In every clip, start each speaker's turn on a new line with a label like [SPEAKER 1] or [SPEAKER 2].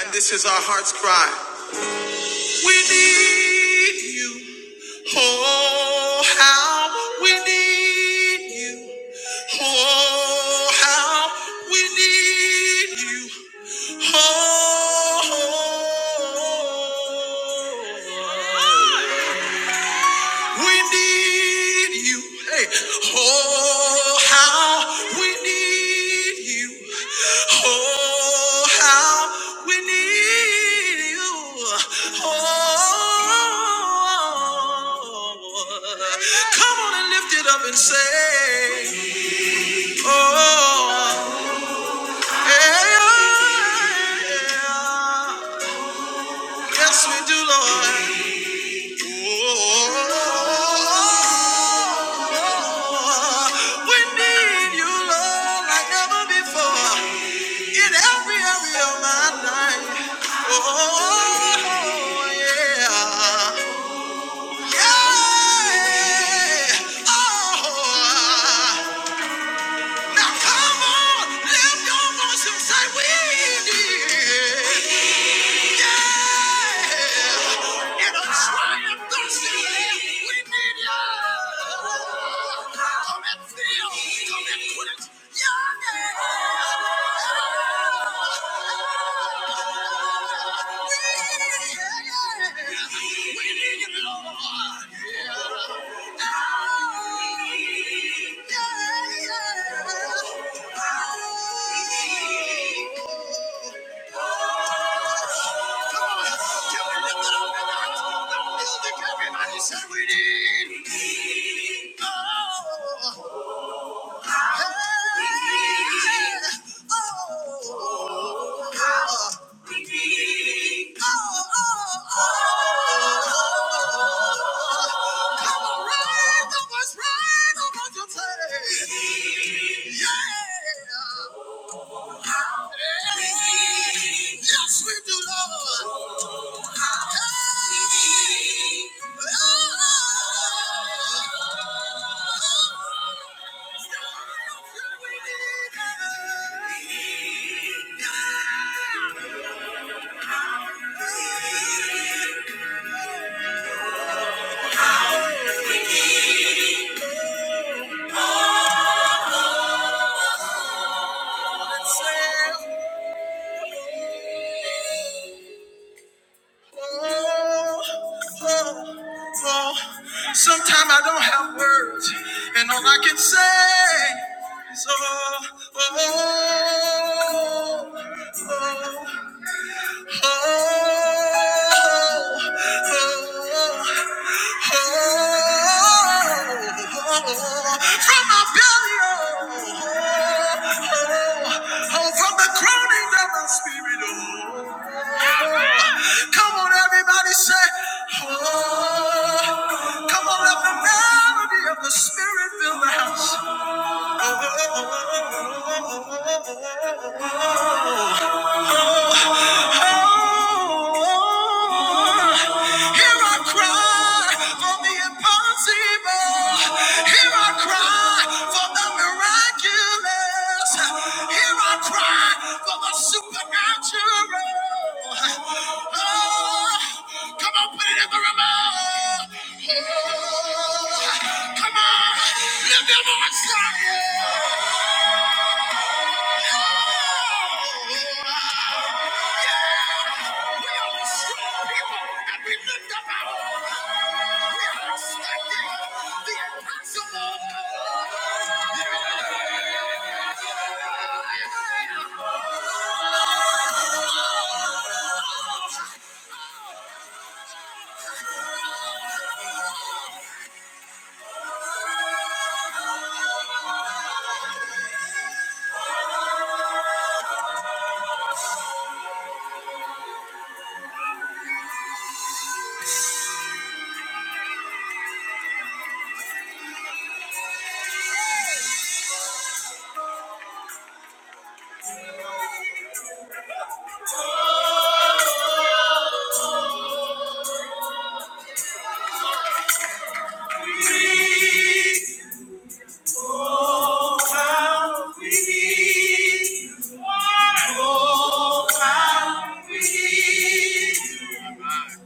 [SPEAKER 1] And this is our heart's cry. We need you. Oh, how we need you. Oh, how we need you. Oh, oh, oh, oh, oh. We need you. Hey, oh, how we need you. Oh, how we need you. Oh, come on and lift it up and say, Oh, yeah, yeah. yeah. yes, we do, Lord. Oh, we need you, Lord, like never before in every area of my life. Oh, yeah. Yeah. Oh, now come on, lift your voice and say, We need you. Yeah. Come on, can we lift it up in the house of the music? Everybody say we need. We need. Oh, how we need. oh, oh, we need. Oh, oh, oh. Come on, raise the voice, raise the voice, you say. Yeah. How we need. Yes, we do, Lord. Sometimes I don't have words, and all I can say is, oh, oh, oh, oh. Spirit fill the house. Oh, oh, oh, oh, oh, oh, oh, oh, oh. oh. Come on, lift your voice, Zion. strong people and we lift up We are expecting the impossible. Oh, how We need you. Oh, how We need you.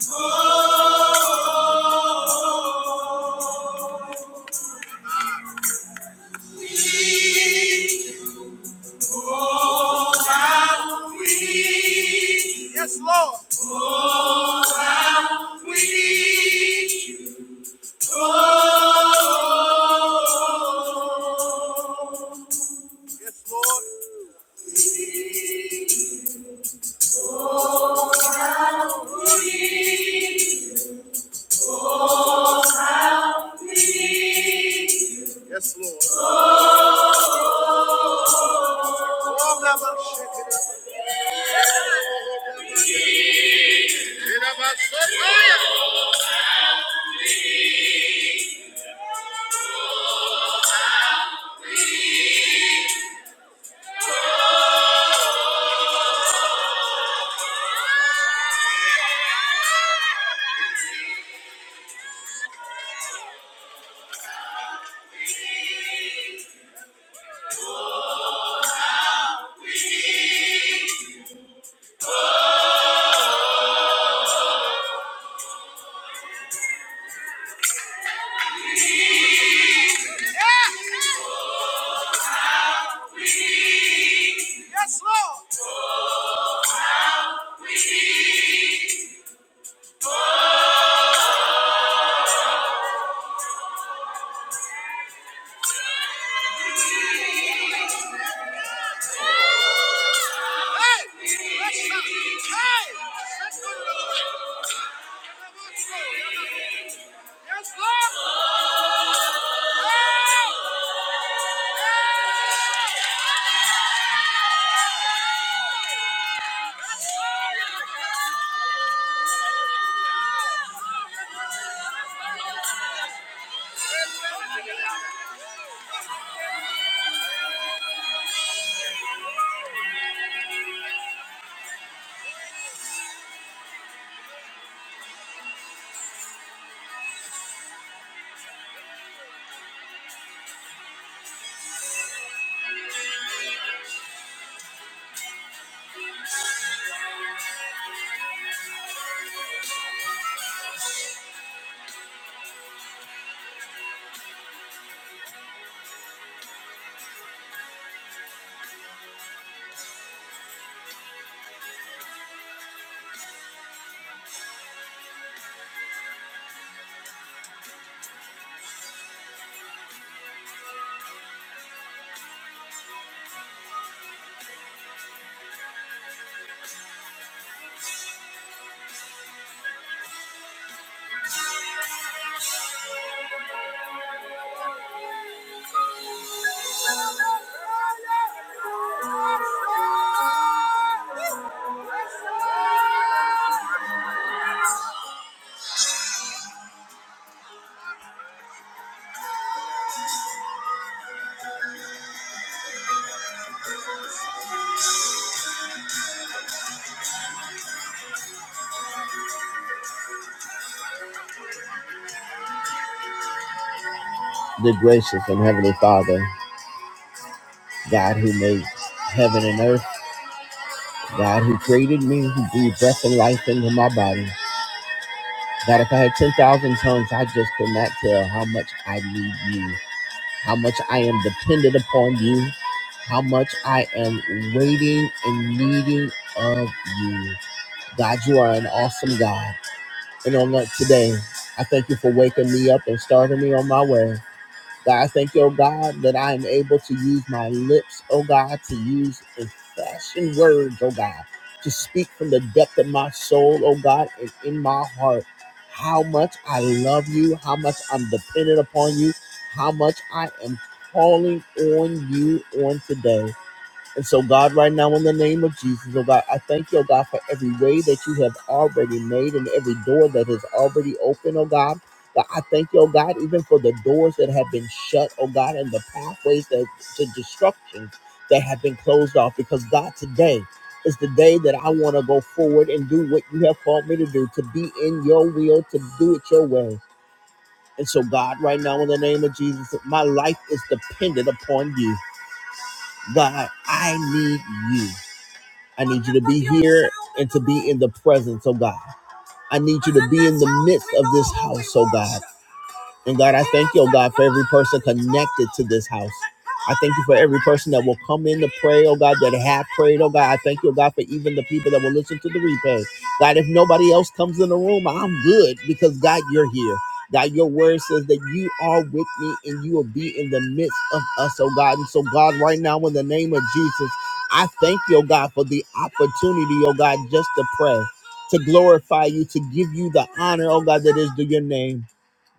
[SPEAKER 1] Oh, We need you. Yes, Lord. Oh, never shake it up. Get "Oh, yeah." Yeah. Yes, Lord. Thank you. The gracious and heavenly Father, God who made heaven and earth, God who created me, who breathed breath and life into my body. God, if I had 10,000 tongues, I just could not tell how much I need you. how much I am dependent upon you, how much I am waiting and needing of you. God, you are an awesome God. And on that today, I thank you for waking me up and starting me on my way. God, I thank you, oh God, that I am able to use my lips, oh God, to use and fashion words, oh God, to speak from the depth of my soul, oh God, and in my heart. How much I love you, how much I'm dependent upon you, how much I am calling on you on today. And so, God, right now, in the name of Jesus, oh God, I thank you, oh God, for every way that you have already made and every door that is already open, oh God. God, I thank you, oh God, even for the doors that have been shut, oh God, and the pathways that to destruction that have been closed off. Because God, today is the day that I want to go forward and do what you have called me to do, to be in your will, to do it your way. And so, God, right now, in the name of Jesus, my life is dependent upon you. God, I need you. I need you to be here and to be in the presence, oh God. I need you to be in the midst of this house, oh God. And God, I thank you, oh God, for every person connected to this house. I thank you for every person that will come in to pray, oh God, that have prayed, oh God. I thank you, oh God, for even the people that will listen to the replay. God, if nobody else comes in the room, I'm good because God, you're here. God, your word says that you are with me and you will be in the midst of us, oh God. And so, God, right now, in the name of Jesus, I thank you, oh God, for the opportunity, oh God, just to pray, to glorify you, to give you the honor, oh God, that is due your name.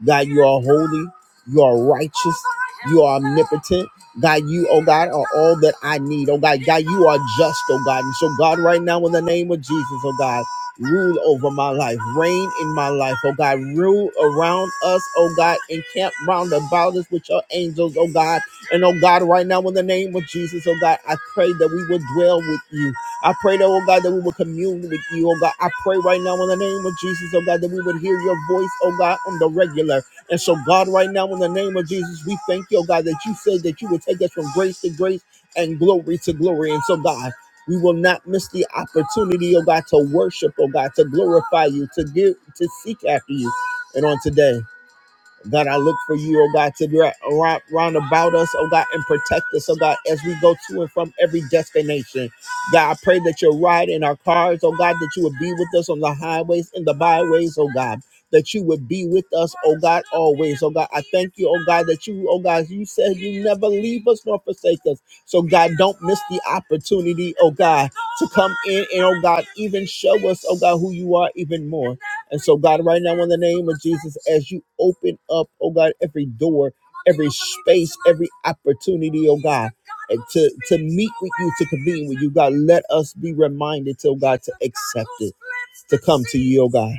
[SPEAKER 1] God, you are holy. You are righteous. You are omnipotent. God, you, oh God, are all that I need. Oh God, God, you are just, oh God. And so, God, right now, in the name of Jesus, oh God, rule over my life, reign in my life, oh God, rule around us, oh God, and camp round about us with your angels, oh God. And oh God, right now, in the name of Jesus, oh God, I pray that we would dwell with you. I pray that, oh God, that we would commune with you, oh God. I pray right now in the name of Jesus, oh God, that we would hear your voice, oh God, on the regular. And so, God, right now in the name of Jesus, we thank you, oh God, that you said that you would take us from grace to grace and glory to glory. And so, God, we will not miss the opportunity, oh God, to worship, oh God, to glorify you, to give, to seek after you. And on today. God, I look for you, oh God, to be right, around, round about us, oh God, and protect us, oh God, as we go to and from every destination. God, I pray that you're right in our cars, oh God, that you would be with us on the highways and the byways, oh God, that you would be with us, oh God, always, oh God. I thank you, oh God, that you, oh God, you said you never leave us nor forsake us. So, God, don't miss the opportunity, oh God, to come in and, oh God, even show us, oh God, who you are even more. And so, God, right now, in the name of Jesus, as you open up, oh God, every door, every space, every opportunity, oh God, and to, to meet with you, to convene with you, God, let us be reminded, oh God, to accept it, to come to you, oh God.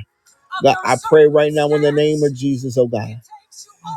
[SPEAKER 1] God, I pray right now in the name of Jesus, oh God,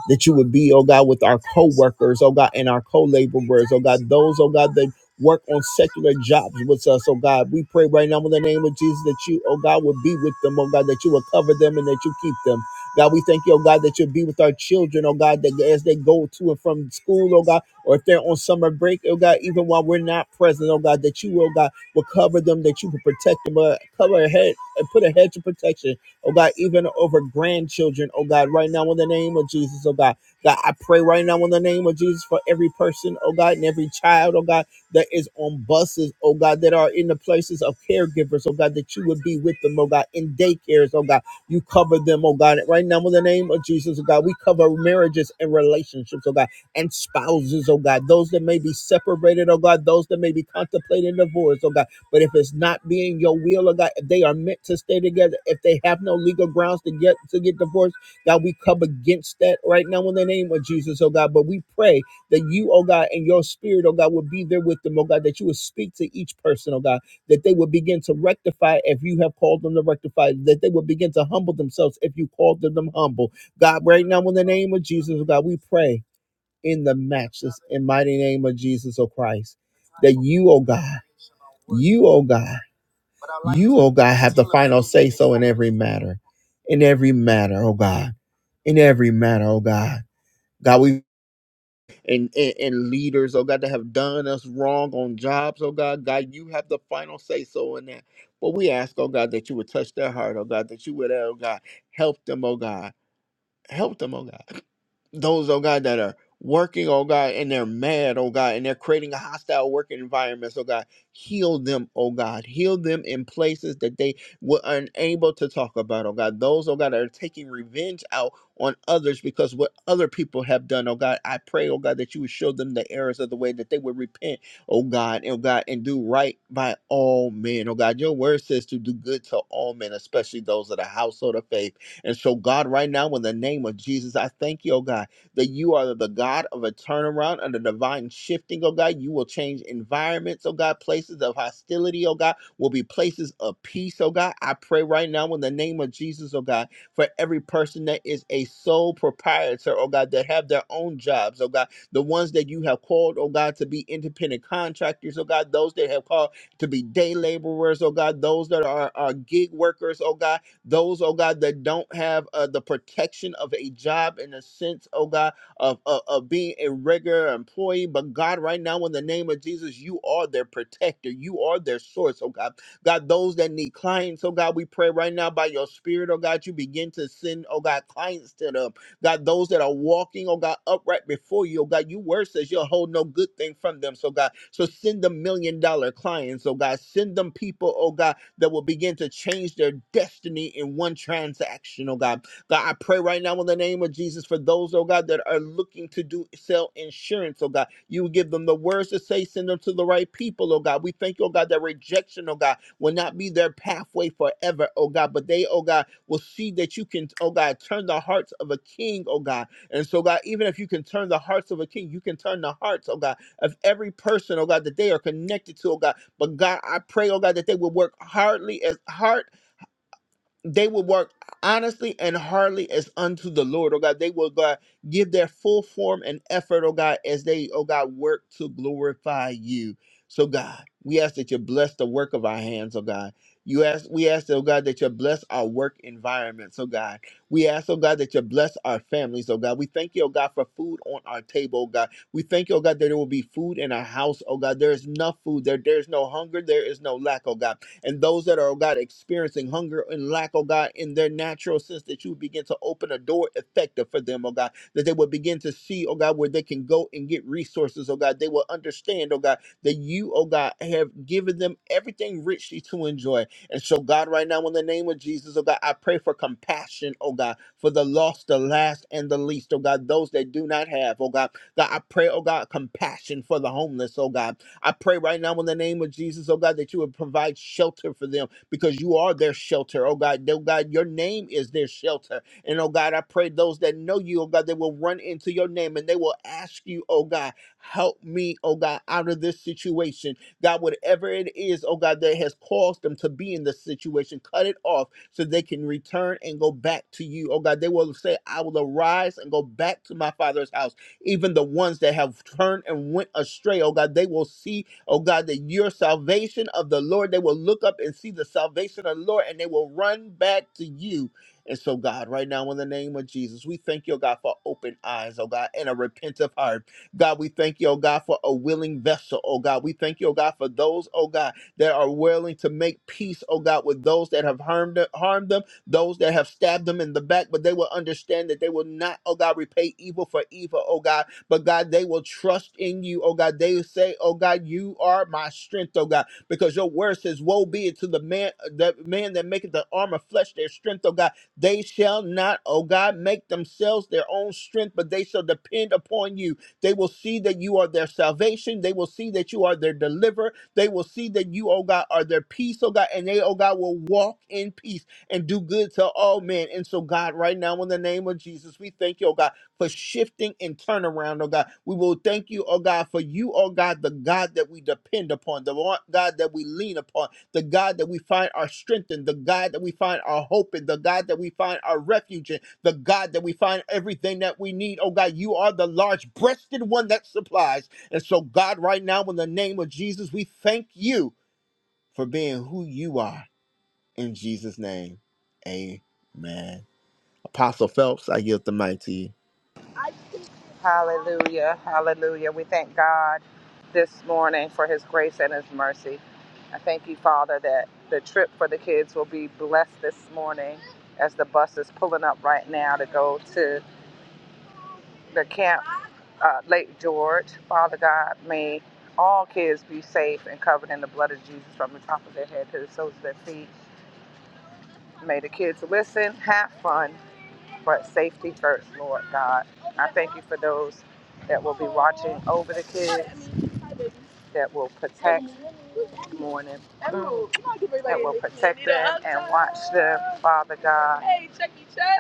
[SPEAKER 1] that you would be, oh God, with our co workers, oh God, and our co laborers, oh God, those, oh God, that work on secular jobs with us, oh God. We pray right now in the name of Jesus that you, oh God, would be with them, oh God, that you would cover them and that you keep them. God, we thank you, oh God, that you'll be with our children, oh God, that as they go to and from school, oh God, or if they're on summer break, oh God, even while we're not present, oh God, that you, oh God, will cover them, that you will protect them, uh, cover a head and put a hedge of protection oh God, even over grandchildren, oh God, right now in the name of Jesus, oh God. God, I pray right now in the name of Jesus for every person, oh God, and every child, oh God, that is on buses, oh God, that are in the places of caregivers, oh God, that you would be with them, oh God, in daycares, oh God. You cover them, oh God. Right now in the name of Jesus, oh God, we cover marriages and relationships, oh God, and spouses, oh God, those that may be separated, oh God, those that may be contemplating divorce, oh God. But if it's not being your will of God, if they are meant to stay together, if they have no legal grounds to get to get divorced, God, we come against that right now in the name of Jesus, oh God. But we pray that you, oh God, and your spirit, oh God, would be there with them, oh God, that you would speak to each person, oh God, that they would begin to rectify if you have called them to rectify, that they would begin to humble themselves if you called them to humble. God, right now in the name of Jesus, oh God, we pray in the matchless and mighty name of Jesus, oh Christ, that you, oh God, you, oh God. You, oh God, have the final say so in every matter. In every matter, oh God. In every matter, oh God. God, we and, and and leaders, oh God, that have done us wrong on jobs, oh God. God, you have the final say so in that. But we ask, oh God, that you would touch their heart, oh God, that you would, oh God, help them, oh God. Help them, oh God. Those, oh God, that are working, oh God, and they're mad, oh God, and they're creating a hostile working environment, oh God. Heal them, oh God. Heal them in places that they were unable to talk about, oh God. Those, oh God, that are taking revenge out on others because what other people have done, oh God. I pray, oh God, that you would show them the errors of the way that they would repent, oh God, oh God, and do right by all men, oh God. Your word says to do good to all men, especially those of the household of faith. And so, God, right now, in the name of Jesus, I thank you, oh God, that you are the God of a turnaround and a divine shifting, oh God. You will change environments, oh God. Places of hostility, oh God, will be places of peace, oh God. I pray right now in the name of Jesus, oh God, for every person that is a sole proprietor, oh God, that have their own jobs, oh God, the ones that you have called, oh God, to be independent contractors, oh God, those that have called to be day laborers, oh God, those that are, are gig workers, oh God those, oh God, that don't have uh, the protection of a job in a sense, oh God, of, of, of being a regular employee. But God, right now, in the name of Jesus, you are their protector. You are their source, oh God. God, those that need clients, oh God, we pray right now by your spirit, oh God, you begin to send, oh God, clients to them. God, those that are walking, oh God, upright before you, oh God, you word says you'll hold no good thing from them, so God. So send them million dollar clients, oh God. Send them people, oh God, that will begin to change their destiny in one transaction, oh God. God, I pray right now in the name of Jesus for those, oh God, that are looking to do sell insurance, oh God. You will give them the words to say, send them to the right people, oh God. We thank you, oh God, that rejection, oh God, will not be their pathway forever, oh God. But they, oh God, will see that you can, oh God, turn the hearts of a king, oh God. And so, God, even if you can turn the hearts of a king, you can turn the hearts, oh God, of every person, oh God, that they are connected to, oh God. But God, I pray, oh God, that they will work hardly as hard they will work honestly and hardly as unto the Lord, oh God. They will, God, give their full form and effort, oh God, as they, oh God, work to glorify you. So, God, we ask that you bless the work of our hands, oh God. You ask, we ask, oh God, that you bless our work environments, oh God. We ask, oh God, that you bless our families, oh God. We thank you, oh God, for food on our table, oh God. We thank you, oh God, that there will be food in our house, oh God. There is enough food. There, there is no hunger. There is no lack, oh God and those that are, oh God, experiencing hunger and lack, oh God, in their natural sense, that you would begin to open a door effective for them, oh God, that they would begin to see, oh God, where they can go and get resources, oh God. They will understand, oh God, that you, oh God, have given them everything richly to enjoy. And so, God, right now, in the name of Jesus, oh God, I pray for compassion, oh God, for the lost, the last, and the least, oh God, those that do not have, oh God. God, I pray, oh God, compassion for the homeless, oh God. I pray right now in the name of Jesus, oh God, that you would provide shelter for them because you are their shelter, oh God. Oh God, your name is their shelter. And oh God, I pray those that know you, oh God, they will run into your name and they will ask you, oh God, help me, oh God, out of this situation. God, whatever it is, oh God, that has caused them to be in this situation, cut it off so they can return and go back to you. Oh God, they will say, I will arise and go back to my father's house even the ones that have turned and went astray, oh God, they will see, oh God, that your salvation of the Lord, they will look up and see the salvation of the Lord and they will run back to you. And so, God, right now, in the name of Jesus, we thank you, oh God, for open eyes, oh God, and a repentant heart. God, we thank you, oh God, for a willing vessel, oh God. We thank you, oh God, for those, oh God, that are willing to make peace, oh God, with those that have harmed harmed them those that have stabbed them in the back, but they will understand that they will not, oh God, repay evil for evil, oh God. But God, they will trust in you, oh God. They will say, oh God, you are my strength, oh God, because your word says, woe be it to the man, the man that maketh the arm of flesh their strength, oh God. They shall not, oh God, make themselves their own strength, but they shall depend upon you. They will see that you are their salvation. They will see that you are their deliverer. They will see that you, oh God, are their peace, oh God, and they, oh God, will walk in peace and do good to all men. And so, God, right now, in the name of Jesus, we thank you, oh God, for shifting and turnaround, oh God. We will thank you, oh God, for you, oh God, the God that we depend upon, the one- God that we lean upon, the God that we find our strength in, the God that we find our hope in, the God that we find our refuge in, the God that we find everything that we need. Oh God, you are the large breasted one that supplies. And so, God, right now, in the name of Jesus, we thank you for being who you are. In Jesus' name, amen. Apostle Phelps, I yield the mic to you.
[SPEAKER 2] Hallelujah. Hallelujah. We thank God this morning for his grace and his mercy. I thank you, Father, that the trip for the kids will be blessed this morning as the bus is pulling up right now to go to the camp, uh, Lake George. Father God, may all kids be safe and covered in the blood of Jesus from the top of their head to the soles of their feet. May the kids listen, have fun, but safety first, Lord God. I thank you for those that will over the kids that will participate morning. Father God,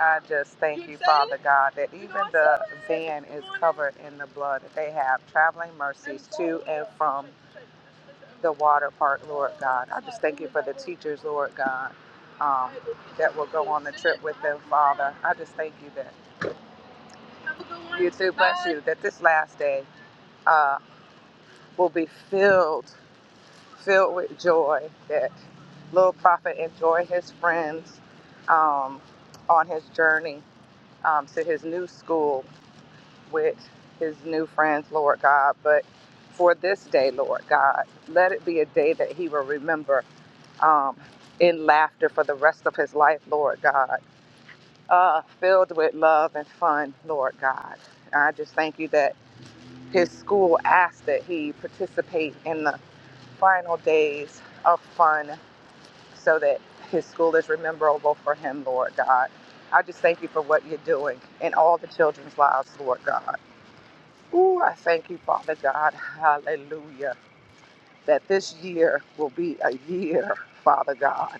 [SPEAKER 2] I just thank you, God, that each man is covered in the blood that they have, traveling mercy, the water part, Lord God, teachers, Lord God. Um, I just thank you that that this last day uh, will be filled, filled with joy. That little prophet enjoy his friends um, on his journey um, to his new school with his new friends, Lord God. But for this day, Lord God, let it be a day that he will remember um, in laughter for the rest of his life, Lord God, uh, filled with love and fun, Lord God. I just thank you that his school asked that he participate in the final days of fun so that his school is rememberable for him, Lord God. I just thank you for what you're doing in all the children's lives, Lord God. Ooh, I thank you, Father God. Hallelujah. That this year will be a year, Father God.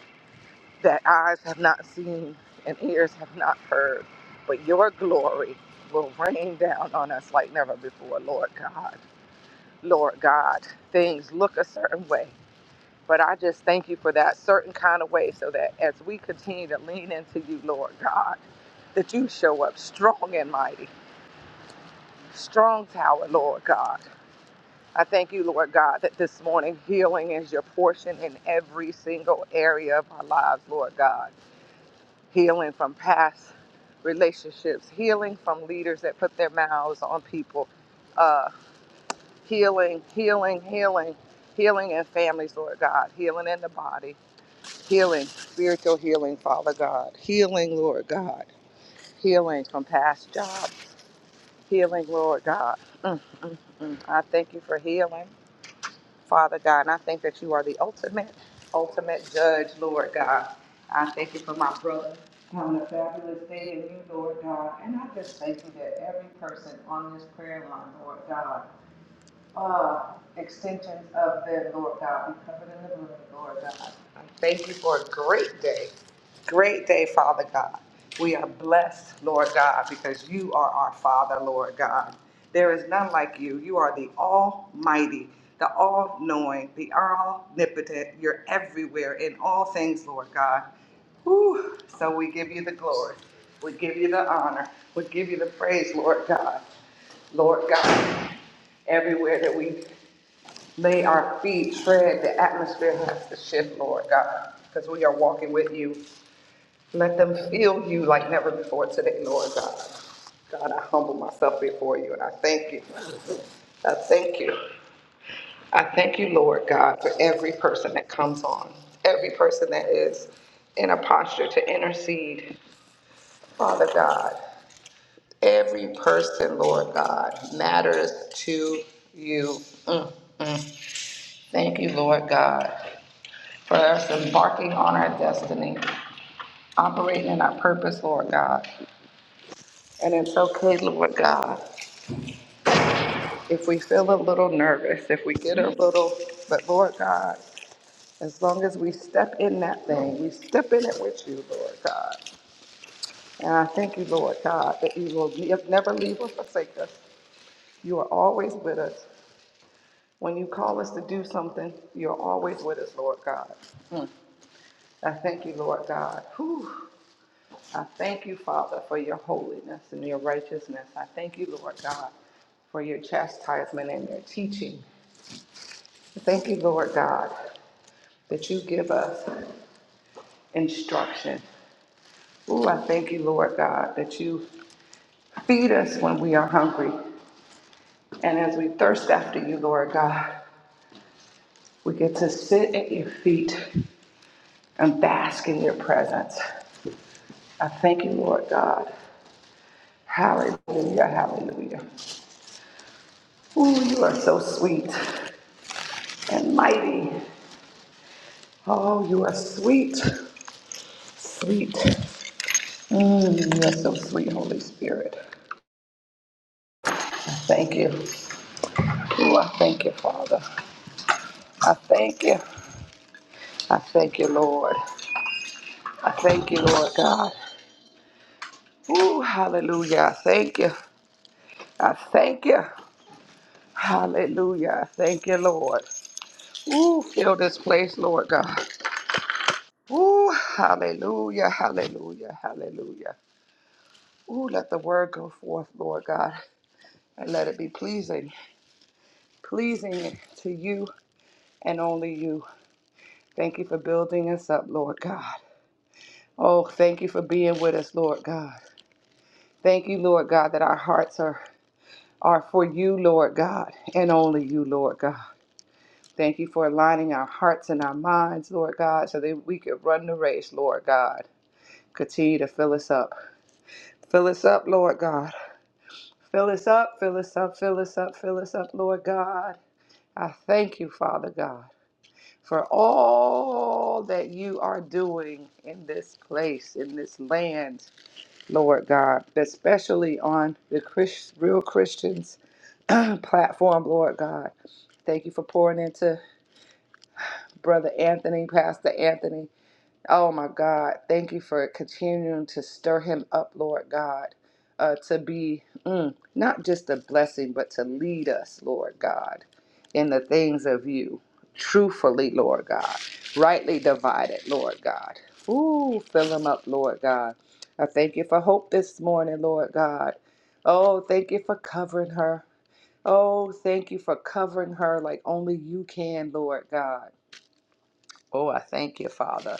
[SPEAKER 2] that eyes have not seen and ears have not heard, but your glory will rain down on us like never before, Lord God. Lord God, things look a certain way, but I just thank you for that certain kind of way so that as we continue to lean into you, Lord God, that you show up strong and mighty, strong tower, Lord God. I thank you, Lord God, that this morning healing is your portion in every single area of our lives, Lord God. healing from past relationships, healing from leaders that put their mouths on people, uh, healing, healing, healing, healing in families, Lord God, healing in the body, healing, spiritual healing, Father God, healing, Lord God, healing from past jobs, healing, Lord God. Mm, mm. I thank you for healing. Father God. And I think that you are the ultimate, ultimate judge, Lord God. I thank you for my brother having a fabulous day in you, Lord God. And I just thank you that every person on this prayer line, Lord God, uh, extensions of the Lord God, be covered in the blood of the Lord God. I Thank you for a great day. Great day, Father God. We are blessed, Lord God, because you are our Father, Lord God. There is none like you. You are the Almighty, the All Knowing, the Omnipotent. You're everywhere in all things, Lord God. Whew. So we give you the glory. We give you the honor. We give you the praise, Lord God. Lord God, everywhere that we May our feet tread the atmosphere has to shift, Lord God, because we are walking with you. Let them feel you like never before today, Lord God. God, I humble myself before you and I thank you. I thank you. I thank you, Lord God, for every person that comes on, every person that is in a posture to intercede. Father God, every person, Lord God, matters to you. Mm. mm. Thank you, Lord God. for us embarking on our destiny, operating in our purpose, Lord God. And it's okay, Lord God, if we feel a little nervous, if we get a little, but Lord God, as long as we step in that thing, we step in it with you, Lord God. And I thank you, Lord God, that you will ne- never leave or forsake us. You are always with us. When you call us to do something, you're always with us, Lord God. I thank you, Lord God. Whew. I thank you, Father, for your holiness and your righteousness. I thank you, Lord God, for your chastisement and your teaching. I Thank you, Lord God, that you give us instruction. Ooh, I thank you, Lord God, that you feed us when we are hungry. And as we thirst after you, Lord God, we get to sit at your feet and bask in your presence. I thank you, Lord God. Hallelujah, hallelujah. Ooh, you are so sweet and mighty Oh, you are sweet, sweet. Mm, you are so sweet, Holy Spirit. I thank you. Oh, I thank you, Father. I thank you. I thank you, Lord. I thank you, Lord God. Oh, hallelujah. I thank you. I thank you. Hallelujah. I thank you, Lord. Ooh, fill this place, Lord God. Ooh, hallelujah, hallelujah, hallelujah. Ooh, let the word go forth, Lord God, and let it be pleasing, pleasing to you and only you. Thank you for building us up, Lord God. Oh, thank you for being with us, Lord God. Thank you, Lord God, that our hearts are, are for you, Lord God, and only you, Lord God. Thank you for aligning our hearts and our minds, Lord God, so that we could run the race, Lord God. Continue to fill us up. Fill us up, Lord God. Fill us up, fill us up, fill us up, fill us up, Lord God. I thank you, Father God. for all that you are doing in this place, in this land, Lord God, especially on the Chris, Real Christians platform, Lord God. Thank you for pouring into Brother Anthony, Pastor Anthony. Oh my God, thank you for continuing to stir him up, Lord God, uh, to be mm, not just a blessing, but to lead us, Lord God, in the things of you, truthfully, Lord God, rightly divided, Lord God. Ooh, fill him up, Lord God. I thank you for hope this morning, Lord God. Oh, thank you for covering her. Oh, thank you for covering her like only you can, Lord God. Oh, I thank you, Father.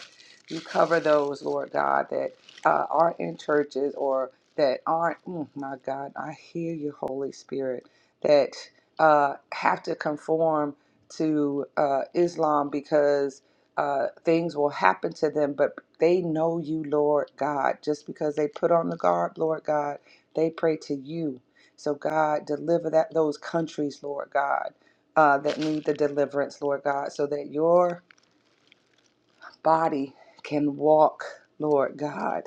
[SPEAKER 2] You cover those, Lord God, that uh, are in churches or that aren't. Mm, my God, I hear you, Holy Spirit, that uh, have to conform to uh, Islam because uh, things will happen to them, but they know you, Lord God. Just because they put on the garb, Lord God, they pray to you. So, God, deliver that those countries, Lord God, uh, that need the deliverance, Lord God, so that your body can walk, Lord God.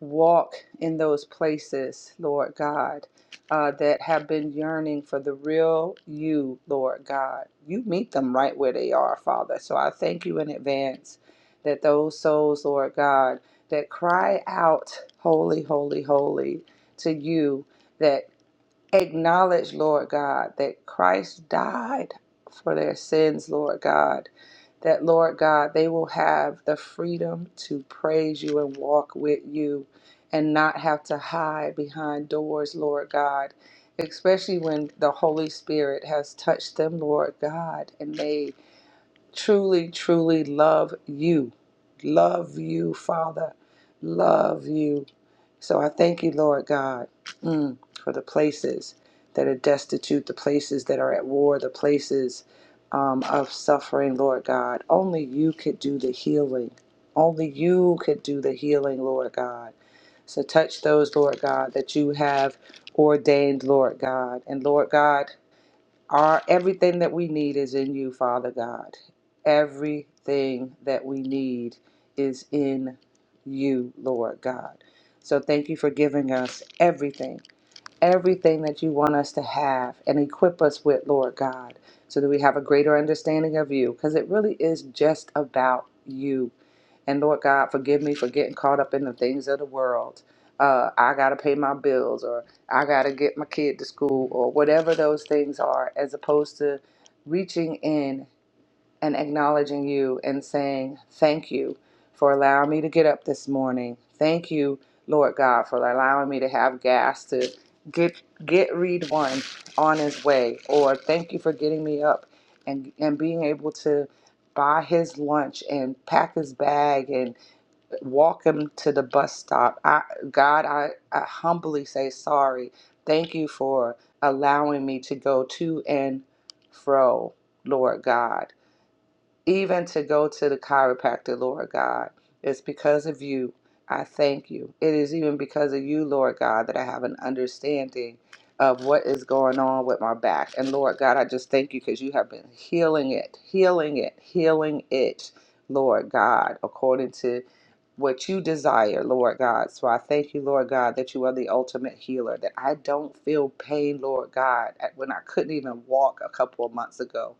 [SPEAKER 2] Walk in those places, Lord God, uh, that have been yearning for the real you, Lord God. You meet them right where they are, Father. So I thank you in advance that those souls, Lord God, that cry out, Holy, holy, holy to you. that acknowledge, Lord God, that Christ died for their sins, Lord God. That, Lord God, they will have the freedom to praise you and walk with you and not have to hide behind doors, Lord God. Especially when the Holy Spirit has touched them, Lord God, and they truly, truly love you. Love you, Father. Love you. So I thank you, Lord God, mm, for the places that are destitute, the places that are at war, the places um, of suffering, Lord God. Only you could do the healing. Only you could do the healing, Lord God. So touch those, Lord God, that you have ordained, Lord God. And Lord God, our everything that we need is in you, Father God. Everything that we need is in you, Lord God. So thank you for giving us everything everything that you want us to have and equip us with, Lord God, so that we have a greater understanding of you, because it really is just about you. And Lord God, forgive me for getting caught up in the things of the world. Uh, I got to pay my bills, or I got to get my kid to school, or whatever those things are, as opposed to reaching in and acknowledging you and saying, Thank you for allowing me to get up this morning. Thank you, Lord God, for allowing me to have gas to get get read one on his way. Or thank you for getting me up and and being able to buy his lunch and pack his bag and walk him to the bus stop. I, God, I, I humbly say sorry. Thank you for allowing me to go to and fro, Lord God even to go to the chiropractor, Lord God. It's because of you. I thank you. It is even because of you, Lord God, that I have an understanding of what is going on with my back. And Lord God, I just thank you because you have been healing it, healing it, healing it, Lord God, according to what you desire, Lord God. So I thank you, Lord God, that you are the ultimate healer, that I don't feel pain, Lord God, at- when I couldn't even walk a couple of months ago.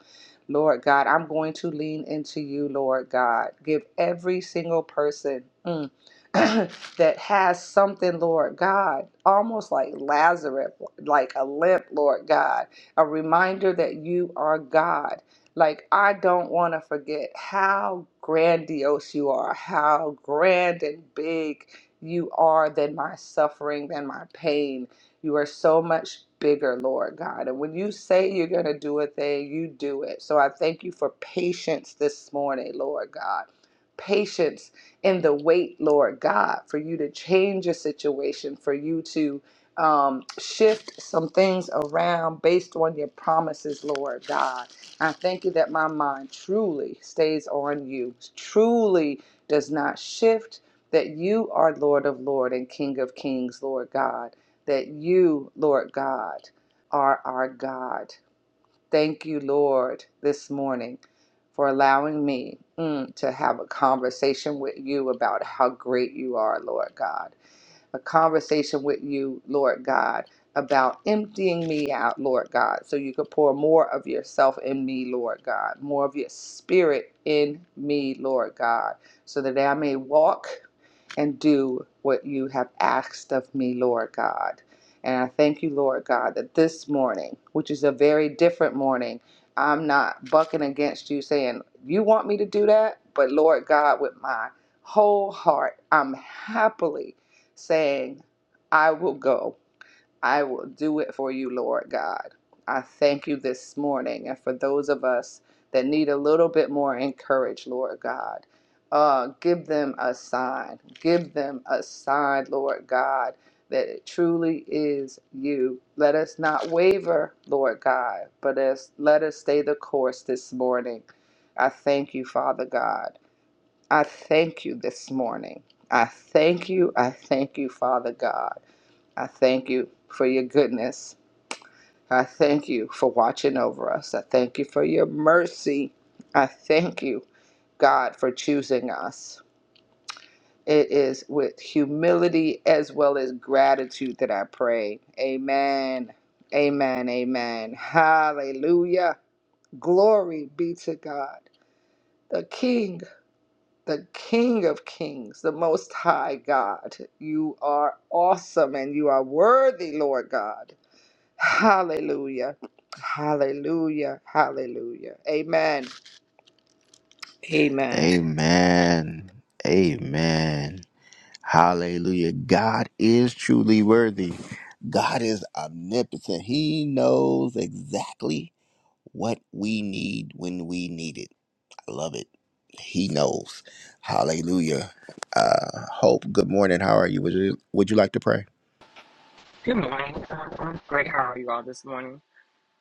[SPEAKER 2] Lord God, I'm going to lean into you, Lord God. Give every single person mm, that has something, Lord God, almost like Lazarus, like a limp, Lord God, a reminder that you are God. Like, I don't want to forget how grandiose you are, how grand and big you are than my suffering, than my pain. You are so much bigger, Lord God. And when you say you're going to do a thing, you do it. So I thank you for patience this morning, Lord God. Patience in the wait, Lord God, for you to change your situation, for you to um, shift some things around based on your promises, Lord God. I thank you that my mind truly stays on you, truly does not shift, that you are Lord of Lord and King of Kings, Lord God that you, Lord God, are our God. Thank you, Lord, this morning for allowing me mm, to have a conversation with you about how great you are, Lord God. A conversation with you, Lord God, about emptying me out, Lord God, so you could pour more of yourself in me, Lord God, more of your spirit in me, Lord God, so that I may walk and do what you have asked of me, Lord God. And I thank you, Lord God, that this morning, which is a very different morning, I'm not bucking against you saying, You want me to do that? But Lord God, with my whole heart, I'm happily saying, I will go. I will do it for you, Lord God. I thank you this morning. And for those of us that need a little bit more encourage, Lord God, uh, give them a sign. Give them a sign, Lord God, that it truly is you. Let us not waver, Lord God, but as, let us stay the course this morning. I thank you, Father God. I thank you this morning. I thank you. I thank you, Father God. I thank you for your goodness. I thank you for watching over us. I thank you for your mercy. I thank you, God, for choosing us. It is with humility as well as gratitude that I pray. Amen. Amen. Amen. Hallelujah. Glory be to God, the King, the King of Kings, the Most High God. You are awesome and you are worthy, Lord God. Hallelujah. Hallelujah. Hallelujah. Amen. Amen.
[SPEAKER 1] Amen. Amen. Hallelujah. God is truly worthy. God is omnipotent. He knows exactly what we need when we need it. I love it. He knows. Hallelujah. Uh, Hope, good morning. How are you? Would you would you like to pray?
[SPEAKER 3] Good morning. Um, I'm great. How are you all this morning?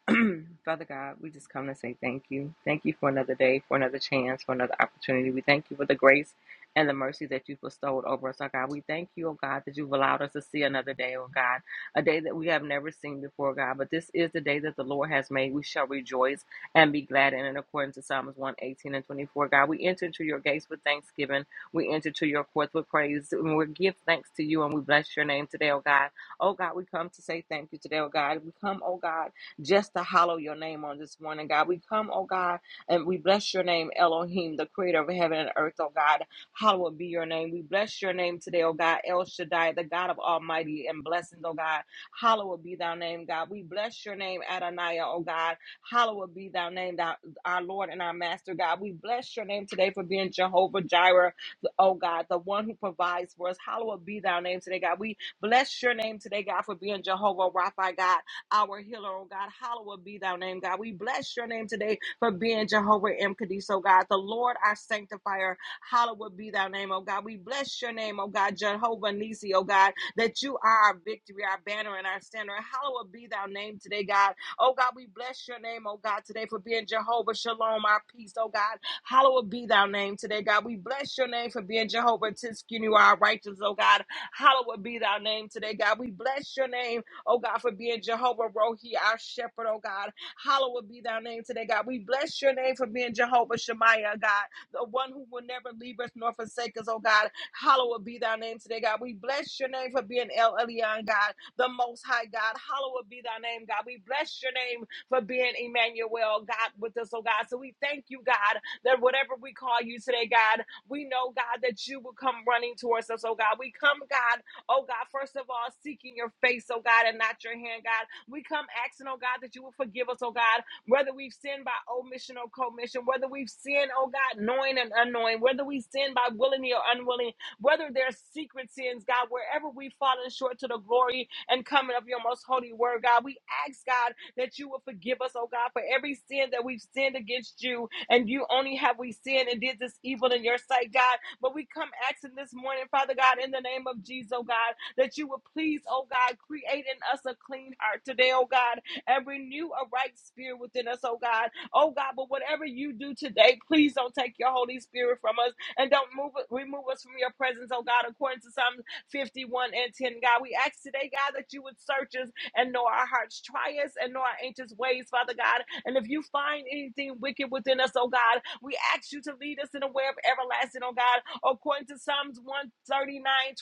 [SPEAKER 3] Father God, we just come to say thank you. Thank you for another day, for another chance, for another opportunity. We thank you for the grace and the mercy that you've bestowed over us, oh God. We thank you, oh God, that you've allowed us to see another day, oh God, a day that we have never seen before, God. But this is the day that the Lord has made. We shall rejoice and be glad in it, according to Psalms 118 and 24. God, we enter into your gates with thanksgiving. We enter to your courts with praise. And we give thanks to you and we bless your name today, oh God. Oh God, we come to say thank you today, oh God. We come, oh God just to hallow your name on this morning, God. We come, oh God, and we bless your name, Elohim, the creator of heaven and earth, oh God. Hallowed be your name. We bless your name today, oh God, El Shaddai, the God of Almighty and blessings, oh God. Hallowed be thy name, God. We bless your name, Adonai, oh God. Hallowed be thy name, thou, our Lord and our Master, God. We bless your name today for being Jehovah Jireh, the- oh God, the one who provides for us. Hallowed be thy name today, God. We bless your name today, God, for being Jehovah Rapha, God our healer, oh God. Hallowed be thy name, God. We bless your name today for being Jehovah M. Kadis, oh God. The Lord, our sanctifier. Hallowed be thy name, oh God. We bless your name, oh God. Jehovah Nisi, oh God, that you are our victory, our banner, and our standard. Hallowed be thy name today, God. Oh God, we bless your name, oh God, today for being Jehovah Shalom, our peace, oh God. Hallowed be thy name today, God. We bless your name for being Jehovah Tiskinu, our righteous, oh God. Hallowed be thy name today, God. We bless your name oh God, for being Jehovah Rohi, our shepherd, oh God. Hallowed be thy name today, God. We bless your name for being Jehovah Shemaiah, God, the one who will never leave us nor forsake us, oh God. Hallowed be thy name today, God. We bless your name for being El Elyon, God, the most high God. Hallowed be thy name, God. We bless your name for being Emmanuel, God, with us, oh God. So we thank you, God, that whatever we call you today, God, we know, God, that you will come running towards us, oh God. We come, God, Oh God, first of all, seeking your face, oh God, and not your hand, God. We come asking, oh God, that you will forgive us, oh God, whether we've sinned by omission or commission, whether we've sinned, oh God, knowing and unknowing, whether we sin by willingly or unwilling, whether there's secret sins, God, wherever we've fallen short to the glory and coming of your most holy word, God. We ask, God, that you will forgive us, oh God, for every sin that we've sinned against you, and you only have we sinned and did this evil in your sight, God. But we come asking this morning, Father God, in the name of Jesus, oh God, that you would please, oh God, create in us a clean heart today, oh God, and renew a right spirit within us, oh God. Oh God, but whatever you do today, please don't take your Holy Spirit from us and don't move remove us from your presence, oh God, according to Psalm 51 and 10, God. We ask today, God, that you would search us and know our hearts. trials, and know our anxious ways, Father God. And if you find anything wicked within us, oh God, we ask you to lead us in the way of everlasting, oh God. According to Psalms 139:23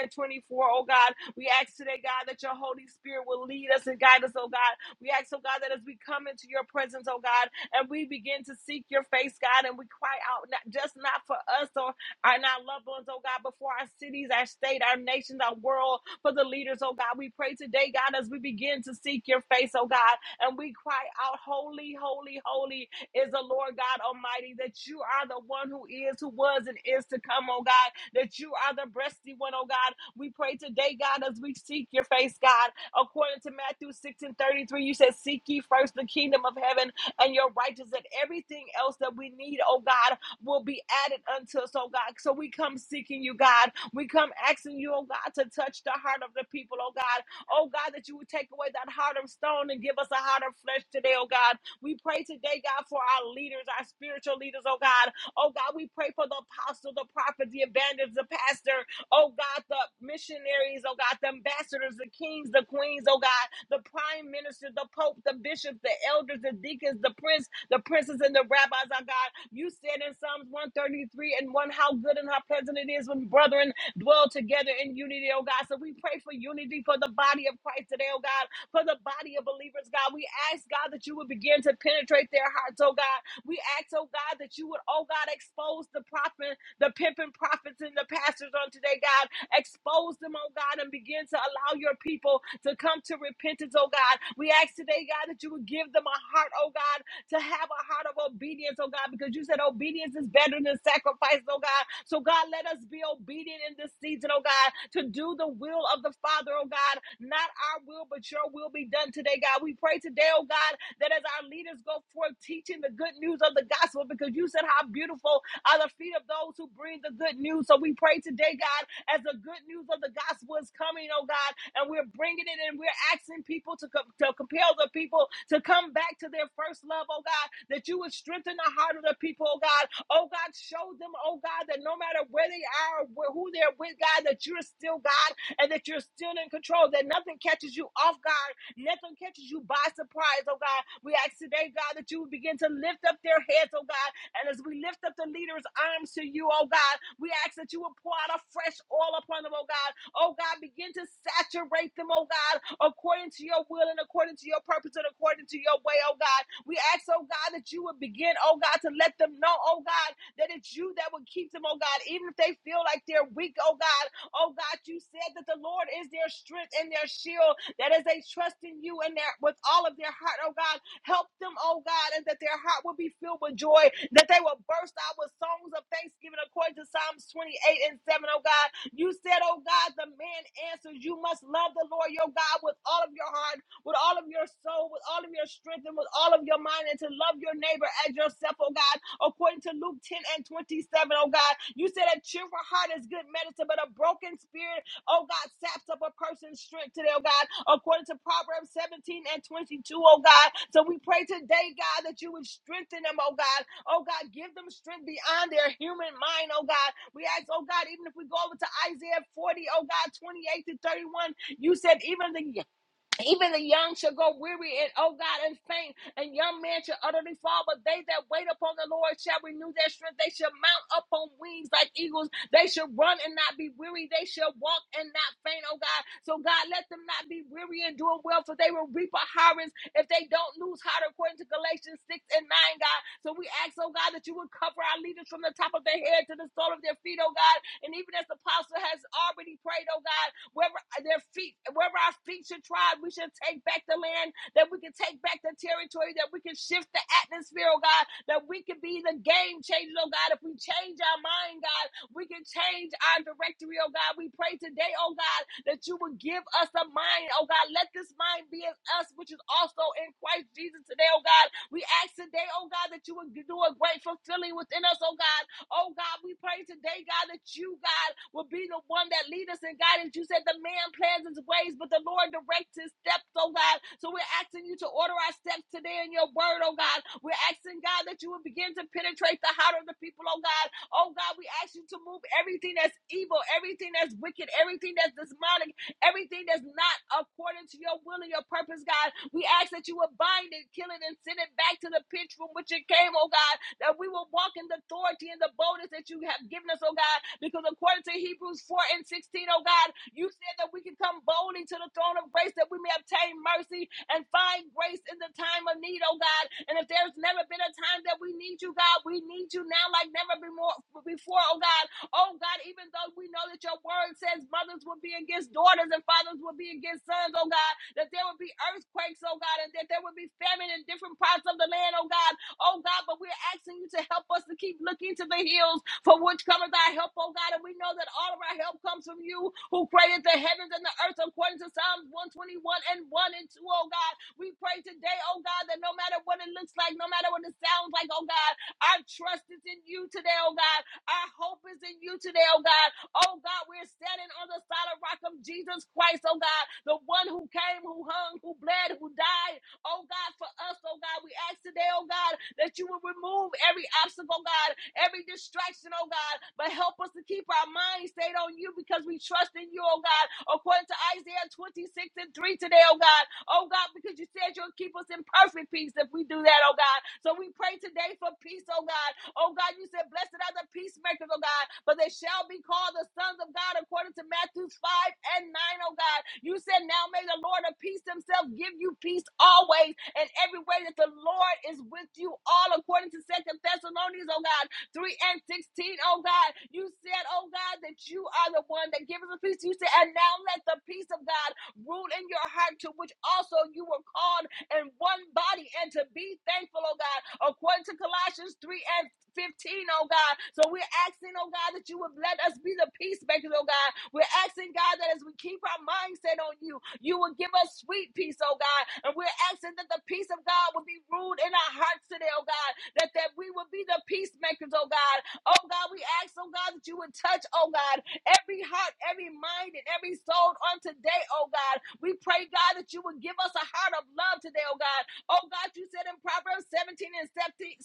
[SPEAKER 3] and 24, O God, we ask today, God, that your Holy Spirit will lead us and guide us, oh God. We ask, oh God, that as we come into your presence, oh God, and we begin to seek your face, God, and we cry out, not, just not for us, oh our- and our loved ones, oh God, before our cities, our state, our nations, our world, for the leaders, oh God. We pray today, God, as we begin to seek your face, oh God, and we cry out, Holy, holy, holy is the Lord God Almighty, that you are the one who is, who was, and is to come, oh God, that you are the breasty one, oh God. We pray today, God, as we seek your face, God, according to Matthew 6 and 33, you said, Seek ye first the kingdom of heaven and your righteousness and everything else that we need, oh God will be added unto us, oh God. So we come seeking you, God. We come asking you, oh God, to touch the heart of the people, oh God. Oh God, that you would take away that heart of stone and give us a heart of flesh today, oh God. We pray today, God, for our leaders, our spiritual leaders, oh God. Oh God, we pray for the apostle, the prophet, the evangelist, the pastor, oh God, the missionaries, oh God, the ambassadors, the kings, the queens, oh God, the prime minister, the pope, the bishops, the elders, the deacons, the prince, the princes and the rabbis, our God. You said in Psalms 133 and 1 how good and how pleasant it is when brethren dwell together in unity, oh God. So we pray for unity for the body of Christ today, oh God, for the body of believers, God. We ask, God, that you would begin to penetrate their hearts, oh God. We ask, oh God, that you would, oh God, expose the prophet, the pimping prophets and the pastors on today, God. Expose them, oh God, and begin to allow your people to come to repentance, oh God. We ask today, God, that you would give them a heart, oh God to have a heart of obedience, oh God, because you said obedience is better than sacrifice, oh God. So, God, let us be obedient in this season, oh God, to do the will of the Father, oh God. Not our will, but your will be done today, God. We pray today, oh God, that as our leaders go forth teaching the good news of the gospel, because you said how beautiful are the feet of those who bring the good news. So, we pray today, God, as the good news of the gospel is coming, oh God, and we're bringing it and we're asking people to, co- to compel the people to come back to their first love, oh God, that you would strengthen the heart of the people, oh God. Oh God, show them, oh God, that no matter where they are, wh- who they're with, God, that you're still God and that you're still in control, that nothing catches you off guard, nothing catches you by surprise, oh God. We ask today, God, that you would begin to lift up their heads, oh God, and as we lift up the leader's arms to you, oh God, we ask that you would pour out a fresh oil upon them, oh God. Oh God, begin to saturate them, oh God, according to your will and according to your purpose and according to your way, oh God. We ask, oh God, that you would begin, oh God, to let them know, oh God, that it's you that would keep them, oh God, even if they feel like they're weak, oh God. Oh God, you said that the Lord is their strength and their shield, that as they trust in you and their with all of their heart, oh God, Help them, oh God, and that their heart will be filled with joy, that they will burst out with songs of thanksgiving according to Psalms 28 and 7, oh God. You said, oh God, the man answers, you must love the Lord your God with all of your heart, with all of your soul, with all of your strength, and with all of your mind, and to love your neighbor as yourself, oh God. According to Luke 10 and 27, oh God, you said a cheerful heart is good medicine, but a broken spirit Oh God, saps up a person's strength today, oh God, according to Proverbs 17 and 22, oh God. So we pray today, God, that you would strengthen them, oh God. Oh God, give them strength beyond their human mind, oh God. We ask, oh God, even if we go over to Isaiah 40, oh God, 28 to 31, you said even the even the young shall go weary and oh God and faint, and young men shall utterly fall. But they that wait upon the Lord shall renew their strength. They shall mount up on wings like eagles. They shall run and not be weary. They shall walk and not faint, oh God. So God, let them not be weary and doing well, for they will reap a harvest if they don't lose heart, according to Galatians 6 and 9, God. So we ask, oh God, that you would cover our leaders from the top of their head to the sole of their feet, oh God. And even as the apostle has already prayed, oh God. Where their feet, wherever our feet should trod, we should take back the land, that we can take back the territory, that we can shift the atmosphere, oh God, that we can be the game changers. oh God. If we change our mind, God, we can change our directory, oh God. We pray today, oh God, that you would give us a mind, oh God. Let this mind be in us, which is also in Christ Jesus today, oh God. We ask today, oh God, that you would do a great fulfilling within us, oh God, Oh God, we pray today, God, that you, God, will be the one that lead us and guide us. You said the man plans his ways, but the Lord directs his steps, oh God. So we're asking you to order our steps today in your word, oh God. We're asking, God, that you will begin to penetrate the heart of the people, oh God. Oh God, we ask you to move everything that's evil, everything that's wicked, everything that's demonic Everything that's not according to your will and your purpose, God, we ask that you will bind it, kill it, and send it back to the pitch from which it came, oh God, that we will walk in the authority and the boldness that you have given us, oh God, because according to Hebrews 4 and 16, oh God, you said that we can come boldly to the throne of grace that we may obtain mercy and find grace in the time of need, oh God. And if there's never been a time that we need you, God, we need you now like never before, oh God. Oh God, even though we know that your word says mothers will be against daughters and fathers will be against sons, oh God, that there will be earthquakes, oh God, and that there will be famine in different parts of the land, oh God. Oh God, but we're asking you to help us to keep looking to the hills for which cometh our help, oh God. And we know that all of our help comes from you who created the heavens and the earth according to Psalms 121 and 1 and 2, oh God. We pray today, oh God, that no matter what it looks like, no matter what it sounds like, oh God, our trust is in you today, oh God. Our hope is in you today, oh God. Oh God, we're standing on the solid rock of Jesus Christ, oh God, the one who came, who hung, who bled, who died, oh God, for us, oh God. We ask today, oh God, that you will remove every obstacle, oh God, every distraction, oh God, but help us to keep our minds stayed on you because we trust in you, oh God, according to Isaiah 26 and 3 today, oh God, oh God, because you said you'll keep us in perfect peace if we do that, oh God. So so we pray today for peace, oh God. Oh God, you said, Blessed are the peacemakers, oh God, for they shall be called the sons of God according to Matthew 5 and 9, oh God. You said, Now may the Lord of peace himself give you peace always and every way that the Lord is with you all according to Second Thessalonians, oh God. 3 and 16. Oh God, you said, oh God, that you are the one that gives us peace. You said, and now let the peace of God rule in your heart, to which also you were called in one body and to be thankful, oh God, according to Colossians 3 and 15, O God. So we're asking, oh God, that you would let us be the peacemakers, oh God. We're asking, God, that as we keep our mindset on you, you will give us sweet peace, oh God. And we're asking that the peace of God would be ruled in our hearts today, oh God. That that we would be the peacemakers, oh God. Oh God, we ask, oh God, that you would touch, oh God every heart, every mind, and every soul on today, oh God. We pray, God, that you would give us a heart of love today, oh God. Oh God, you said in Proverbs 17 and 17,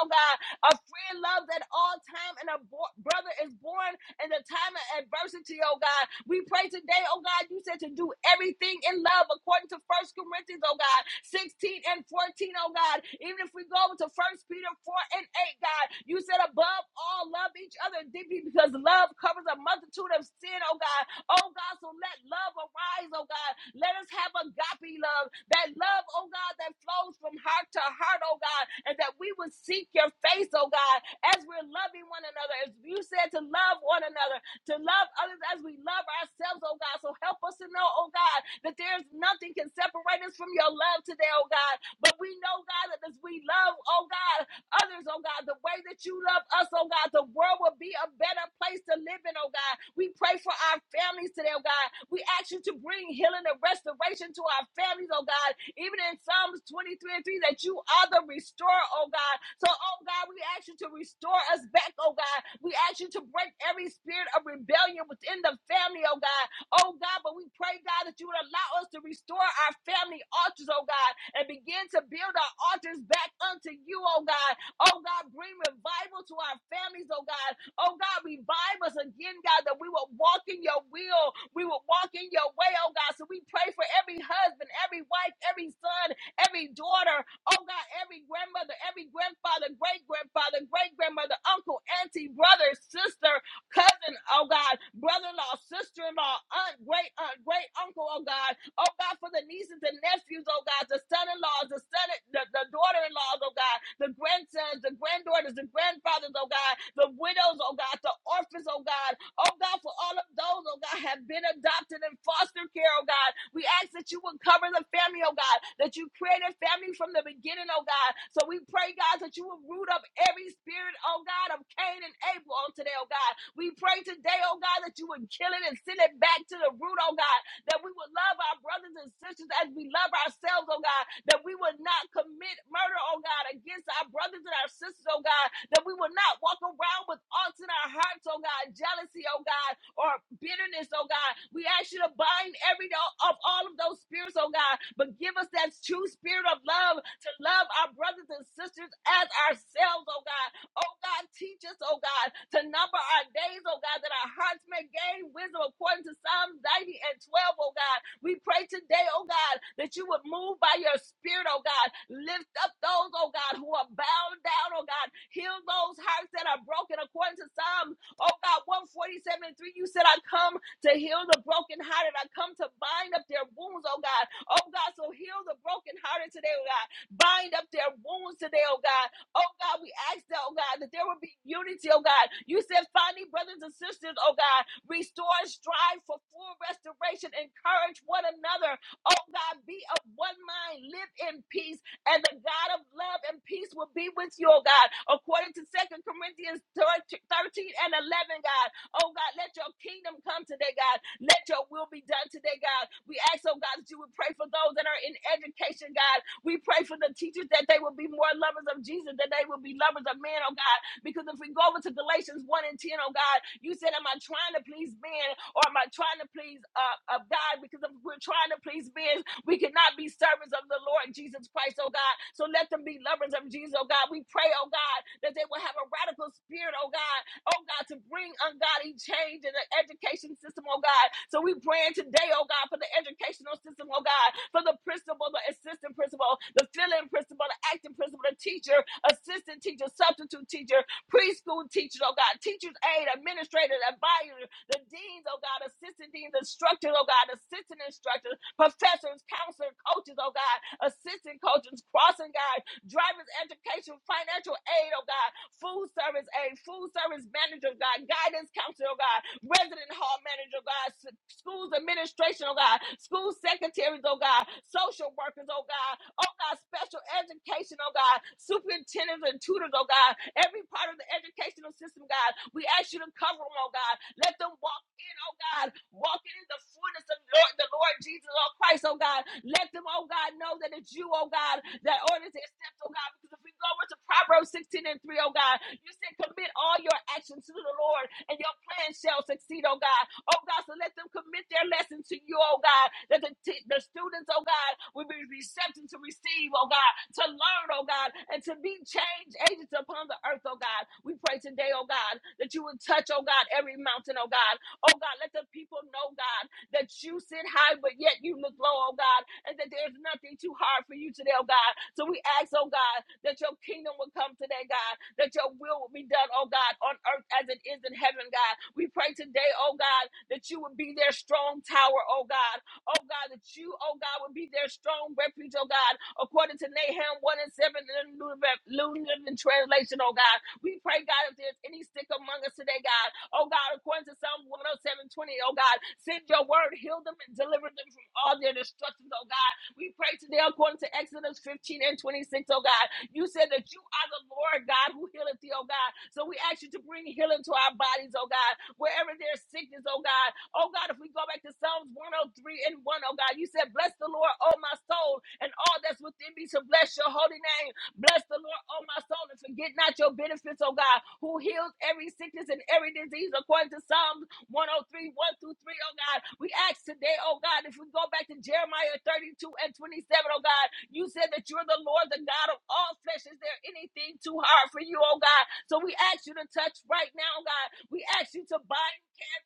[SPEAKER 3] oh God, a friend loves at all time, and a bo- brother is born in the time of adversity, oh God. We pray today, oh God, you said to do everything in love according to First Corinthians, oh God, 16 and 14, oh God. Even if we go to First Peter 4 and 8, God, you said above all, love each other deeply because love covers a multitude of sin, oh God. Oh God, so let love arise, oh God. Let us have agape love, that love, oh God, that flows from heart to heart, oh God, and that we would seek your face, oh God, as we're loving one another, as you said to love one another, to love others as we love ourselves, oh God. So help us to know, oh God, that there's nothing can separate us from your love today, oh God. But we know, God, that as we love, oh God, others, oh God, the way that you love us, oh God, the world will be a better place to live in, oh God. We pray for our families today, oh God. We ask you to bring healing and restoration to our families, oh God. Even in Psalms 23 and 3, that you are the restorer, oh God. So, oh God, we ask you to restore us back, oh God. We ask you to break every spirit of rebellion within the family, oh God. Oh God, but we pray, God, that you would allow us to restore our family altars, oh God, and begin to build our altars back unto you, oh God. Oh God, bring revival to our families, oh God. Oh God, revive us again, God, that we will walk in your will. We will walk in your way, oh God. So we pray for every husband, every wife, every son, every daughter, oh God, every grandmother, every grandfather, great grandfather, great grandmother, uncle, auntie, brother, sister cousin, oh God, brother in law, sister in law, aunt, great aunt, great uncle, oh God, oh God, for the nieces and nephews, oh God, the son in laws, the son, the, the daughter in laws, oh God, the grandsons, the granddaughters, the grandfathers, oh God, the widows, oh God, the orphans, oh God, oh God, for all of those those, oh God, have been adopted in foster care, oh God. We ask that you would cover the family, oh God, that you created family from the beginning, oh God. So we pray, God, that you would root up every spirit, oh God, of Cain and Abel on today, oh God. We pray today, oh God, that you would kill it and send it back to the root, oh God that we would love our brothers and sisters as we love ourselves, oh God, that we would not commit murder, oh God, against our brothers and our sisters, oh God, that we would not walk around with odds in our hearts, oh God, jealousy, oh God, or bitterness, oh God. We ask you to bind every of all of those spirits, oh God, but give us that true spirit of love to love our brothers and sisters as ourselves, oh God. Oh God, teach us, oh God, to number our days, oh God, that our hearts may gain wisdom according to Psalms 90 and 12, oh God. We pray today, oh God, that you would move by your spirit, oh God. Lift up those, oh God, who are bound down, oh God. Heal those hearts that are broken according to Psalms, oh God, 147 and 3. You said, I come to heal the brokenhearted. I come to bind up their wounds, oh God. Oh God, so heal the brokenhearted today, oh God. Bind up their wounds today, oh God. Oh God, we ask that, oh God, that there will be unity, oh God. You said, finding brothers and sisters, oh God, restore, and strive for full restoration, encourage one another. Oh God, be of one mind, live in peace, and the God of love and peace will be with you, oh God. According to Second Corinthians 13 and 11, God. Oh God, let your kingdom come today, God. Let your will be done today, God. We ask, oh God, that you would pray for those that are in education, God. We pray for the teachers that they will be more lovers of Jesus, that they will be lovers of men, oh God. Because if we go over to Galatians 1 and 10, oh God, you said, Am I trying to please men or am I trying to please uh, of God? Because if we're trying to please men, we cannot be servants of the Lord Jesus Christ, oh God. So let them be lovers of Jesus, oh God. We pray, oh God, that they will have a radical spirit, oh God, oh God, to bring ungodly change in the education system, oh God. So we praying today, oh God, for the educational system, oh God, for the principal, the assistant principal, the fill-in principal, the acting principal, the teacher, assistant teacher, substitute teacher, preschool teachers, oh God, teachers aid, administrators, advisors, the deans, oh God, assistant deans, instructors, oh God, assistant instructors, professors, counselors, coaches, oh God, assistant coaches, crossing guards driver's education, financial aid, oh God, food service aid, food service manager, oh God, guidance counselor, oh God, resident hall manager, oh God, schools administration, oh God, school secretaries, oh God, social workers, oh God, oh God, special education, oh God, superintendents and tutors, oh God, every part of the educational system, God, we ask you to cover them, oh God, let them walk in, oh God, walking in the fullness of Lord, the Lord Jesus, oh Christ, oh God. Let them, oh God, know that it's you, oh God, that orders their steps, oh God. Because if we go into Proverbs 16 and 3, oh God, you said commit all your actions to the Lord and your plan shall succeed, oh God. Oh God, so let them commit their lesson to you, oh God, that the, t- the students, oh God, will be receptive to receive, oh God, to learn, oh God, and to be change agents upon the earth, oh God. We pray today, oh God, that you would touch, oh God, every mountain, oh God. Oh God, let the people know, God, that you sit high, but yet you look low, oh God, and that there's nothing too hard for you today, oh God. So we ask, oh God, that your kingdom will come today, God, that your will will be done, oh God, on earth as it is in heaven, God. We pray today, oh God, that you would be their strong tower, oh God. Oh God, that you, oh God, would be their strong refuge, oh God, according to Nahum 1 and 7 in the New Living New Living Translation, oh God. We pray, God, if there's any sick among us today, God, Oh God, according to Psalm 107 oh seven twenty, oh God, send your word, heal them, and deliver them from all their destructions, oh God. We pray today according to Exodus 15 and 26, oh God. You said that you are the Lord God who healeth thee, oh God. So we ask you to bring healing to our bodies, oh God, wherever there's sickness, oh God. Oh God, if we go back to Psalms 103 and one, Oh God, you said, Bless the Lord, oh my soul, and all that's within me to bless your holy name. Bless the Lord, oh my soul, and forget not your benefits, oh God, who heals every sickness and every disease according to Psalms 103, 1 through 3, oh God. We ask today, oh God, if we go back to Jeremiah 32 and 27, oh God, you said that you're the Lord, the God of all flesh. Is there anything too hard for you, oh God? So we ask you to touch right now, oh God. We ask you to bind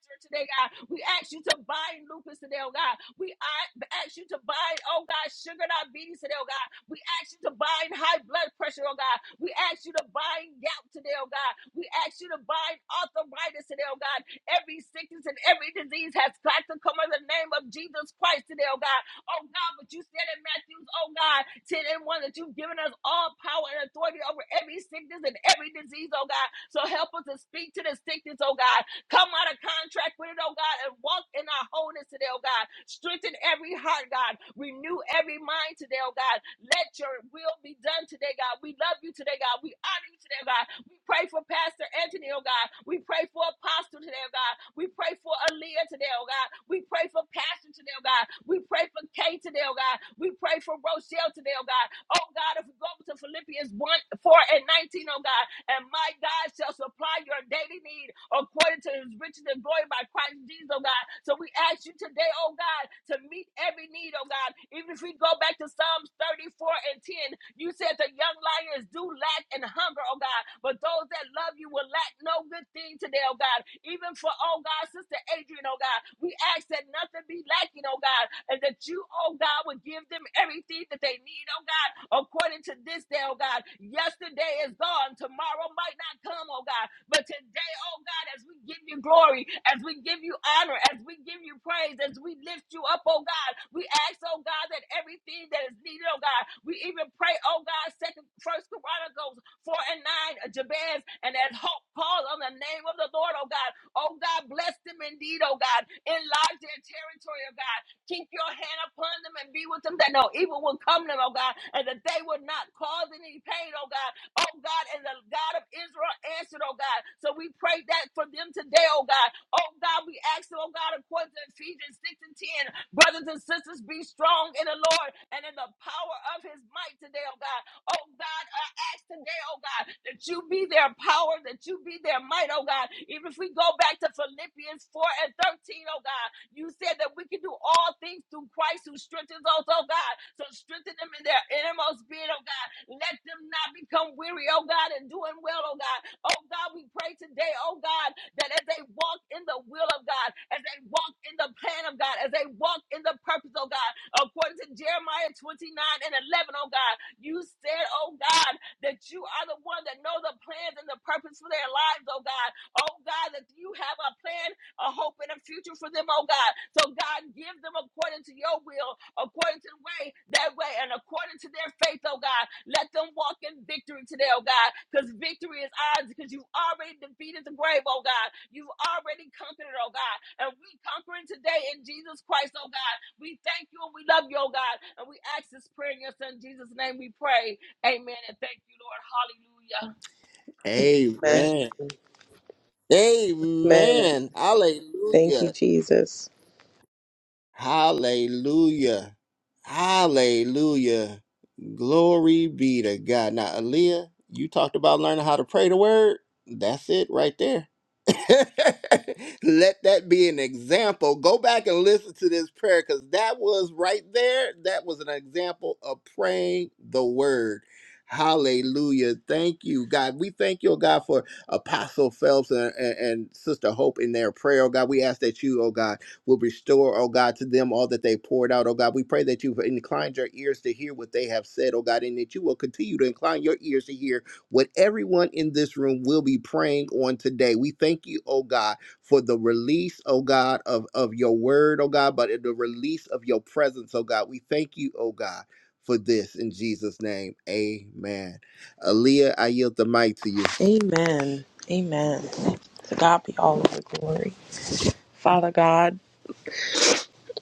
[SPEAKER 3] cancer today, God. We ask you to bind lupus today, oh God. We a- ask you to bind, oh God, sugar diabetes today, oh God. We ask you to bind high blood pressure, oh God. We ask you to bind gout today, oh God. We ask you to bind arthritis today, oh God. Every sickness and every disease has got to come in the name of Jesus Christ today, oh God. Oh God, but you said in Matthew's, oh God, 10 and 1 that you've given us all power and authority over every sickness and every disease, oh God. So help us to speak to the sickness, oh God. Come out of contract with it, oh God, and walk in our wholeness today, oh God. Strengthen every heart, God. Renew every mind today, oh God. Let your will be done today, God. We love you today, God. We honor you today, God. We pray for Pastor Anthony, oh God. We pray for Apostle today, oh God. We pray for Aaliyah today, oh God. We pray for Pastor today, oh God. We pray for Kay today, oh God. We pray for Rochelle today, oh God. Oh God, if we go to Philippians 1, 4 and 19, O God, and my God shall supply your daily need according to his riches and glory by Christ Jesus, oh God. So we ask you today, oh God, to meet every need, oh God. Even if we go back to Psalms 34 and 10, you said the young lions do lack and hunger, oh God. But those that love you will lack no good thing today, oh God. Even for, oh God, Sister Adrian, oh God, we ask that nothing be lacking, oh God, and that you, oh God, would give them everything that they need, oh God, according to this day, oh God. Yesterday is gone, tomorrow might not come, oh God, but today, oh God, as we give you glory, as we give you honor, as we give you praise, as we lift you up, oh God, we ask, oh God, that everything that is needed, oh God, we even pray, oh God, second, first Chronicles 4 and 9, uh, Jabez and as hope call on the name of the Lord, oh God. Oh God, bless them indeed, oh God. Enlarge their territory, oh God. Keep your hand upon them and be with them that no evil will come to them, oh God, and that they will not cause any pain, oh God. Oh God, and the God of Israel answered, oh God. So we pray that for them today, oh God. Oh God, we ask, oh God, according to Ephesians 6 and 10, brothers and sisters, be strong in the Lord and in the power of his might today, oh God. Oh God, I ask today, oh God, that you be their power, that you be their might, oh God. Even if we go back to Philippians 4 and 13, oh God, you said that we can do all things through Christ who strengthens us, oh God. So strengthen them in their innermost being, oh God. Let them not become weary, oh God, and doing well, oh God. Oh God, we pray today, oh God, that as they walk in the will of God, as they walk in the plan of God, as they walk in the purpose, oh God, according to Jeremiah 29 and 11, oh God, you said, oh God, that you are the one that know the plans and the purpose for their lives, oh God. Oh God, that you have a plan, a hope, and a future for them, oh God. So God, give them according to your will, according to the way, that way, and according to their faith, oh God. Let them walk in victory today, oh God, because victory is ours, because you've already defeated the grave, oh God. You've already conquered it, oh God. And we conquer conquering today in Jesus Christ, oh God. We thank you and we love you, oh God. And we ask this prayer in your son Jesus' name we pray. Amen. And thank you, Lord. Hallelujah.
[SPEAKER 1] Amen.
[SPEAKER 4] Amen.
[SPEAKER 1] Amen.
[SPEAKER 4] Thank
[SPEAKER 1] Hallelujah.
[SPEAKER 4] you, Jesus.
[SPEAKER 1] Hallelujah. Hallelujah. Glory be to God. Now, Aaliyah, you talked about learning how to pray the word. That's it right there. Let that be an example. Go back and listen to this prayer because that was right there. That was an example of praying the word. Hallelujah. Thank you, God. We thank you, oh God, for Apostle Phelps and, and, and Sister Hope in their prayer, oh God. We ask that you, oh God will restore, oh God, to them all that they poured out, oh God. We pray that you've inclined your ears to hear what they have said, oh God, and that you will continue to incline your ears to hear what everyone in this room will be praying on today. We thank you, oh God, for the release, oh God, of, of your word, oh God, but the release of your presence, oh God. We thank you, oh God, for this in Jesus' name. Amen. Aaliyah, I yield the mic to you.
[SPEAKER 4] Amen. Amen. To God be all of the glory. Father God,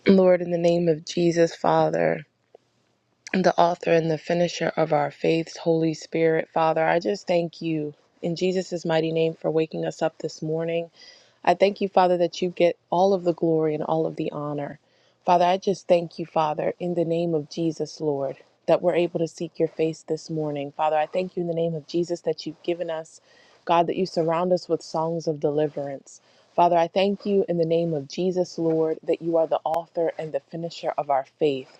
[SPEAKER 4] Lord, in the name of Jesus, Father, the author and the finisher of our faiths, Holy Spirit, Father, I just thank you in Jesus' mighty name for waking us up this morning. I thank you, Father, that you get all of the glory and all of the honor. Father, I just thank you, Father, in the name of Jesus, Lord, that we're able to seek your face this morning. Father, I thank you in the name of Jesus that you've given us, God, that you surround us with songs of deliverance. Father, I thank you in the name of Jesus, Lord, that you are the author and the finisher of our faith.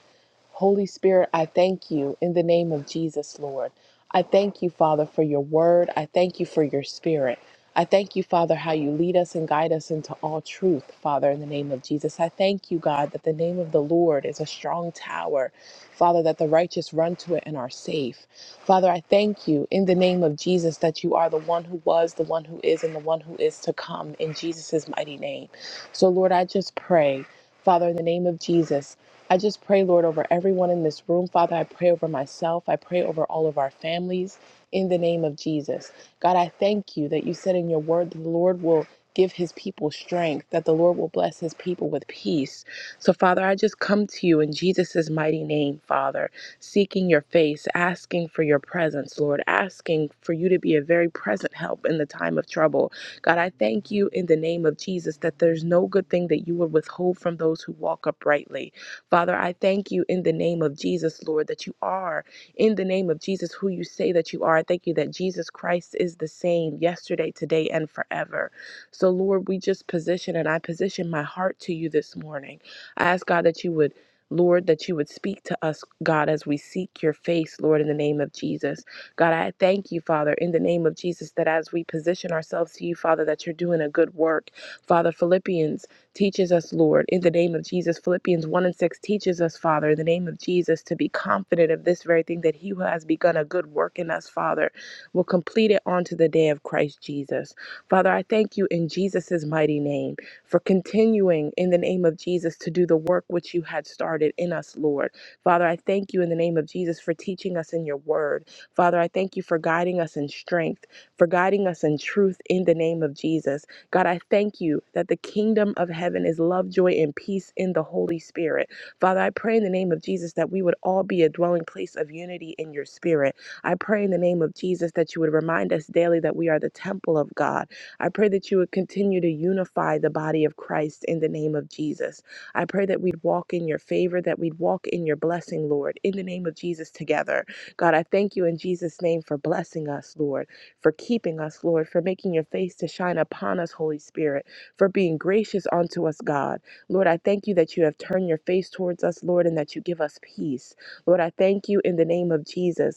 [SPEAKER 4] Holy Spirit, I thank you in the name of Jesus, Lord. I thank you, Father, for your word. I thank you for your spirit. I thank you, Father, how you lead us and guide us into all truth, Father, in the name of Jesus. I thank you, God, that the name of the Lord is a strong tower, Father, that the righteous run to it and are safe. Father, I thank you in the name of Jesus that you are the one who was, the one who is, and the one who is to come in Jesus' mighty name. So, Lord, I just pray, Father, in the name of Jesus. I just pray, Lord, over everyone in this room. Father, I pray over myself. I pray over all of our families in the name of Jesus. God, I thank you that you said in your word that the Lord will give his people strength, that the Lord will bless his people with peace. So, Father, I just come to you in Jesus' mighty name, Father, seeking your face, asking for your presence, Lord, asking for you to be a very present help in the time of trouble. God, I thank you in the name of Jesus that there's no good thing that you would withhold from those who walk uprightly. Father, I thank you in the name of Jesus, Lord, that you are in the name of Jesus who you say that you are. I thank you that Jesus Christ is the same yesterday, today, and forever. So, Lord, we just position and I position my heart to you this morning. I ask God that you would. Lord, that you would speak to us, God, as we seek your face, Lord, in the name of Jesus. God, I thank you, Father, in the name of Jesus, that as we position ourselves to you, Father, that you're doing a good work. Father, Philippians Teaches us, Lord, in the name of Jesus. Philippians 1 and 6 teaches us, Father, in the name of Jesus, to be confident of this very thing that He who has begun a good work in us, Father, will complete it onto the day of Christ Jesus. Father, I thank you in Jesus' mighty name for continuing in the name of Jesus to do the work which you had started in us, Lord. Father, I thank you in the name of Jesus for teaching us in your word. Father, I thank you for guiding us in strength, for guiding us in truth in the name of Jesus. God, I thank you that the kingdom of heaven is love, joy, and peace in the Holy Spirit. Father, I pray in the name of Jesus that we would all be a dwelling place of unity in your spirit. I pray in the name of Jesus that you would remind us daily that we are the temple of God. I pray that you would continue to unify the body of Christ in the name of Jesus. I pray that we'd walk in your favor, that we'd walk in your blessing, Lord, in the name of Jesus together. God, I thank you in Jesus' name for blessing us, Lord for keeping us, Lord, for making your face to shine upon us, Holy Spirit, for being gracious unto us, God. Lord, I thank you that you have turned your face towards us, Lord, and that you give us peace. Lord, I thank you in the name of Jesus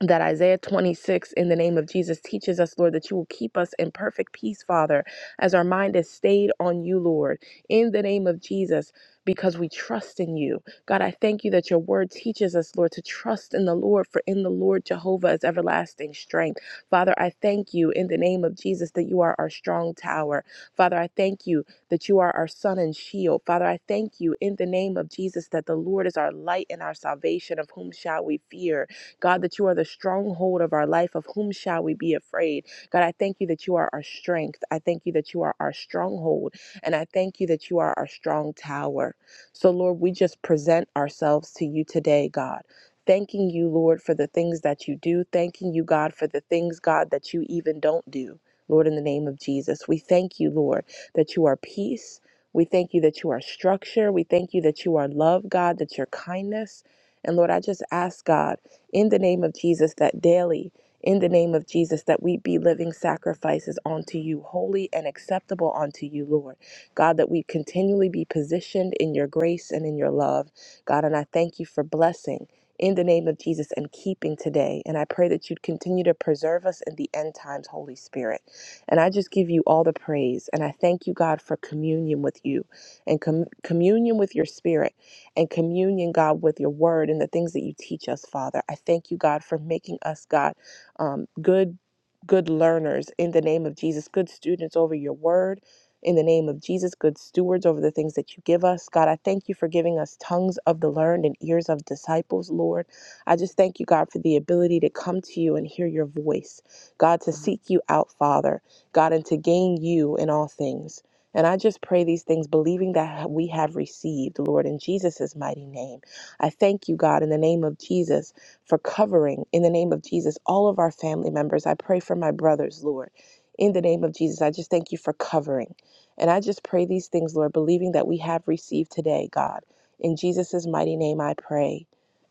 [SPEAKER 4] that Isaiah 26 in the name of Jesus teaches us, Lord, that you will keep us in perfect peace, Father, as our mind is stayed on you, Lord, in the name of Jesus, because we trust in you. God, I thank you that your word teaches us, Lord, to trust in the Lord, for in the Lord Jehovah is everlasting strength. Father, I thank you in the name of Jesus that you are our strong tower. Father, I thank you that you are our sun and shield. Father, I thank you in the name of Jesus that the Lord is our light and our salvation, of whom shall we fear. God, that you are the stronghold of our life. Of whom shall we be afraid? God, I thank you that you are our strength. I thank you that you are our stronghold. And I thank you that you are our strong tower. So, Lord, we just present ourselves to you today, God. Thanking you, Lord, for the things that you do. Thanking you, God, for the things, God, that you even don't do. Lord, in the name of Jesus, we thank you, Lord, that you are peace. We thank you that you are structure. We thank you that you are love, God, that your kindness. And Lord, I just ask, God in the name of Jesus, that daily, in the name of Jesus, that we be living sacrifices unto you, holy and acceptable unto you, Lord. God, that we continually be positioned in your grace and in your love. God, and I thank you for blessing in the name of Jesus and keeping today. And I pray that you'd continue to preserve us in the end times, Holy Spirit. And I just give you all the praise. And I thank you, God, for communion with you and com- communion with your spirit and communion, God, with your word and the things that you teach us, Father. I thank you, God, for making us, God, um, good, good learners in the name of Jesus, good students over your word. In the name of Jesus, good stewards over the things that you give us. God, I thank you for giving us tongues of the learned and ears of disciples, Lord. I just thank you, God, for the ability to come to you and hear your voice. God, to seek you out, Father. God, and to gain you in all things. And I just pray these things, believing that we have received, Lord, in Jesus' mighty name. I thank you, God, in the name of Jesus, for covering, in the name of Jesus, all of our family members. I pray for my brothers, Lord. In the name of Jesus, I just thank you for covering. And I just pray these things, Lord, believing that we have received today, God. In Jesus' mighty name, I pray.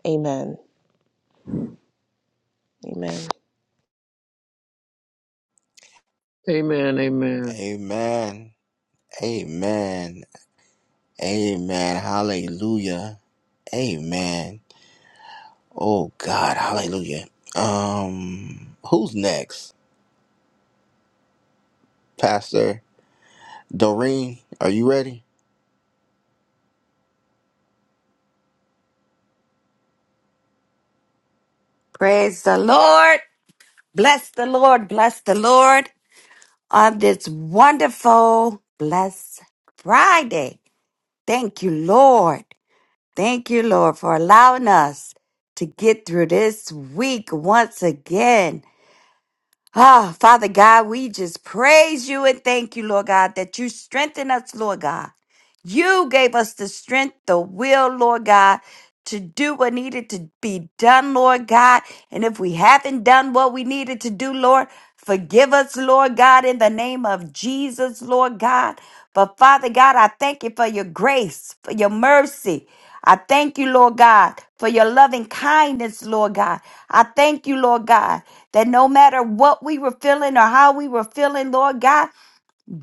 [SPEAKER 4] Amen. Amen.
[SPEAKER 5] Amen. Amen.
[SPEAKER 1] Amen. Amen. Amen. Hallelujah. Amen. Oh God. Hallelujah. Um, who's next? Pastor Doreen, are you ready?
[SPEAKER 6] Praise the Lord. Bless the Lord. Bless the Lord on this wonderful, blessed Friday. Thank you, Lord. Thank you, Lord, for allowing us to get through this week once again. Ah, Father God, we just praise you and thank you, Lord God, that you strengthen us, Lord God. You gave us the strength, the will, Lord God, to do what needed to be done, Lord God. And if we haven't done what we needed to do, Lord, forgive us, Lord God, in the name of Jesus, Lord God. But Father God, I thank you for your grace, for your mercy. I thank you, Lord God, for your loving kindness, Lord God. I thank you, Lord God, that no matter what we were feeling or how we were feeling, Lord God,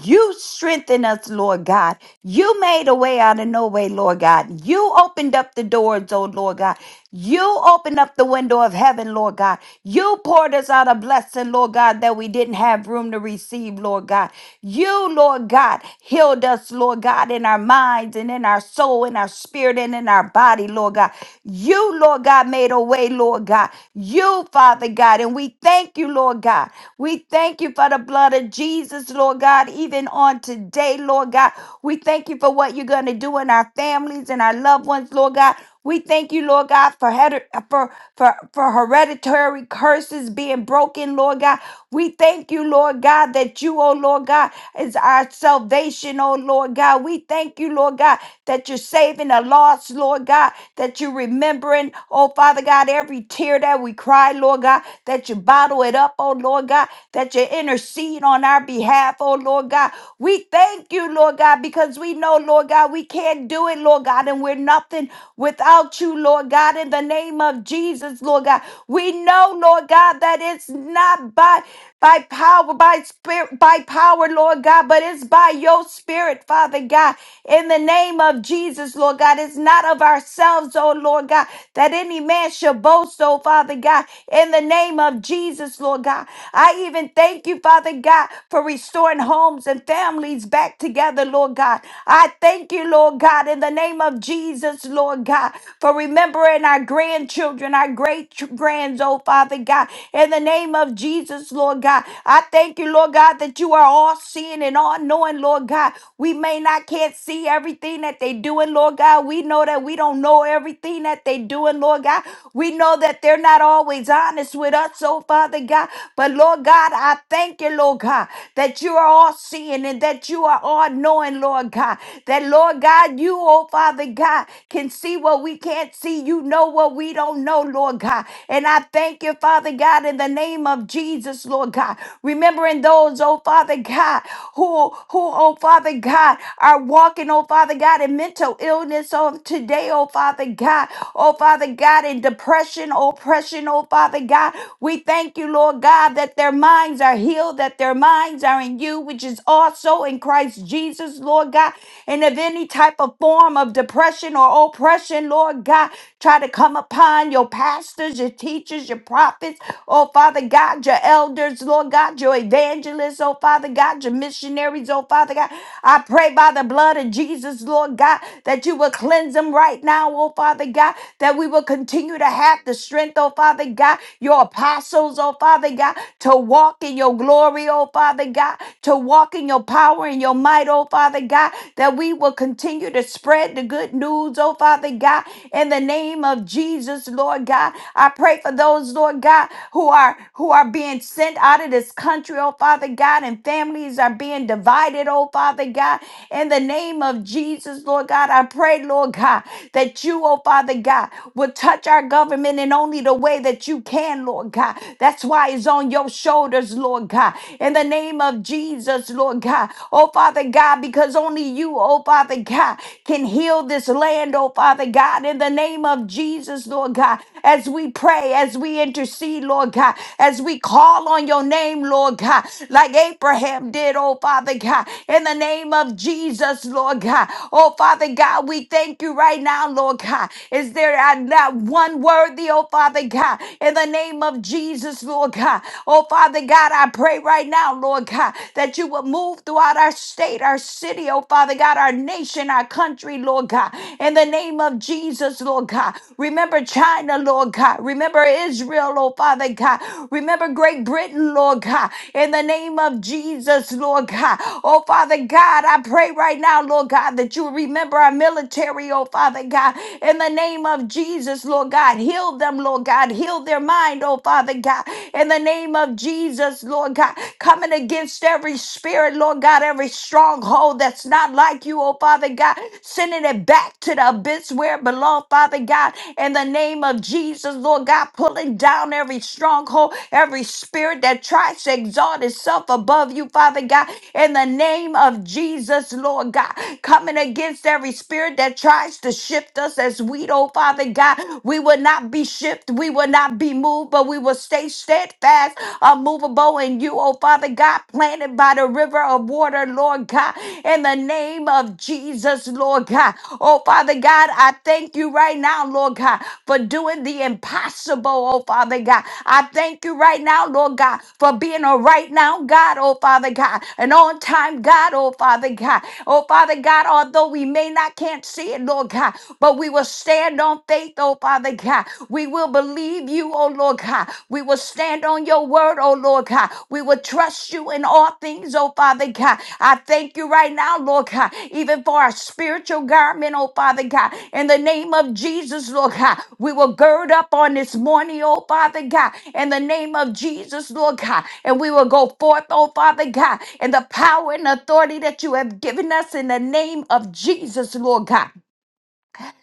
[SPEAKER 6] you strengthen us, Lord God. You made a way out of no way, Lord God. You opened up the doors, oh Lord God. You opened up the window of heaven, Lord God. You poured us out a blessing, Lord God, that we didn't have room to receive, Lord God. You, Lord God, healed us, Lord God, in our mind minds and in our soul and our spirit and in our body, Lord God. You, Lord God, made a way, Lord God. You, Father God. And we thank you, Lord God. We thank you for the blood of Jesus, Lord God, even on today, Lord God. We thank you for what you're going to do in our families and our loved ones, Lord God. We thank you, Lord God, for, hered- for, for, for hereditary curses being broken, Lord God. We thank you, Lord God, that you, oh Lord God, is our salvation, oh Lord God. We thank you, Lord God, that you're saving the lost, Lord God, that you're remembering, oh Father God, every tear that we cry, Lord God, that you bottle it up, oh Lord God, that you intercede on our behalf, oh Lord God. We thank you, Lord God, because we know, Lord God, we can't do it, Lord God, and we're nothing without you, Lord God, in the name of Jesus, Lord God. We know, Lord God, that it's not by by power, by spirit, by power, Lord God, but it's by your spirit, Father God, in the name of Jesus, Lord God. It's not of ourselves, oh Lord God, that any man should boast, oh Father God, in the name of Jesus, Lord God. I even thank you, Father God, for restoring restoring homes and families back together, Lord God. I thank you, Lord God, in the name of Jesus, Lord God, for remembering our grandchildren, our great grands, oh Father God, in the name of Jesus, Lord God. I thank you, Lord God, that you are all seeing and all knowing, Lord God. We may not can't see everything that they doing, Lord God. We know that we don't know everything that they doing, Lord God. We know that they're not always honest with us, oh Father God. But Lord God, I thank you, Lord pray, Lord God, that you are all seeing and that you are all knowing, Lord God. That, Lord God, you, oh Father God, can see what we can't see. You know what we don't know, Lord God. And I thank you, Father God, in the name of Jesus, Lord God. Remembering those, oh Father God, who, who, oh Father God, are walking, oh Father God, in mental illness on today, oh Father God, oh Father God, in depression, oppression, oh Father God. We thank you, Lord God, that their minds are healed, that their minds are in you, which is also in Christ Jesus, Lord God. And if any type of form of depression or oppression, Lord God, try to come upon your pastors, your teachers, your prophets, oh Father God, your elders, Lord God, your evangelists, oh Father God, your missionaries, oh Father God. I pray by the blood of Jesus, Lord God, that you will cleanse them right now, oh Father God, that we will continue to have the strength, oh Father God, your apostles, oh Father. Father God, to walk in your glory, oh Father God, to walk in your power and your might, oh Father God, that we will continue to spread the good news, oh Father God, in the name of Jesus, Lord God. I pray for those, Lord God, who are who are being sent out of this country, oh Father God, and families are being divided, oh Father God. In the name of Jesus, Lord God, I pray, Lord God, that you, oh Father God, will touch our government in only the way that you can, Lord God. That's why it's on your shoulders, Lord God. In the name of Jesus, Lord God. Oh, Father God, because only you, oh, Father God, can heal this land, oh, Father God. In the name of Jesus, Lord God, as we pray, as we intercede, Lord God, as we call on your name, Lord God, like Abraham did, oh, Father God. In the name of Jesus, Lord God. Oh, Father God, we thank you right now, Lord God. Is there not one worthy, oh, Father Father God, in the name of Jesus, Lord God. Oh, Father God, I pray right now, Lord God, that you will move throughout our state, our city, oh, Father God, our nation, our country, Lord God, in the name of Jesus, Lord God. Remember China, Lord God. Remember Israel, oh, Father God. Remember Great Britain, Lord God, in the name of Jesus, Lord God. Oh, Father God, I pray right now, Lord God, that you remember our military, oh, Father God, in the name of Jesus, Lord God. God. Heal them, Lord God. Heal their mind, oh Father God. In the name of Jesus, Lord God. Coming against every spirit, Lord God, every stronghold that's not like you, oh Father God. Sending it back to the abyss where it belongs, Father God. In the name of Jesus, Lord God, pulling down every stronghold, every spirit that tries to exalt itself above you, Father God. In the name of Jesus, Lord God. Coming against every spirit that tries to shift us as wheat, oh Father. Father God. We will not be shifted, we will not be moved, but we will stay steadfast, unmovable in you, oh Father God, planted by the river of water, Lord God, in the name of Jesus, Lord God. Oh Father God, I thank you right now, Lord God, for doing the impossible, oh Father God. I thank you right now, Lord God, for being a right now God, oh Father God, an on time God, oh Father God. Oh Father God, although we may not can't see it, Lord God, but Lord, we will stand on faith, oh Father God. We will believe you, oh Lord God. We will stand on your word, oh Lord God. We will trust you in all things, oh Father God. I thank you right now, Lord God, even for our spiritual garment, oh Father God. In the name of Jesus, Lord God, we will gird up on this morning, oh Father God. In the name of Jesus, Lord God, and we will go forth, oh Father God, in the power and authority that you have given us in the name of Jesus, Lord God.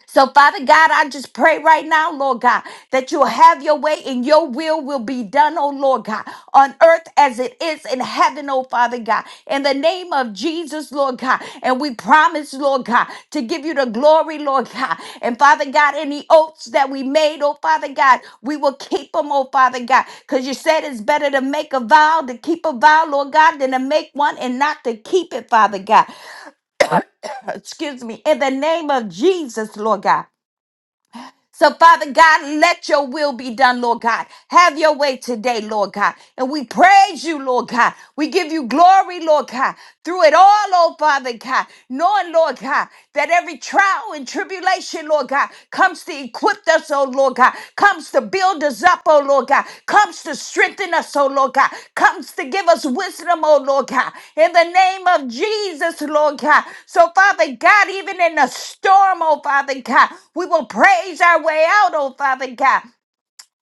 [SPEAKER 6] So, Father God, I just pray right now, Lord God, that you'll have your way and your will will be done, oh Lord God, on earth as it is in heaven, oh Father God. In the name of Jesus, Lord God. And we promise, Lord God, to give you the glory, Lord God. And Father God, any oaths that we made, oh Father God, we will keep them, oh Father God, because you said it's better to make a vow, to keep a vow, Lord God, than to make one and not to keep it, Father God. Excuse me. In the name of Jesus, Lord God. So, Father God, let your will be done, Lord God. Have your way today, Lord God. And we praise you, Lord God. We give you glory, Lord God, through it all, oh Father God, knowing, Lord God, that every trial and tribulation, Lord God, comes to equip us, oh Lord. Lord God, comes to build us up, oh Lord God, comes to strengthen us, oh Lord God, comes to give us wisdom, oh Lord God, in the name of Jesus, Lord God. So, Father God, even in the storm, oh Father God, we will praise our way out, oh Father God.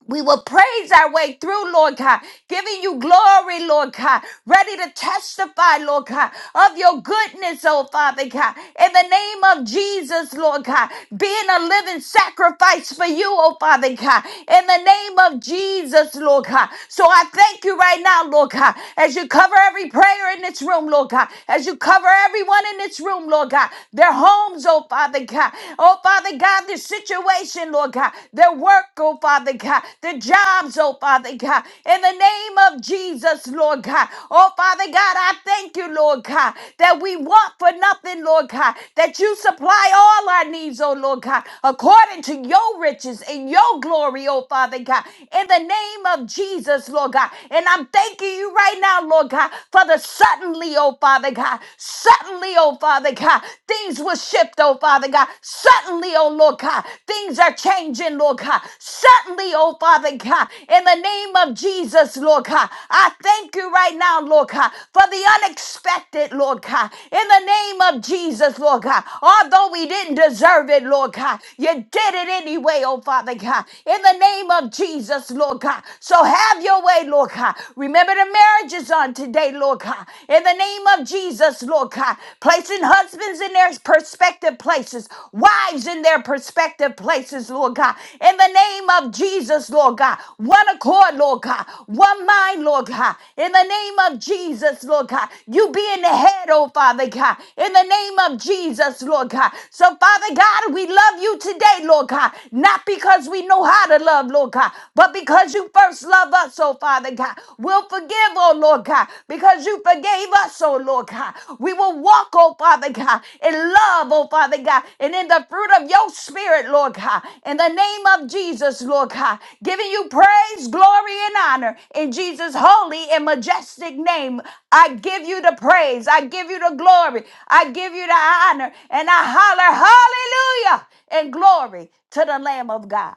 [SPEAKER 6] We will praise our way through, Lord God, giving you glory, Lord God, ready to testify, Lord God, of your goodness, oh Father God, in the name of Jesus, Lord God, being a living sacrifice for you, oh Father God, in the name of Jesus, Lord God. So I thank you right now, Lord God, as you cover every prayer in this room, Lord God, as you cover everyone in this room, Lord God, their homes, oh Father God, oh Father God. God, the situation, Lord God, their work, oh Father God, the jobs, oh Father God, in the name of Jesus, Lord God. Oh Father God, I thank you, Lord God, that we want for nothing, Lord God, that you supply all our needs, oh Lord God, according to your riches and your glory, oh Father God, in the name of Jesus, Lord God. And I'm thanking you right now, Lord God, for the suddenly, oh Father God, suddenly, oh Father God. God. Things will shift, oh Father God. Suddenly, oh Lord God, things are changing, Lord God. Suddenly, oh Father God, in the name of Jesus, Lord God, I thank you right now, Lord God, for the unexpected, Lord God. In the name of Jesus, Lord God, although we didn't deserve it, Lord God, you did it anyway, oh Father God. In the name of Jesus, Lord God. So have your way, Lord God. Remember the marriages on today, Lord God. God, in the name of Jesus, Lord God, placing husbands in their perspective places, wives in their perspective places, Lord God, in the name of Jesus, Lord God, one accord, Lord God, one mind, Lord God, in the name of Jesus, Lord God, you being the head, oh Father God, in the name of Jesus, Lord God. So, Father God, we love you today, Lord God, not because we know how to love, Lord God, but because you first love us us, oh Father God. We'll forgive, oh Lord God, because you forgave us, oh Lord God. We will walk, oh Father God, in love, oh Father God, and in the fruit of your spirit, Lord God. In the name of Jesus, Lord God, giving you praise, glory, and honor in Jesus' holy and majestic name. I give you the praise. I give you the glory. I give you the honor. And I holler, hallelujah, and glory to the Lamb of God.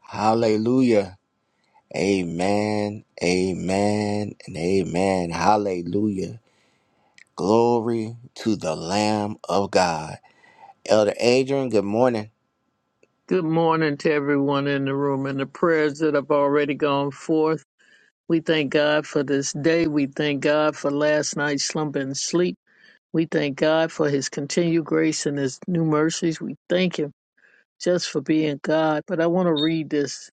[SPEAKER 1] Hallelujah. Amen. Amen. And amen. Hallelujah. Glory to the Lamb of God. Elder Adrian, good morning.
[SPEAKER 5] Good morning to everyone in the room and the prayers that have already gone forth. We thank God for this day. We thank God for last night's slumber and sleep. We thank God for his continued grace and his new mercies. We thank him just for being God. But I want to read this.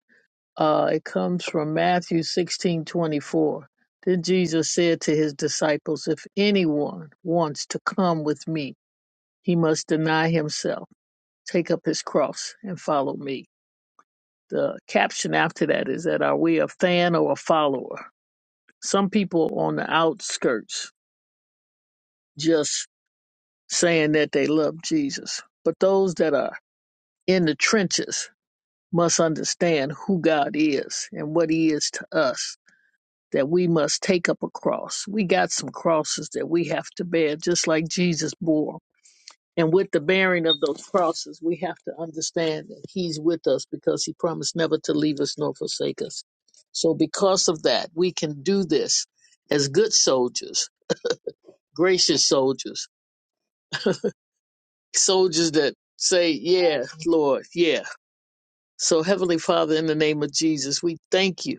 [SPEAKER 5] Uh, it comes from Matthew sixteen twenty four. Then Jesus said to his disciples, If anyone wants to come with me, he must deny himself, take up his cross, and follow me. the caption after that is that are we a fan or a follower? Some people on the outskirts just saying that they love Jesus, but those that are in the trenches must understand who God is and what He is to us. That we must take up a cross. We got some crosses that we have to bear, just like Jesus bore 'em And with the bearing of those crosses, we have to understand that He's with us because He promised never to leave us nor forsake us. So, because of that, we can do this as good soldiers, gracious soldiers, soldiers that say, Yeah, Lord, yeah. So, Heavenly Father, in the name of Jesus, we thank you.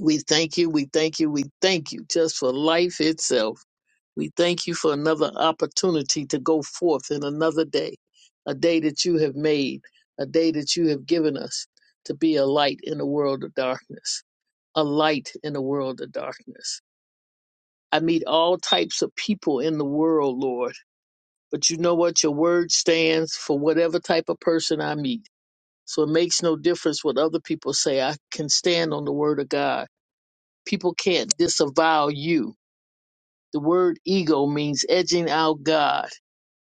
[SPEAKER 5] We thank you. We thank you. We thank you just for life itself. We thank you for another opportunity to go forth in another day, a day that you have made, a day that you have given us to be a light in a world of darkness, a light in a world of darkness. I meet all types of people in the world, Lord, but you know what? Your word stands for whatever type of person I meet. So it makes no difference what other people say. I can stand on the word of God. People can't disavow you. The word ego means edging out God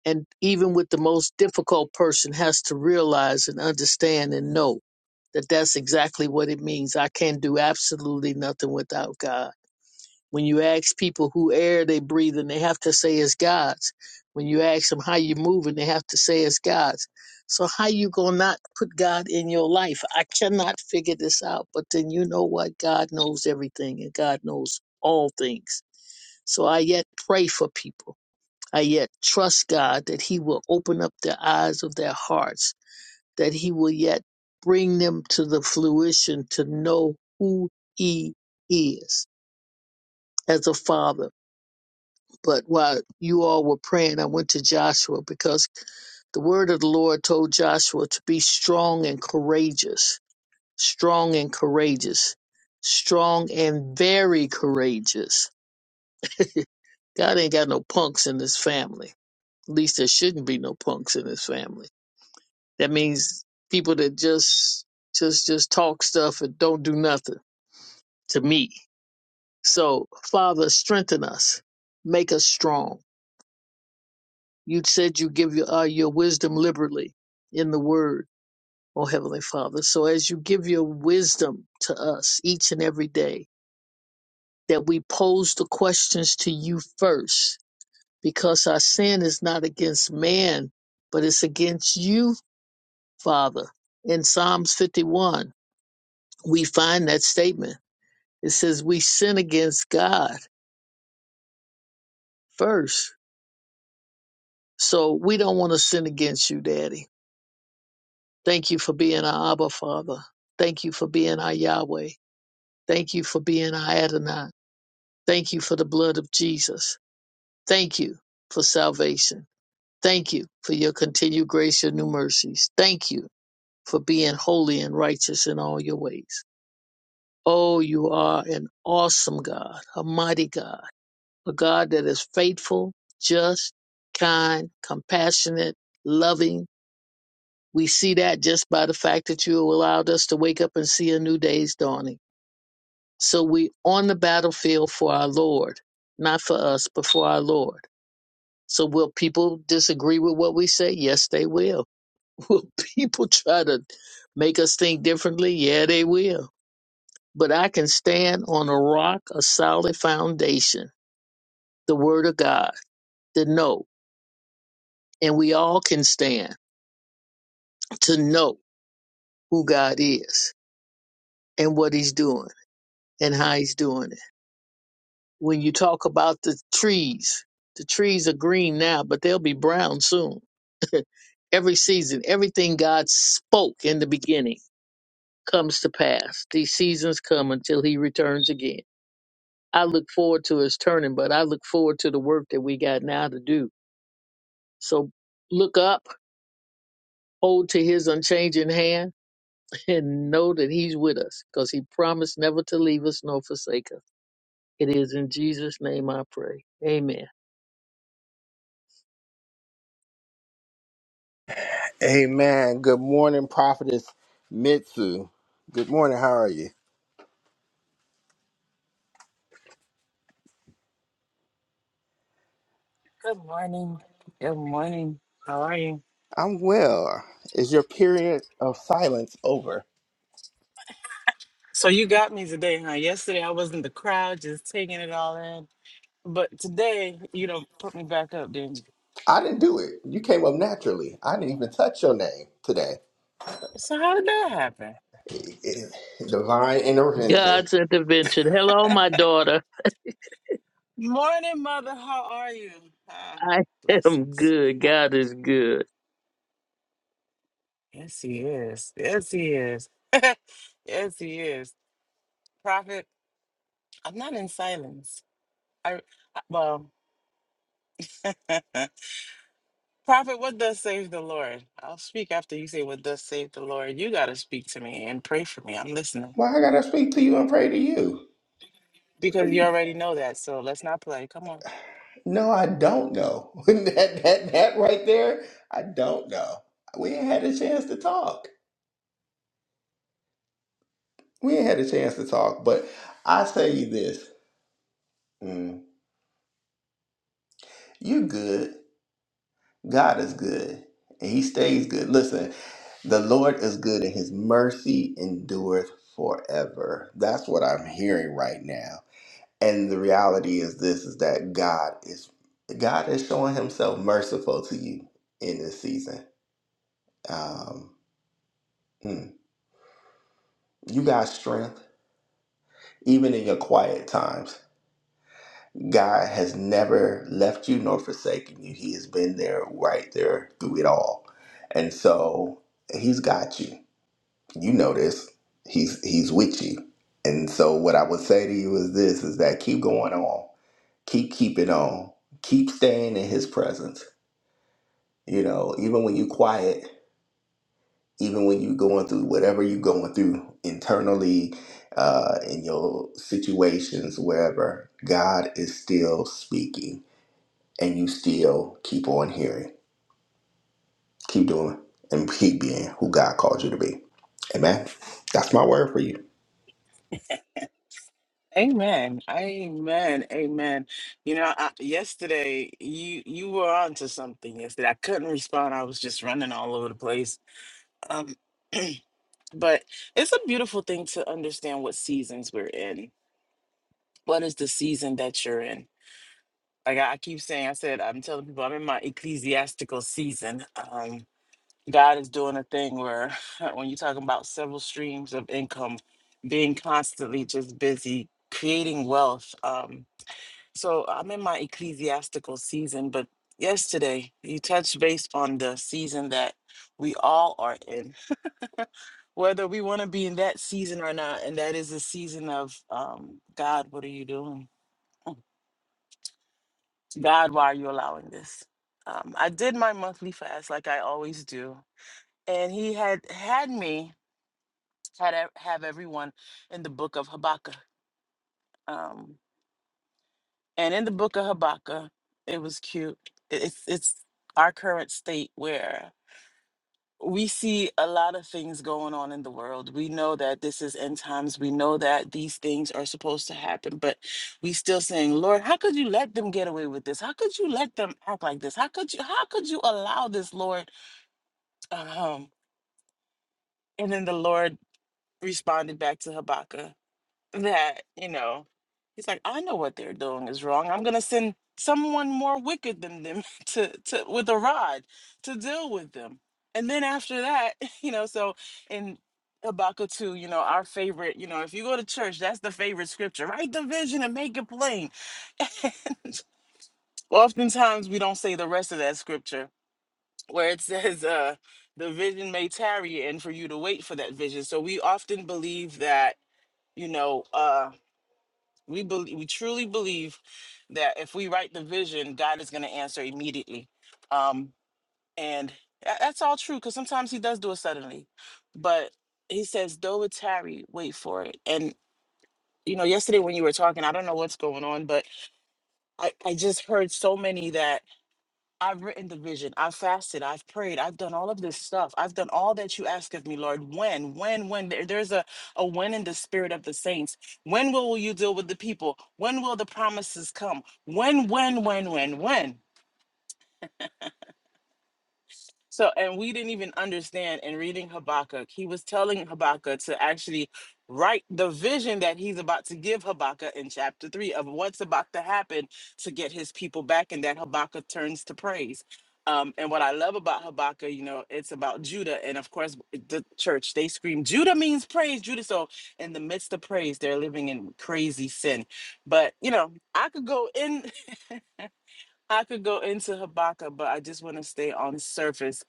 [SPEAKER 5] and even with the most difficult person has to realize and understand and know that that's exactly what it means i can't do absolutely nothing without god when you ask people who air they breathe and they have to say it's god's when you ask them how you moving they have to say it's god's so how you gonna not put god in your life i cannot figure this out but then you know what god knows everything and god knows all things so i yet pray for people I yet trust God that He will open up the eyes of their hearts, that He will yet bring them to the fruition to know who He is as a father. But while you all were praying, I went to Joshua because the word of the Lord told Joshua to be strong and courageous, strong and courageous, strong and very courageous. God ain't got no punks in his family. At least there shouldn't be no punks in his family. That means people that just just just talk stuff and don't do nothing to me. So, Father, strengthen us. Make us strong. You said you give your uh, your wisdom liberally in the word, oh heavenly Father. So as you give your wisdom to us each and every day, that we pose the questions to you first, because our sin is not against man, but it's against you, Father. In Psalms 51, we find that statement It says we sin against God first. So we don't want to sin against you, Daddy. Thank you for being our Abba Father. Thank you for being our Yahweh. Thank you for being our Adonai. Thank you for the blood of Jesus. Thank you for salvation. Thank you for your continued grace and new mercies. Thank you for being holy and righteous in all your ways. Oh, you are an awesome God, a mighty God a God that is faithful, just, kind, compassionate, loving. We see that just by the fact that you allowed us to wake up and see a new day's dawning. So we on the battlefield for our Lord, not for us, but for our Lord. So will people disagree with what we say? Yes, they will. Will people try to make us think differently? Yeah, they will. But I can stand on a rock, a solid foundation, the word of God, to know and we all can stand to know who God is and what He's doing and how He's doing it. When you talk about the trees, the trees are green now, but they'll be brown soon. Every season, everything God spoke in the beginning comes to pass. These seasons come until He returns again. I look forward to His turning, but I look forward to the work that we got now to do. So look up, hold to His unchanging hand and know that He's with us because He promised never to leave us nor forsake us. It is in Jesus' name I pray. Amen.
[SPEAKER 1] Amen. Good morning, Prophetess Mitsu. Good morning. How are you?
[SPEAKER 7] Good morning. Good morning. How are you?
[SPEAKER 1] I'm well. Is your period of silence over?
[SPEAKER 7] So you got me today, huh? Yesterday I was in the crowd just taking it all in. But today, you know, put me back up, didn't you?
[SPEAKER 1] I didn't do it. You came up naturally. I didn't even touch your name today.
[SPEAKER 7] So how did that happen?
[SPEAKER 1] It- it- Divine intervention.
[SPEAKER 5] God's intervention. Hello, my daughter.
[SPEAKER 7] Morning, mother. How are you? Ah,
[SPEAKER 5] I am
[SPEAKER 7] blessings.
[SPEAKER 5] good.
[SPEAKER 7] Ah,
[SPEAKER 5] God is good.
[SPEAKER 7] yes, he is. Yes, he is. yes, he is. Prophet, I'm not in silence. I, I well, Prophet, what does save the Lord? I'll speak after you say what does save the Lord. You got to speak to me and pray for me. I'm listening
[SPEAKER 1] Why I gotta speak to you and pray to you?
[SPEAKER 7] because you already know that. So let's not play. Come on.
[SPEAKER 1] No, I don't know. that that that right there, I don't know. We ain't had a chance to talk. We ain't had a chance to talk. But I say you this: mm, you good. God is good, and He stays good. Listen, the Lord is good, and His mercy endureth forever. That's what I'm hearing right now. And the reality is this: is that God is God is showing Himself merciful to you in this season. Um, mm. you got strength. Even in your quiet times, God has never left you nor forsaken you. He has been there, right there through it all. And so He's got you you know this. He's he's with you. And so what I would say to you is this is that keep going on. Keep keeping on. Keep staying in his presence. You know, even when you quiet, even when you going through whatever you're going through internally, uh, in your situations, wherever, God is still speaking and you still keep on hearing. Keep doing and keep being who God called you to be. Amen. That's my word for you.
[SPEAKER 7] Amen. Amen. Amen. You know, I, yesterday you you were on to something yesterday. I couldn't respond. I was just running all over the place. Um but it's a beautiful thing to understand what seasons we're in. What is the season that you're in? like I I keep saying, I said, I'm telling people I'm in my ecclesiastical season. Um, God is doing a thing where when you're talking about several streams of income, being constantly just busy creating wealth. Um, so I'm in my ecclesiastical season, but yesterday you touched base on the season that we all are in, whether we want to be in that season or not. And that is a season of um, God, what are you doing? God, why are you allowing this? Um, I did my monthly fast like I always do, and he had had me had ev- have everyone in the book of Habakkuk. Um, and in the book of Habakkuk, it was cute. It- It's it's our current state where we see a lot of things going on in the world. We know that this is end times. We know that these things are supposed to happen, but we still saying, Lord, how could you let them get away with this? How could you let them act like this? How could you how could you allow this, Lord? Um, and then the Lord responded back to Habakkuk that, you know, he's like, I know what they're doing is wrong. I'm gonna send someone more wicked than them to, to with a rod to deal with them. And then after that, you know, so in Habakkuk 2, you know, our favorite, you know, if you go to church, that's the favorite scripture. Write the vision and make it plain. Oftentimes we don't say the rest of that scripture where it says, uh, the vision may tarry and for you to wait for that vision. So we often believe that, you know, uh. We believe, we truly believe that if we write the vision, God is going to answer immediately. Um, and tha- that's all true because sometimes He does do it suddenly. But He says, "Though it tarry, wait for it." And you know, yesterday when you were talking, I don't know what's going on, but I I just heard so many that. I've written the vision. I've fasted. I've prayed. I've done all of this stuff. I've done all that you ask of me, Lord. When, when, when? There- There's a, a when in the spirit of the saints. When will you deal with the people? When will the promises come? When, when, when, when, when? So, and we didn't even understand in reading Habakkuk, he was telling Habakkuk to actually write the vision that he's about to give Habakkuk in chapter three of what's about to happen to get his people back, and that Habakkuk turns to praise. Um, and what I love about Habakkuk, you know, it's about Judah. And of course, the church, they scream, Judah means praise, Judah. So, in the midst of praise, they're living in crazy sin. But, you know, I could go in, I could go into Habakkuk, but I just want to stay on the surface.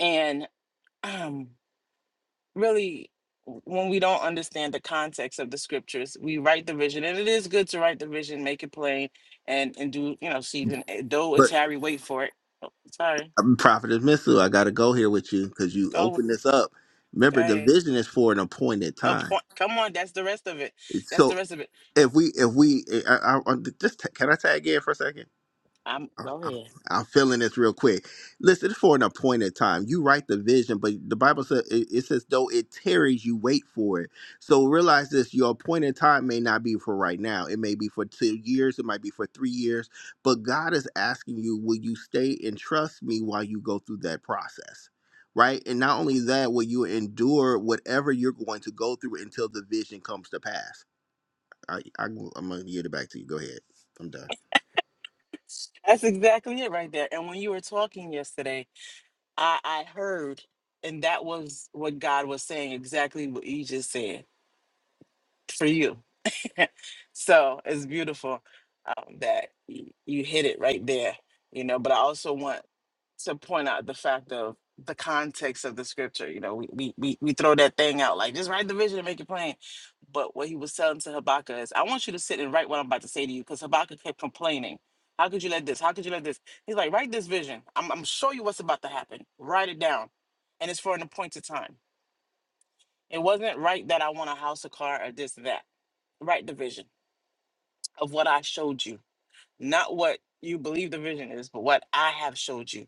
[SPEAKER 7] And um, really w- when we don't understand the context of the scriptures we write the vision and it is good to write the vision make it plain and and do you know season eh, though
[SPEAKER 1] But
[SPEAKER 7] it's harry wait for it oh, sorry
[SPEAKER 1] I'm Prophetess Missou. I got to go here with you because you
[SPEAKER 7] go with-
[SPEAKER 1] opened this up.
[SPEAKER 7] go
[SPEAKER 1] Remember, the
[SPEAKER 7] ahead
[SPEAKER 1] vision is for an appointed time.
[SPEAKER 7] Appoint, come on that's the rest of it that's the
[SPEAKER 1] So
[SPEAKER 7] rest of it
[SPEAKER 1] if we, if we, eh, I, I, I- just can I tag in for a second?
[SPEAKER 7] i'm go
[SPEAKER 1] I'm,
[SPEAKER 7] ahead
[SPEAKER 1] I'm feeling this real quick. Listen, it's for an appointed time. You write the vision, but the Bible says it, it says though it tarries, you wait for it. So realize this: your appointed time may not be for right now. It may be for two years. It might be for three years. But God is asking you, will you stay and trust me while you go through that process? Right, and not only that, will you endure whatever you're going to go through until the vision comes to pass? I, I, I'm gonna yield it back to you. Go ahead. I'm done.
[SPEAKER 7] that's exactly it right there and when you were talking yesterday i i heard and that was what god was saying exactly what you just said for you So it's beautiful um, that y- you hit it right there, you know. But I also want to point out the fact of the context of the scripture. You know, we we we, we throw that thing out like just write the vision and make it plain. But what he was telling to Habakkuk is, I want you to sit and write what I'm about to say to you, because Habakkuk kept complaining. How could you let this? How could you let this? He's like, write this vision. I'm I'm show you what's about to happen. Write it down, and it's for an appointed time. It wasn't right that I want a house, a car, or this, that. Write the vision of what I showed you not what you believe the vision is, but what I have showed you.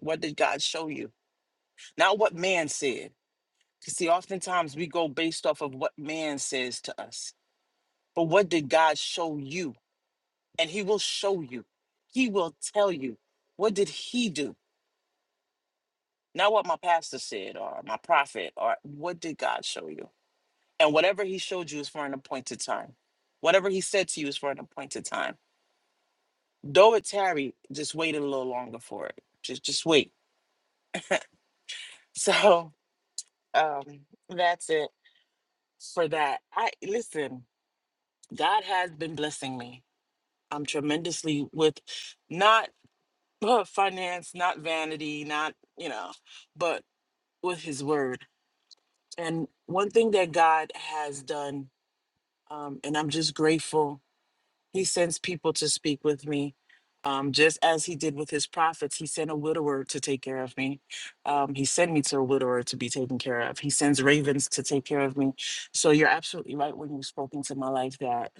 [SPEAKER 7] What did God show you? Not what man said. You see, oftentimes we go based off of what man says to us, but what did God show you? And He will show you, He will tell you. What did He do? Not what my pastor said or my prophet, or what did God show you? And whatever He showed you is for an appointed time. Whatever He said to you is for an appointed time. Though it tarry, just wait a little longer for it. Just, just wait. So um that's it for that i listen god has been blessing me i'm tremendously with not uh, finance not vanity not you know but with his word and one thing that god has done um and i'm just grateful He sends people to speak with me. Um, just as he did with his prophets, he sent a widower to take care of me. Um, he sent me to a widower to be taken care of. He sends ravens to take care of me. So you're absolutely right when you spoke into my life that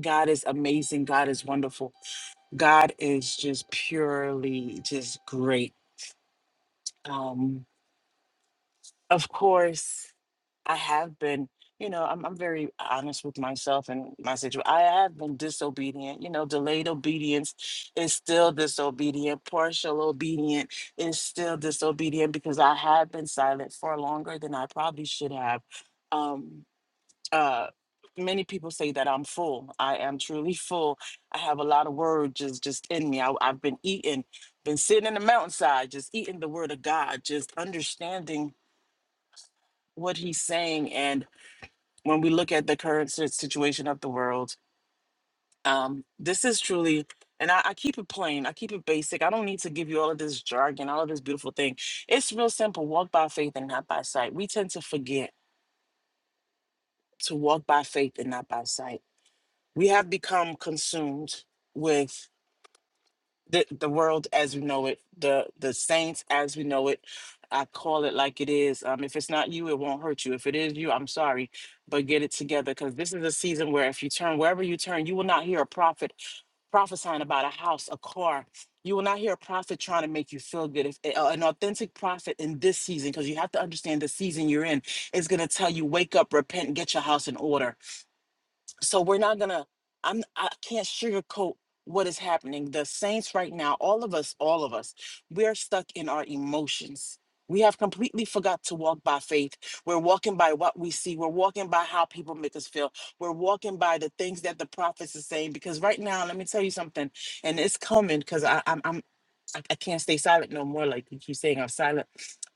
[SPEAKER 7] God is amazing. God is wonderful. God is just purely just great. Um, of course. I have been, you know, I'm, I'm very honest with myself and my situation. I have been disobedient. You know, delayed obedience is still disobedient. Partial obedient is still disobedient because I have been silent for longer than I probably should have. Um, uh, many people say that I'm full. I am truly full. I have a lot of words just just in me. I, I've been eating, been sitting in the mountainside, just eating the word of God, just understanding what he's saying and when we look at the current si- situation of the world, um, this is truly, and I, I keep it plain, I keep it basic. I don't need to give you all of this jargon, all of this beautiful thing. It's real simple walk by faith and not by sight. We tend to forget to walk by faith and not by sight. We have become consumed with the, the world as we know it, the the saints as we know it. I call it like it is. Um, if it's not you, it won't hurt you. If it is you, I'm sorry, but get it together because this is a season where if you turn wherever you turn, you will not hear a prophet prophesying about a house, a car. You will not hear a prophet trying to make you feel good. If a- an authentic prophet in this season, because you have to understand the season you're in, is going to tell you, wake up, repent, and get your house in order so we're not gonna i'm i can't sugarcoat what is happening the saints right now all of us all of us we're stuck in our emotions we have completely forgot to walk by faith we're walking by what we see we're walking by how people make us feel we're walking by the things that the prophets are saying because right now let me tell you something and it's coming because i'm i'm I, I can't stay silent no more. Like you keep saying, I'm silent.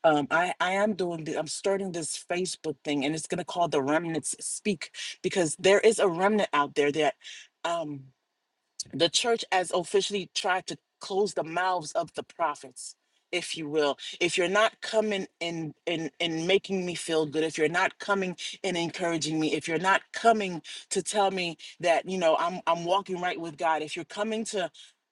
[SPEAKER 7] Um, I I am doing. The, I'm starting this Facebook thing, and it's gonna call the remnants speak because there is a remnant out there that. um, the church has officially tried to close the mouths of the prophets if you will if you're not coming and and and making me feel good if you're not coming and encouraging me if you're not coming to tell me that you know i'm i'm walking right with god if you're coming to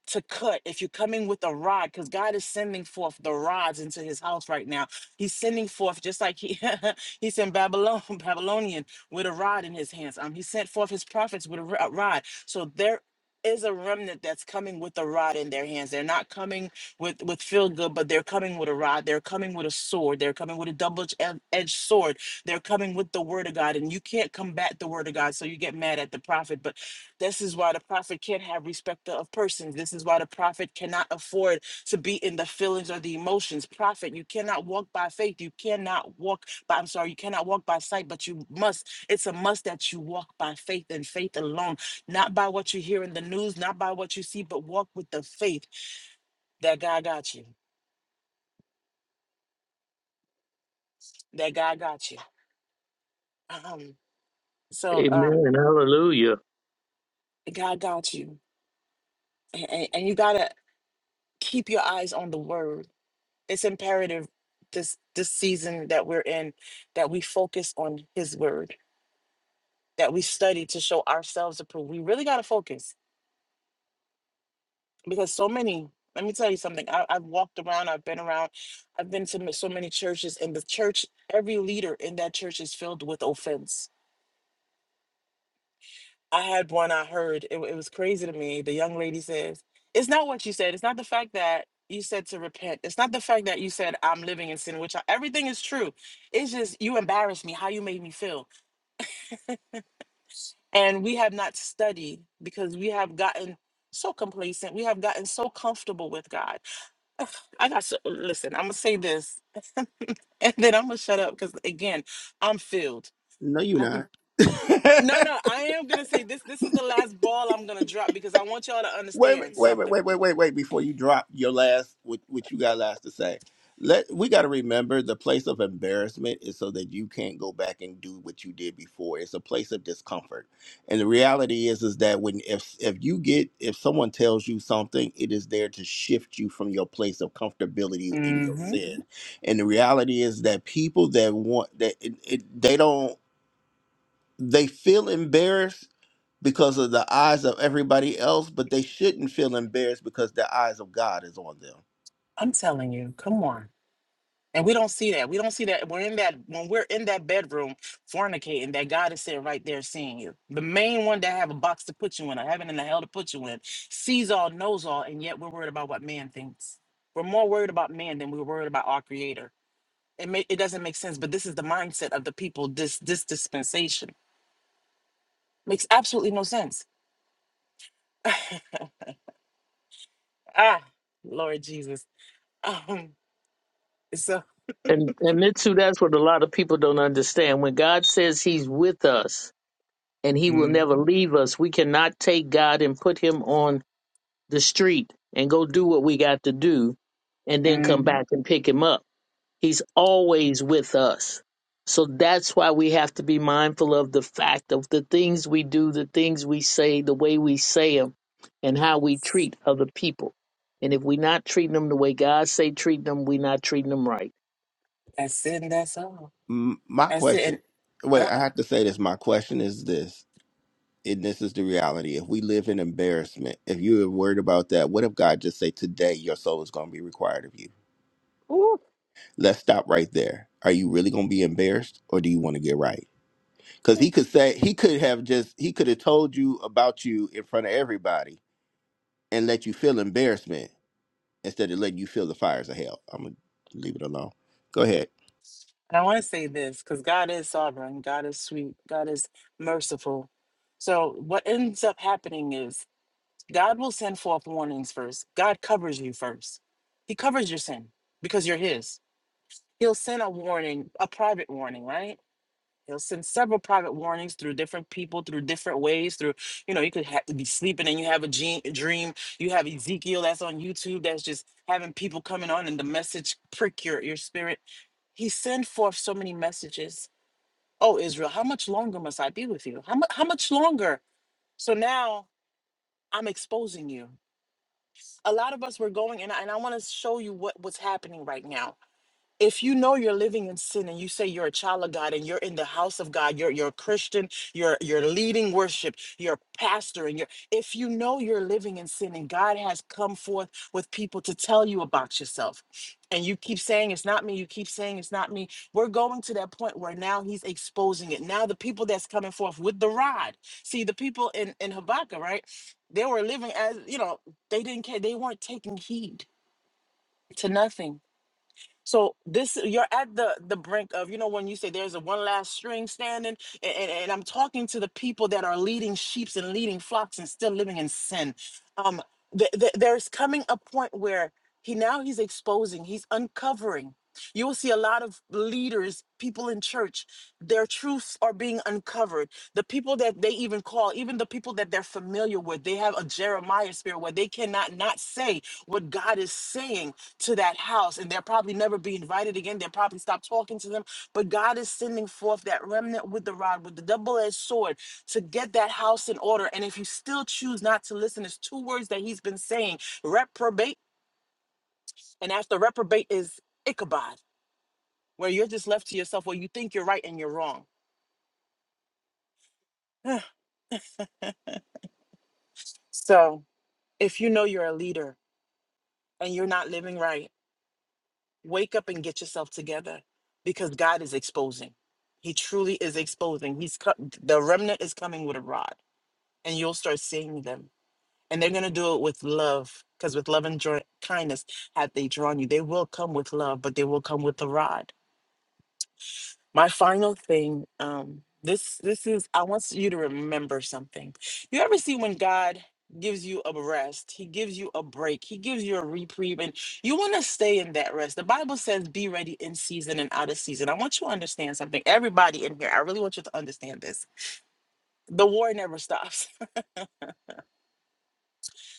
[SPEAKER 7] to cut if you're coming with a rod because god is sending forth the rods into his house right now he's sending forth just like he he sent babylon babylonian with a rod in his hands um he sent forth his prophets with a ro- a rod so there is a remnant that's coming with a rod in their hands. They're not coming with with feel good, but they're coming with a rod. They're coming with a sword. They're coming with a double edged sword. They're coming with the word of God, and you can't combat the word of God. So you get mad at the prophet. But this is why the prophet can't have respect of persons. This is why the prophet cannot afford to be in the feelings or the emotions. Prophet, you cannot walk by faith. You cannot walk by. I'm sorry, you cannot walk by sight, but you must. It's a must that you walk by faith and faith alone not by what you hear in the news, not by what you see, but walk with the faith that God got you, that God got you. Um, so um,
[SPEAKER 5] Amen. Hallelujah.
[SPEAKER 7] God got you, and, and, and you gotta keep your eyes on the Word. It's imperative this this season that we're in that we focus on His Word, that we study to show ourselves approved. We really gotta focus because so many. Let me tell you something. I, I've walked around. I've been around. I've been to m- so many churches, and the church, every leader in that church is filled with offense I had one I heard, it, it was crazy to me. The young lady says, It's not what you said. It's not the fact that you said to repent. It's not the fact that you said, I'm living in sin, which I, everything is true. It's just you embarrassed me, how you made me feel. And we have not studied because we have gotten so complacent. We have gotten so comfortable with God. I got so, listen, I'm going to say this and then I'm going to shut up because, again, I'm filled.
[SPEAKER 1] No, you're
[SPEAKER 7] I
[SPEAKER 1] not.
[SPEAKER 7] can, no, no, I am going to say this. This is the last ball I'm going to drop because I want y'all to
[SPEAKER 1] wait,
[SPEAKER 7] understand
[SPEAKER 1] wait, wait,
[SPEAKER 7] something
[SPEAKER 1] wait, wait, wait, wait. Before you drop your last, what, what you got last to say, let we got to remember the place of embarrassment is so that you can't go back and do what you did before. It's a place of discomfort, and the reality is, is that when if if you get if someone tells you something, it is there to shift you from your place of comfortability in your
[SPEAKER 7] hmm
[SPEAKER 1] sin. And the reality is that people that want that it, it, they don't they feel embarrassed because of the eyes of everybody else, but they shouldn't feel embarrassed because the eyes of God is on them.
[SPEAKER 7] I'm telling you, come on. And we don't see that. We don't see that. We're in that when we're in that bedroom fornicating, that God is sitting right there seeing you. The main one that have a box to put you in, a heaven and a hell to put you in, sees all, knows all, and yet we're worried about what man thinks. We're more worried about man than we're worried about our creator. It may, it doesn't make sense, but this is the mindset of the people this this dispensation. Makes absolutely no sense. ah, Lord Jesus. Um, so
[SPEAKER 5] And and Mitsu, that's what a lot of people don't understand. When God says He's with us and He will never
[SPEAKER 7] Mhm.
[SPEAKER 5] leave us, we cannot take God and put Him on the street and go do what we got to do and then come
[SPEAKER 7] Mhm.
[SPEAKER 5] back and pick Him up He's always with us. So that's why we have to be mindful of the fact of the things we do, the things we say, the way we say them, and how we
[SPEAKER 7] Yes.
[SPEAKER 5] treat other people. And if we're not treating them the way God say treat them, we're not treating them right.
[SPEAKER 7] That's it and that's all.
[SPEAKER 1] M- My
[SPEAKER 7] That's it.
[SPEAKER 1] question,
[SPEAKER 7] And
[SPEAKER 1] wait,
[SPEAKER 7] uh
[SPEAKER 1] I
[SPEAKER 7] uh
[SPEAKER 1] have to say this. My question is this, and this is the reality. If we live in embarrassment, if you are worried about that, what if God just say today your soul is going to be required of you?
[SPEAKER 7] Ooh.
[SPEAKER 1] Let's stop right there. Are you really going to be embarrassed, or do you want to get right? Because he could say he could have just he could have told you about you in front of everybody and let you feel embarrassment instead of letting you feel the fires of hell. I'm gonna leave it alone. Go ahead.
[SPEAKER 7] And I want to say this because God is sovereign, God is sweet, God is merciful. So what ends up happening is God will send forth warnings first. God covers you first. He covers your sin because you're his. He'll send a warning, a private warning, right? He'll send several private warnings through different people, through different ways. Through, you know, you could ha- be sleeping and you have a, gene- a dream. You have Ezekiel that's on YouTube that's just having people coming on and the message prick your, your spirit. He sent forth so many messages. Oh, Israel, how much longer must I be with you? How, mu- how much longer? So now I'm exposing you. A lot of us were going, and I, and I want to show you what, what's happening right now if you know you're living in sin and you say you're a child of God and you're in the house of God, you're you're a Christian, you're you're leading worship, you're a pastor, and you're if you know you're living in sin and God has come forth with people to tell you about yourself, and you keep saying it's not me, you keep saying it's not me, we're going to that point where now he's exposing it. Now the people that's coming forth with the rod. See, the people in, in Habakkuk, right? They were living as, you know, they didn't care, they weren't taking heed to nothing so this you're at the the brink of you know when you say there's a one last string standing and, and, and I'm talking to the people that are leading sheeps and leading flocks and still living in sin. Um th- th- there's coming a point where he now he's exposing, he's uncovering. You will see a lot of leaders, people in church, their truths are being uncovered. The people that they even call, even the people that they're familiar with, they have a Jeremiah spirit where they cannot not say what God is saying to that house and they'll probably never be invited again. They'll probably stop talking to them. But God is sending forth that remnant with the rod, with the double edged sword to get that house in order. And if you still choose not to listen, there's two words that he's been saying reprobate. And after reprobate is Ichabod, where you're just left to yourself, where you think you're right and you're wrong. so if you know you're a leader and you're not living right, wake up and get yourself together because God is exposing. He truly is exposing. He's co- the remnant is coming with a rod, and you'll start seeing them. And they're going to do it with love because with love and joy, kindness have they drawn you. They will come with love, but they will come with the rod. My final thing, um, this this is I want you to remember something. You ever see when God gives you a rest, he gives you a break, he gives you a reprieve, and you want to stay in that rest. The Bible says, be ready in season and out of season. I want you to understand something. Everybody in here, I really want you to understand this. The war never stops.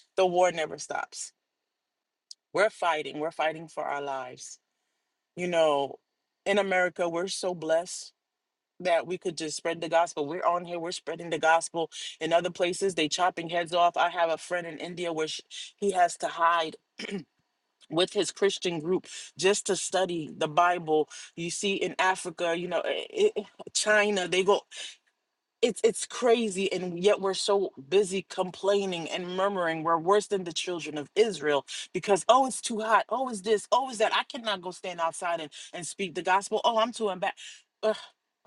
[SPEAKER 7] the war never stops. We're fighting, we're fighting for our lives. You know, in America, we're so blessed that we could just spread the gospel. We're on here, we're spreading the gospel in other places. They chopping heads off. I have a friend in India where sh he has to hide with his Christian group just to study the Bible. You see in Africa, you know, i- i- China, they go it's it's crazy and yet we're so busy complaining and murmuring. We're worse than the children of Israel because oh it's too hot. Oh it's this. Oh it's that. I cannot go stand outside and and speak the gospel. Oh, I'm too embarrassed.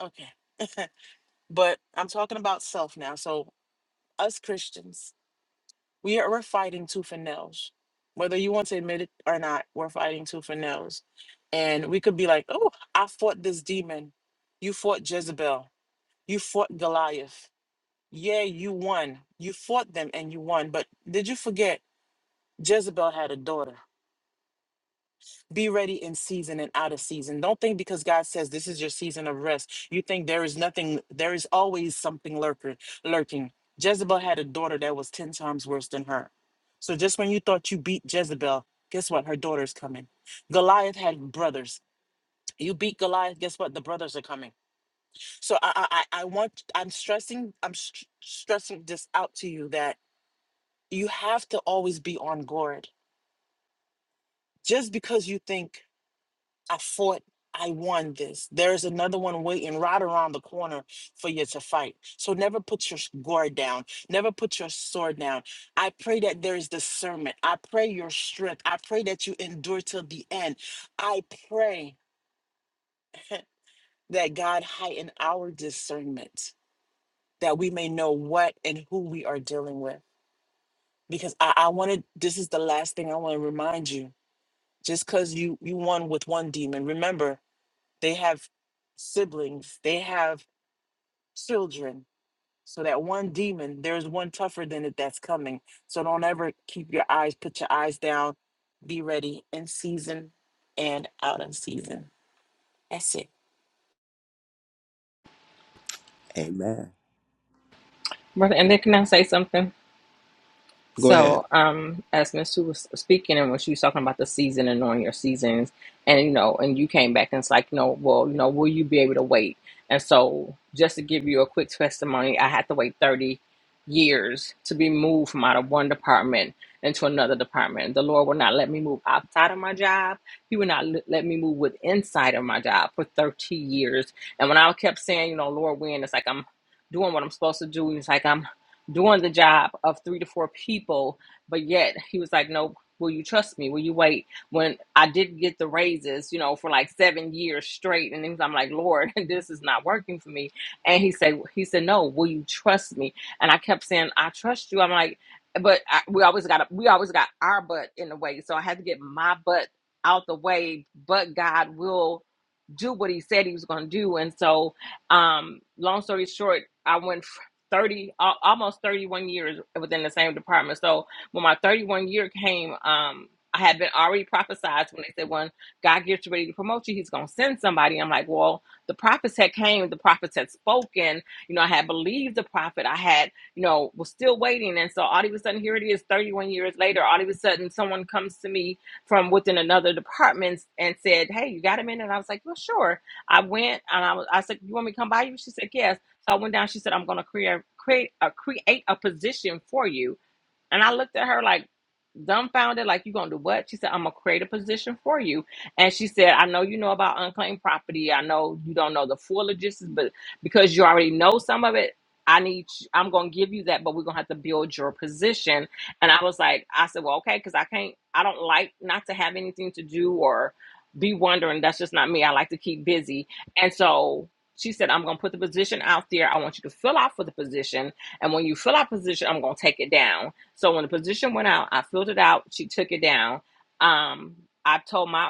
[SPEAKER 7] okay. But I'm talking about self now. So, us Christians, we are we're fighting tooth and nails. Whether you want to admit it or not, we're fighting tooth and nails. And we could be like, oh, I fought this demon. You fought Jezebel. You fought Goliath. Yeah, you won. You fought them and you won. But did you forget Jezebel had a daughter? Be ready in season and out of season. Don't think because God says this is your season of rest, you think there is nothing, there is always something lurker, lurking. Jezebel had a daughter that was 10 times worse than her. So just when you thought you beat Jezebel, guess what? Her daughter's coming. Goliath had brothers. You beat Goliath, guess what? The brothers are coming. So I I I I want I'm stressing I'm str- stressing this out to you that you have to always be on guard. Just because you think I fought. I won this. There is another one waiting right around the corner for you to fight. So never put your s- guard down. Never put your sword down. I pray that there is discernment. I pray your strength. I pray that you endure till the end. I pray that God heighten our discernment, that we may know what and who we are dealing with. Because I, I wanted, this is the last thing I want to remind you. Just because you you won with one demon, remember they have siblings, they have children. So that one demon, there's one tougher than it that's coming. So don't ever keep your eyes, put your eyes down, be ready in season and out of season. That's it.
[SPEAKER 1] Amen.
[SPEAKER 3] Brother, and then can I say something?
[SPEAKER 1] Go ahead.
[SPEAKER 3] So, um, as Miss Sue was speaking, and when she was talking about the season and knowing your seasons, and you know, and you came back and it's like, you know, well, you know, will you be able to wait? And so, just to give you a quick testimony, I had to wait 30 years to be moved from out of one department into another department. The Lord would not let me move outside of my job, He would not l- let me move with inside of my job for 30 years. And when I kept saying, you know, Lord, when it's like I'm doing what I'm supposed to do, and it's like I'm doing the job of three to four people, but yet he was like, "No, will you trust me? Will you wait?" When I did not get the raises, you know, for like seven years straight, and then I'm like, "Lord, this is not working for me." And he said, "He said, no, will you trust me?" And I kept saying, "I trust you." I'm like, but I, we always got we always got our butt in the way, so I had to get my butt out the way. But God will do what he said he was going to do and so um long story short i went 30 al- almost 31 years within the same department so when my 31 year came um i had been already prophesied when they said when god gets ready to promote you he's going to send somebody i'm like well the prophets had came the prophets had spoken you know i had believed the prophet i had you know was still waiting and so all of a sudden here it is 31 years later all of a sudden someone comes to me from within another department and said hey you got a minute And i was like well sure i went and i was i said you want me to come by you she said yes so I went down. She said, "I'm going to create create a, create a position for you." And I looked at her like dumbfounded, like, you gonna do what? She said, I'm gonna create a position for you. And she said, I know you know about unclaimed property. I know you don't know the full logistics, but because you already know some of it, I need you- I'm gonna give you that, but we're gonna have to build your position. And I was like, I said, Well, okay, because I can't I don't like not to have anything to do or be wondering. That's just not me. I like to keep busy. And so she said, I'm gonna put the position out there. I want you to fill out for the position. And when you fill out position, I'm gonna take it down. So when the position went out, I filled it out. She took it down. Um, I told my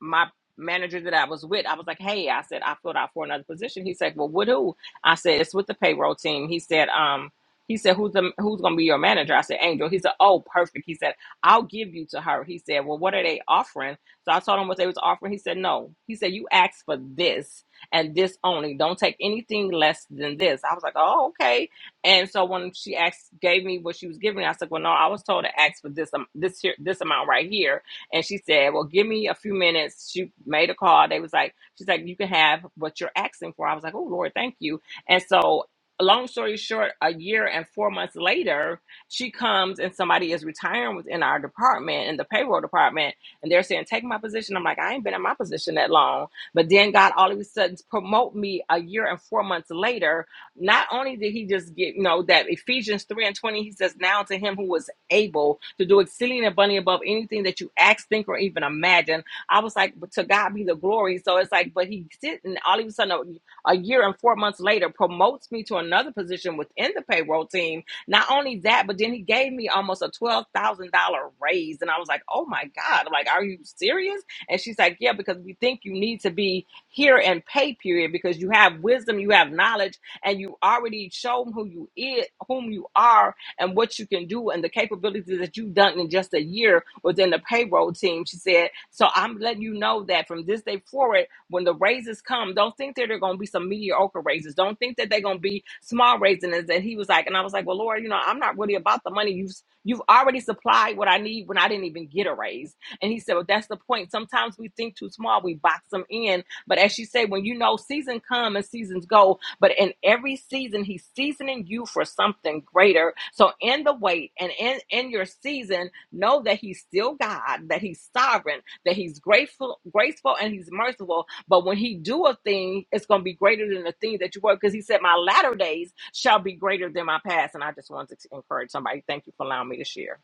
[SPEAKER 3] my manager that I was with, I was like, "Hey," I said, "I filled out for another position." He said, "Well, with who?" I said, "It's with the payroll team." He said, "Um." He said, "Who's the who's going to be your manager?" I said, "Angel." He said, "Oh, perfect." He said, "I'll give you to her." He said, "Well, what are they offering?" So I told him what they was offering. He said, "No." He said, "You asked for this and this only. Don't take anything less than this." I was like, "Oh, okay." And so when she asked, gave me what she was giving, me, I said, "Well, no, I was told to ask for this um, this here this amount right here." And she said, Well, give me a few minutes. She made a call. They was like, She's like, You can have what you're asking for. I was like, Oh, Lord, thank you. And so, long story short, a year and four months later, she comes and somebody is retiring within our department, in the payroll department. And they're saying, Take my position. I'm like, I ain't been in my position that long. But then God all of a sudden promote me a year and four months later. Not only did he just get, you know, that Ephesians 3 and 20, he says, Now to him who was able to do exceeding and abundantly above anything that you ask, think, or even imagine. I was like, but to God be the glory. So it's like, but he didn't. All of a sudden, a, a year and four months later, promotes me to another position within the payroll team. Not only that, but then he gave me almost a twelve thousand dollar raise, and I was like, oh my God! I'm like, are you serious? And she's like, yeah, because we think you need to be here and pay period because you have wisdom, you have knowledge, and you already shown who you is, whom you are and what you can do and the capabilities that you've done in just a year within the payroll team. She said, So I'm letting you know that from this day forward, when the raises come, don't think that they're going to be some mediocre raises. Don't think that they're going to be small raises. And he was like, And I was like, Well, Lord, you know, I'm not really about the money. You've, you've already supplied what I need when I didn't even get a raise. And he said, Well, that's the point. Sometimes we think too small, we box them in but as she said, when you know season come and seasons go, but in every season, he's seasoning you for something greater. So in the wait and in, in your season, know that he's still God, that he's sovereign, that he's grateful, graceful, and he's merciful. But when he do a thing, it's gonna be greater than the thing that you were, because he said, My latter days shall be greater than my past. And I just wanted to encourage somebody. Thank you for allowing me to share.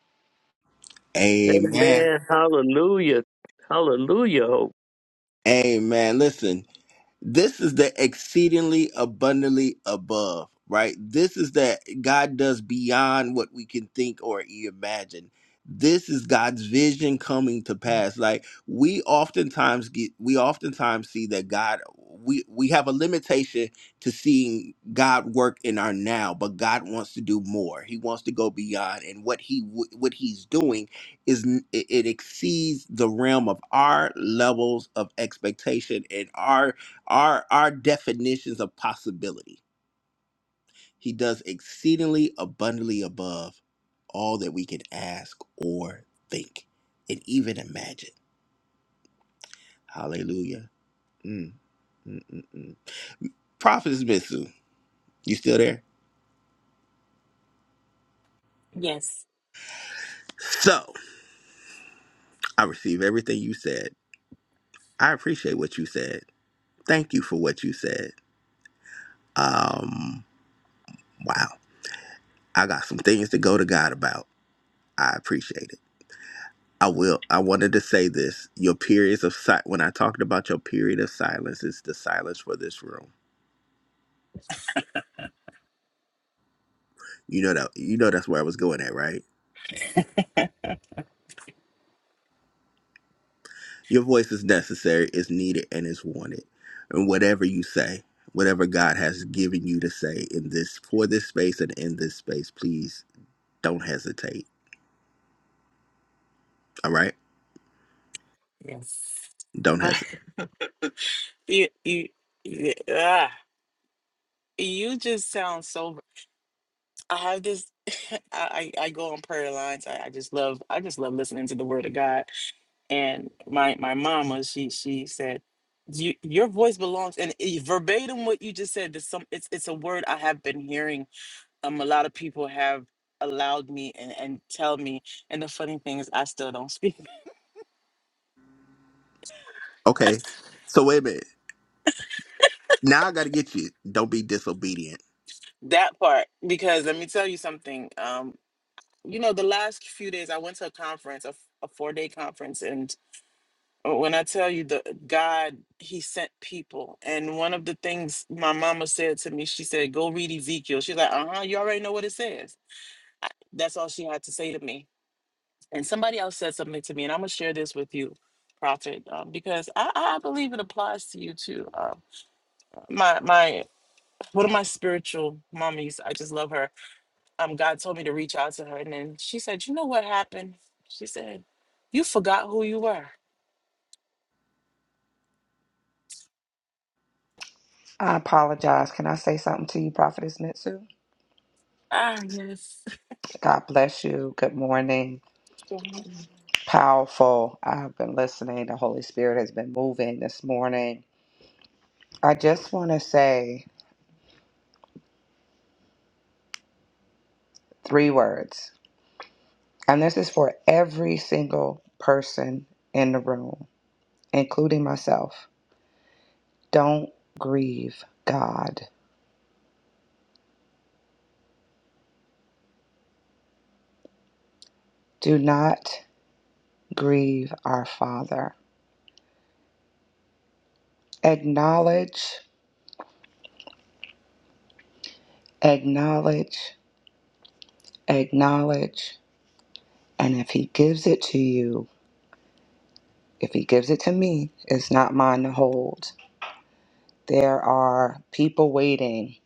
[SPEAKER 1] Amen.
[SPEAKER 5] Amen. Hallelujah. Hallelujah. Hope.
[SPEAKER 1] Amen. Listen, this is the exceedingly abundantly above right this is that god does beyond what we can think or imagine this is god's vision coming to pass like we oftentimes get we oftentimes see that god we we have a limitation to seeing god work in our now but god wants to do more he wants to go beyond and what he w- what he's doing is n- it it exceeds the realm of our levels of expectation and our our our definitions of possibility. He does exceedingly abundantly above all that we could ask or think and even imagine. Hallelujah. Mm, mm, mm, mm. Prophetess Mitsu, you still there?
[SPEAKER 7] Yes.
[SPEAKER 1] So I receive everything you said. I appreciate what you said. Thank you for what you said. Um, wow. I got some things to go to God about. I appreciate it. I will. I wanted to say this. Your periods of si- when I talked about your period of silence, it's the silence for this room. You know that. You know that's where I was going at, right? Your voice is necessary, is needed, and is wanted. And whatever you say, whatever God has given you to say in this for this space and in this space, please don't hesitate. All right?
[SPEAKER 7] Yes.
[SPEAKER 1] Don't hesitate.
[SPEAKER 7] you, you, you, ah, you just sound so I have this I, I I go on prayer lines. I, I just love I just love listening to the word of God and my my mama she she said you, your voice belongs and i- verbatim what you just said there's some it's it's a word i have been hearing um a lot of people have allowed me and and tell me and the funny thing is i still don't speak
[SPEAKER 1] Okay. So wait a minute. Now I got to get you. Don't be disobedient.
[SPEAKER 7] that part because let me tell you something um you know the last few days i went to a conference a, f- a four day conference when I tell you the God, He sent people. And one of the things my mama said to me, she said, Go read Ezekiel. She's like, Uh huh, you already know what it says. I- That's all she had to say to me. And somebody else said something to me, and I'm going to share this with you, Prophet, um, because I, I believe it applies to you too. Um, my, my, one of my spiritual mommies, I just love her. Um, God told me to reach out to her. And then she said, You know what happened? She said, You forgot who you were.
[SPEAKER 2] I apologize. Can I say something to you, Prophetess Mitsu?
[SPEAKER 7] Ah, yes.
[SPEAKER 2] God bless you. Good morning. Powerful. I've been listening. The Holy Spirit has been moving this morning. I just want to say three words, and this is for every single person in the room, including myself. Don't grieve God. Do not grieve our Father. Acknowledge, acknowledge, acknowledge. And if he gives it to you, if he gives it to me, it's not mine to hold. There are people waiting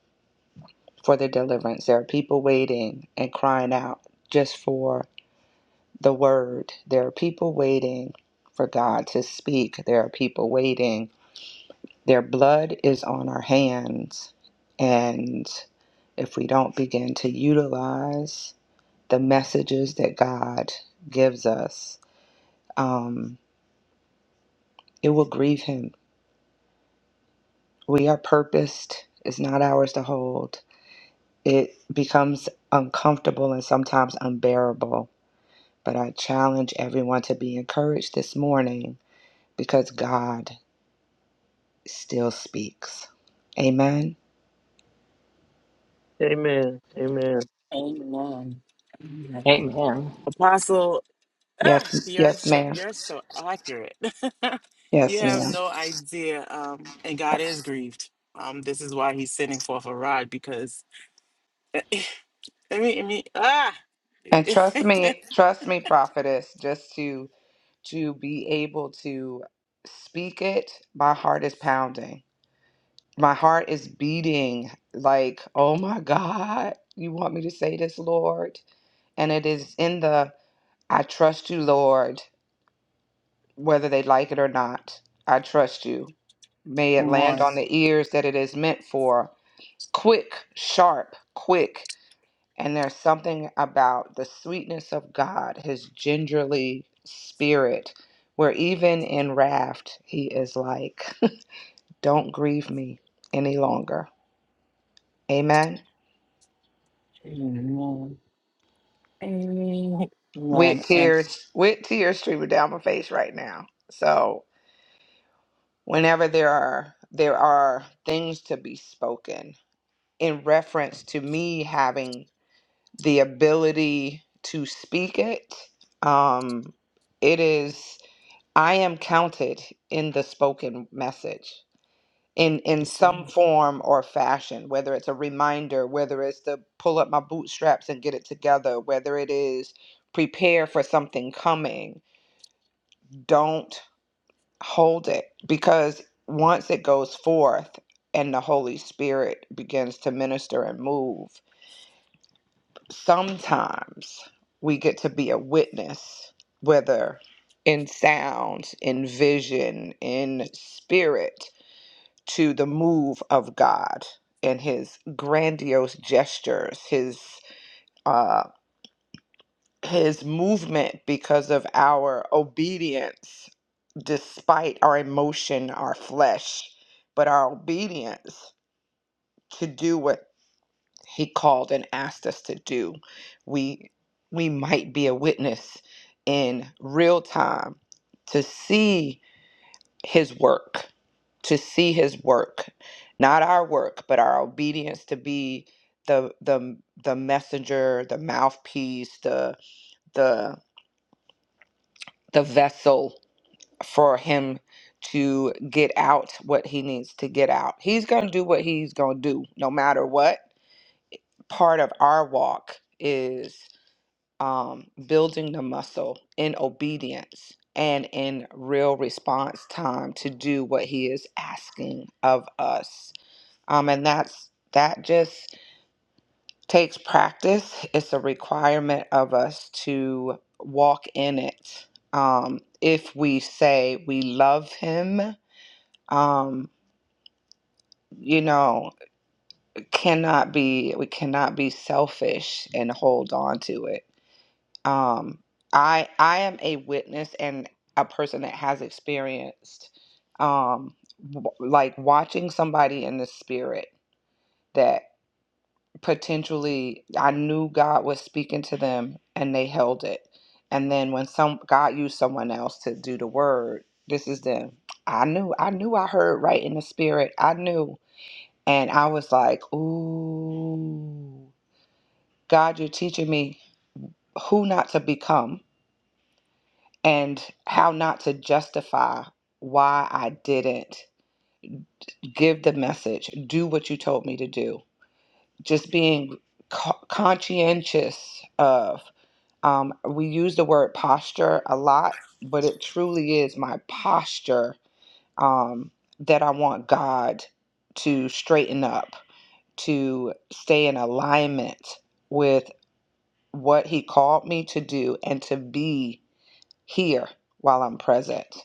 [SPEAKER 2] for the deliverance. There are people waiting and crying out just for the word. There are people waiting for God to speak. There are people waiting. Their blood is on our hands. And if we don't begin to utilize the messages that God gives us, um, it will grieve Him. We are purposed, it's not ours to hold. It becomes uncomfortable and sometimes unbearable. But I challenge everyone to be encouraged this morning because God still speaks. Amen.
[SPEAKER 5] Amen. Amen.
[SPEAKER 7] Amen. Amen.
[SPEAKER 3] Amen.
[SPEAKER 7] Apostle, ah,
[SPEAKER 2] Yes,
[SPEAKER 7] you're
[SPEAKER 2] yes,
[SPEAKER 7] so
[SPEAKER 2] ma'am.
[SPEAKER 7] you're so accurate. you
[SPEAKER 2] Yes,
[SPEAKER 7] have
[SPEAKER 2] ma'am.
[SPEAKER 7] no idea. Um, and God is grieved. Um, this is why He's sending forth a rod because I mean, I mean, ah,
[SPEAKER 2] And trust me, trust me, prophetess, just to to be able to speak it, my heart is pounding my heart is beating like, oh my God, you want me to say this, Lord? And it is in the I trust you, Lord, whether they like it or not. I trust you. May it
[SPEAKER 7] come
[SPEAKER 2] land
[SPEAKER 7] on,
[SPEAKER 2] on the ears that it is meant for. Quick, sharp, quick. And there's something about the sweetness of God, his gingerly spirit, where even in raft, he is like, don't grieve me any longer. Amen.
[SPEAKER 7] amen,
[SPEAKER 2] with
[SPEAKER 7] amen, and
[SPEAKER 2] tears with tears streaming down my face right now so whenever there are there are things to be spoken in reference to me having the ability to speak it um it is i am counted in the spoken message in in some form or fashion whether it's a reminder whether it's to pull up my bootstraps and get it together whether it is prepare for something coming don't hold it because once it goes forth and the Holy Spirit begins to minister and move, sometimes we get to be a witness, whether in sound, in vision, in spirit, to the move of God and his grandiose gestures, his uh, his movement because of our obedience despite our emotion our flesh but our obedience to do what he called and asked us to do we we might be a witness in real time to see his work to see his work not our work but our obedience to be the the the messenger the mouthpiece the the the vessel for him to get out what he needs to get out. He's going to do what he's going to do no matter what. Part of our walk is um, building the muscle in obedience and in real response time to do what he is asking of us. Um, and that's that just takes practice. It's a requirement of us to walk in it. Um, if we say we love him, um, you know, cannot be we cannot be selfish and hold on to it. Um, I I am a witness and a person that has experienced um, w- like watching somebody in the spirit that potentially I knew God was speaking to them and they held it. And then when some God used someone else to do the word, this is them. I knew I knew I heard right in the spirit. I knew And I was like, ooh, God, you're teaching me who not to become and how not to justify why I didn't give the message, do what you told me to do. Just being co- conscientious of, um, we use the word posture a lot, but it truly is my posture um, that I want God to straighten up, to stay in alignment with." what he called me to do and to be here while I'm present.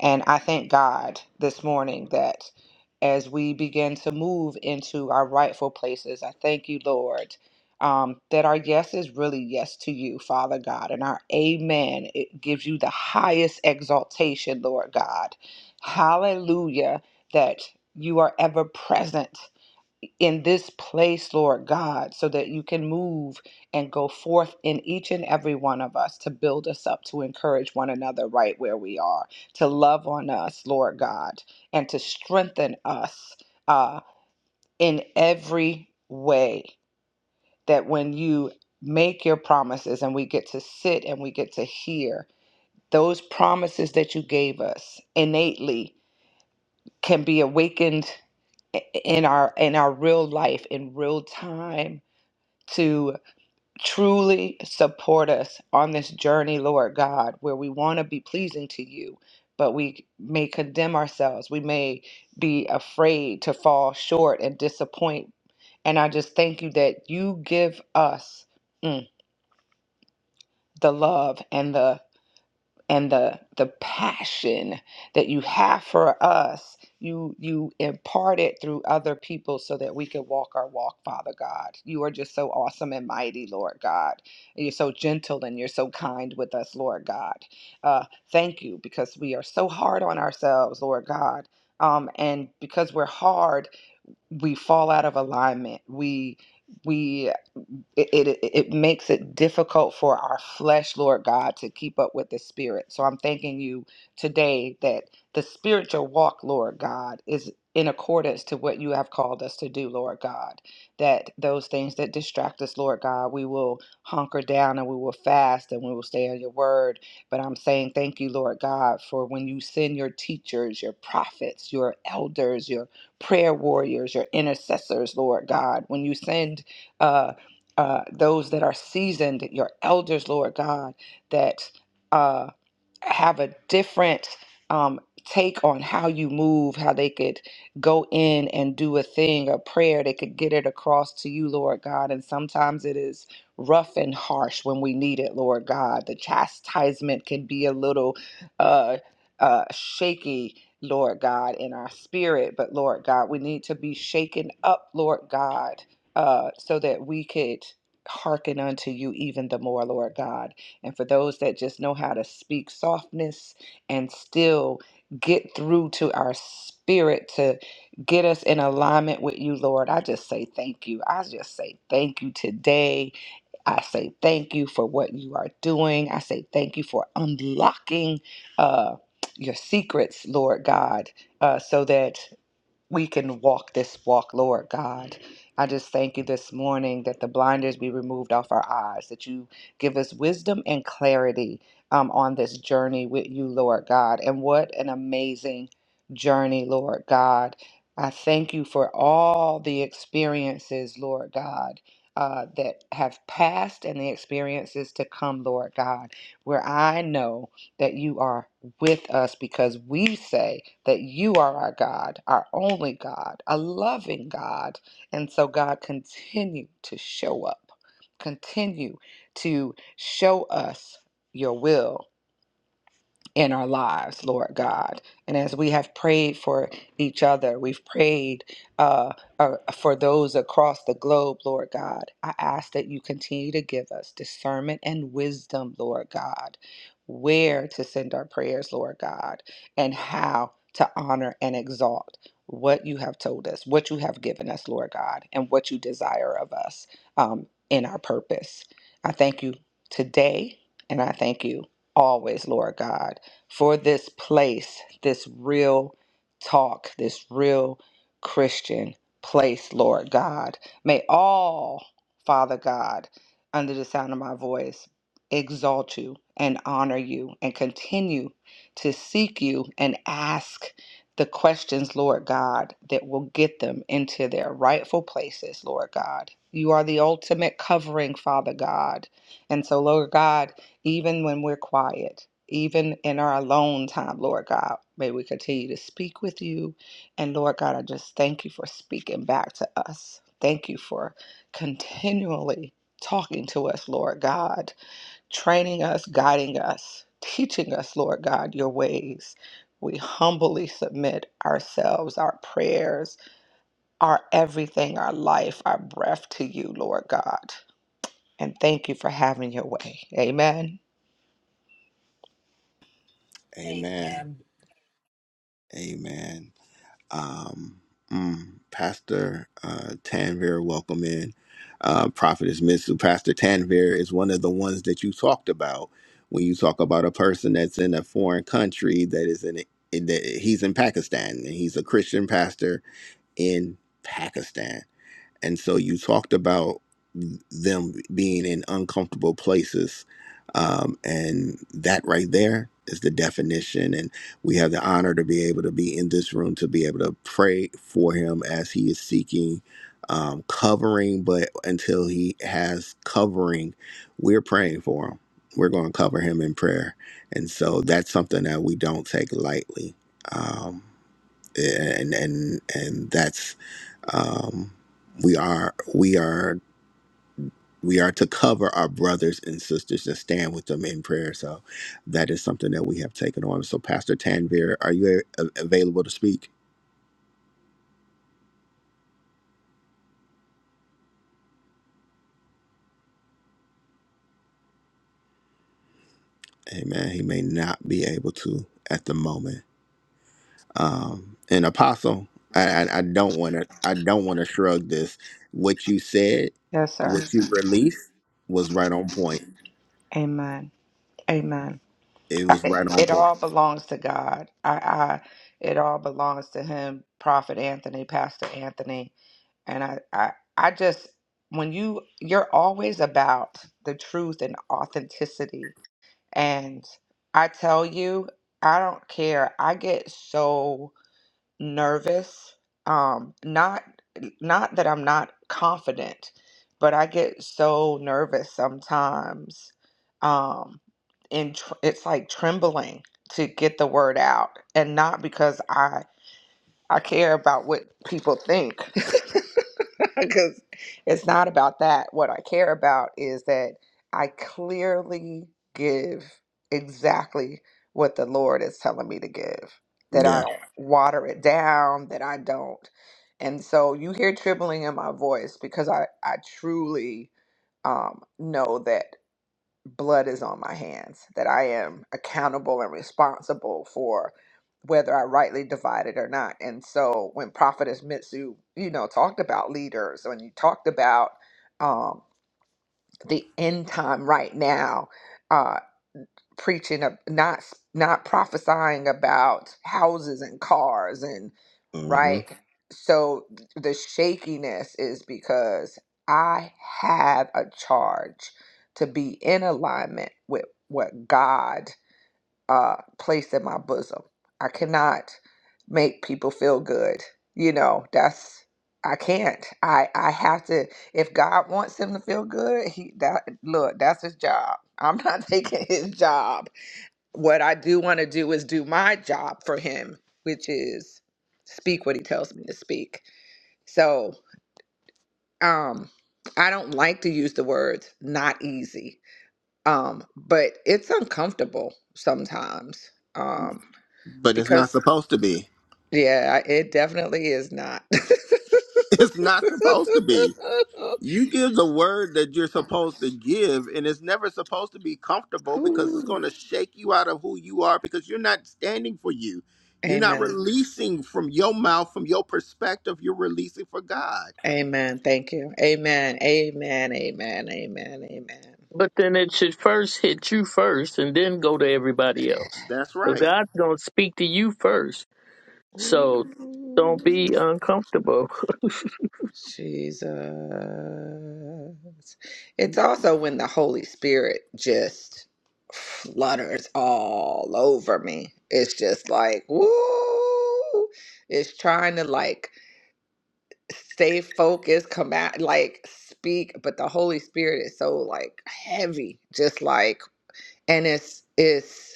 [SPEAKER 2] And I thank God this morning that as we begin to move into our rightful places, I thank you, Lord, um, that our yes is really yes to you, Father God, and our amen, it gives you the highest exaltation, Lord God. Hallelujah, that you are ever present in this place, Lord God, so that you can move and go forth in each and every one of us to build us up, to encourage one another right where we are, to love on us, Lord God, and to strengthen us uh, in every way. That when you make your promises and we get to sit and we get to hear, those promises that you gave us innately can be awakened in our in our real life in real time to truly support us on this journey, Lord God, where we want to be pleasing to you, but we may condemn ourselves. We may be afraid to fall short and disappoint. And I just thank you that you give us mm, the love and the and the the passion that you have for us you you impart it through other people so that we can walk our walk father god you are just so awesome and mighty lord god you're so gentle and you're so kind with us lord god uh, thank you because we are so hard on ourselves lord god um, and because we're hard we fall out of alignment. We we it, it it makes it difficult for our flesh, Lord God, to keep up with the spirit. So I'm thanking you today that the spiritual walk, Lord God, is in accordance to what you have called us to do, Lord God. That those things that distract us, Lord God, we will hunker down and we will fast and we will stay on your word. But I'm saying thank you, Lord God, for when you send your teachers, your prophets, your elders, your prayer warriors, your intercessors, Lord God. When you send uh, uh, those that are seasoned, your elders, Lord God, that. Uh, have a different um, take on how you move, how they could go in and do a thing, a prayer. They could get it across to you, Lord God. And sometimes it is rough and harsh when we need it, Lord God. The chastisement can be a little uh, uh, shaky. Lord God, in our spirit, but Lord God, we need to be shaken up, Lord God, uh, so that we could hearken unto you even the more, Lord God. And for those that just know how to speak softness and still get through to our spirit to get us in alignment with you, Lord, I just say thank you. I just say thank you today. I say thank you for what you are doing. I say thank you for unlocking uh, your secrets, Lord God, uh, so that we can walk this walk, Lord God. I just thank you this morning that the blinders be removed off our eyes, that you give us wisdom and clarity um, on this journey with you, Lord God. And what an amazing journey, Lord God. I thank you for all the experiences, Lord God. Uh, that have passed and the experiences to come, Lord God, where I know that you are with us because we say that you are our God, our only God, a loving God. And so, God, continue to show up, continue to show us your will in our lives, Lord God. And as we have prayed for each other, we've prayed uh, uh, for those across the globe, Lord God. I ask that you continue to give us discernment and wisdom, Lord God, where to send our prayers, Lord God, and how to honor and exalt what you have told us, what you have given us, Lord God, and what you desire of us um, in our purpose. I thank you today, and I thank you always, Lord God for this place, this real talk, this real Christian place, Lord God. May all, Father God, under the sound of my voice, exalt you and honor you and continue to seek you and ask the questions, Lord God, that will get them into their rightful places, Lord God. You are the ultimate covering, Father God. And so, Lord God, even when we're quiet, even in our alone time, Lord God, may we continue to speak with you. And Lord God, I just thank you for speaking back to us. Thank you for continually talking to us, Lord God, training us, guiding us, teaching us, Lord God, your ways. We humbly submit ourselves, our prayers, our everything, our life, our breath to you, Lord God. And thank you for having your way. Amen.
[SPEAKER 1] Amen.
[SPEAKER 7] amen.
[SPEAKER 1] Amen. Um, mm, Pastor uh, Tanvir, welcome in. Uh, Prophetess Mitsu. Pastor Tanvir is one of the ones that you talked about when you talk about a person that's in a foreign country that is in, in that he's in Pakistan and he's a Christian pastor in Pakistan and so you talked about them being in uncomfortable places. Um, and that right there is the definition. And we have the honor to be able to be in this room, to be able to pray for him as he is seeking um, covering. But until he has covering, we're praying for him. We're going to cover him in prayer. And so that's something that we don't take lightly. Um, and, and, and that's um, we are we are we are to cover our brothers and sisters and stand with them in prayer. So that is something that we have taken on. So Pastor Tanvir, are you a- available to speak? Amen. He may not be able to at the moment. Um, and Apostle, I, I, I don't want to I don't want to shrug this. What you said,
[SPEAKER 2] Yes, sir.
[SPEAKER 1] what you released, was right on point.
[SPEAKER 2] Amen. Amen.
[SPEAKER 1] It
[SPEAKER 2] I-
[SPEAKER 1] was right
[SPEAKER 2] It
[SPEAKER 1] on
[SPEAKER 2] it
[SPEAKER 1] point.
[SPEAKER 2] all belongs to God. I, I it all belongs to him, Prophet Anthony, Pastor Anthony. And I, I I just when you you're always about the truth and authenticity. And I tell you, I don't care. I get so nervous um not not that i'm not confident but i get so nervous sometimes um and tr- it's like trembling to get the word out and not because i I care about what people think because it's not about that. What I care about is that I clearly give exactly what the Lord is telling me to give, that I
[SPEAKER 1] Yeah.
[SPEAKER 2] don't Yeah. water it down, that I don't. And so you hear trembling in my voice because I, I truly um, know that blood is on my hands, that I am accountable and responsible for whether I rightly divide it or not. And so when Prophetess Mitsu, you know, talked about leaders, when you talked about um, the end time right now, uh, preaching of not not prophesying about houses and cars and
[SPEAKER 1] hmm
[SPEAKER 2] right? So th- the shakiness is because I have a charge to be in alignment with what God uh, placed in my bosom. I cannot make people feel good. You know, that's I can't. I I have to. If God wants him to feel good, he that look that's his job. I'm not taking his job what I do want to do is do my job for him, which is speak what he tells me to speak. So, um, I don't like to use the words not easy. Um, but it's uncomfortable sometimes. Um,
[SPEAKER 1] But it's not
[SPEAKER 2] because
[SPEAKER 1] supposed to be.
[SPEAKER 2] yeah, it definitely is not.
[SPEAKER 1] It's not supposed to be. you give the word that you're supposed to give and it's never supposed to be comfortable because it's
[SPEAKER 2] Ooh.
[SPEAKER 1] going to shake you out of who you are because you're not standing for you you're not
[SPEAKER 2] Amen.
[SPEAKER 1] releasing from your mouth from your perspective you're releasing for god
[SPEAKER 2] Amen. Thank you. Amen. Amen. Amen. Amen.
[SPEAKER 5] But then it should first hit you first and then go to everybody else.
[SPEAKER 1] that's
[SPEAKER 5] So
[SPEAKER 1] right
[SPEAKER 5] God's going to speak to you first.
[SPEAKER 2] Amen.
[SPEAKER 5] So don't
[SPEAKER 2] Ooh.
[SPEAKER 5] be uncomfortable.
[SPEAKER 2] Jesus. It's also when the Holy Spirit just flutters all over me. It's just like, woo. It's trying to like stay focused, come out, like speak, but the Holy Spirit is so like heavy, just like, and it's, it's,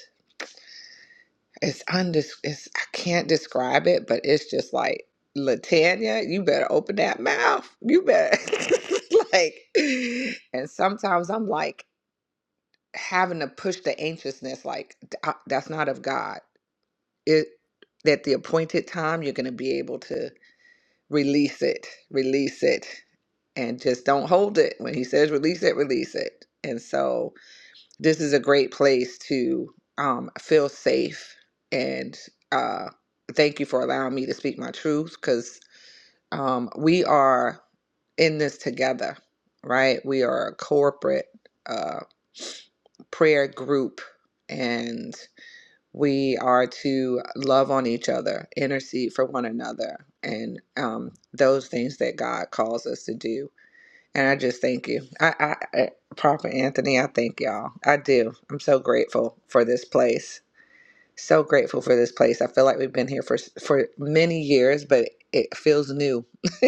[SPEAKER 2] it's undis it's I can't describe it, but it's just like Latanya, you better open that mouth. You better like and sometimes I'm like having to push the anxiousness like "D- uh, that's not of God. It at the appointed time you're going to be able to release it. Release it and just don't hold it when he says release it, release it. And so this is a great place to um, feel safe. And uh, thank you for allowing me to speak my truth because um, we are in this together, right? We are a corporate uh, prayer group and we are to love on each other, intercede for one another, and um, those things that God calls us to do and I just thank you. I, I, I Proper Anthony, I thank y'all. I do. I'm so grateful for this place. So grateful for this place. I feel like we've been here for for many years, but it feels new.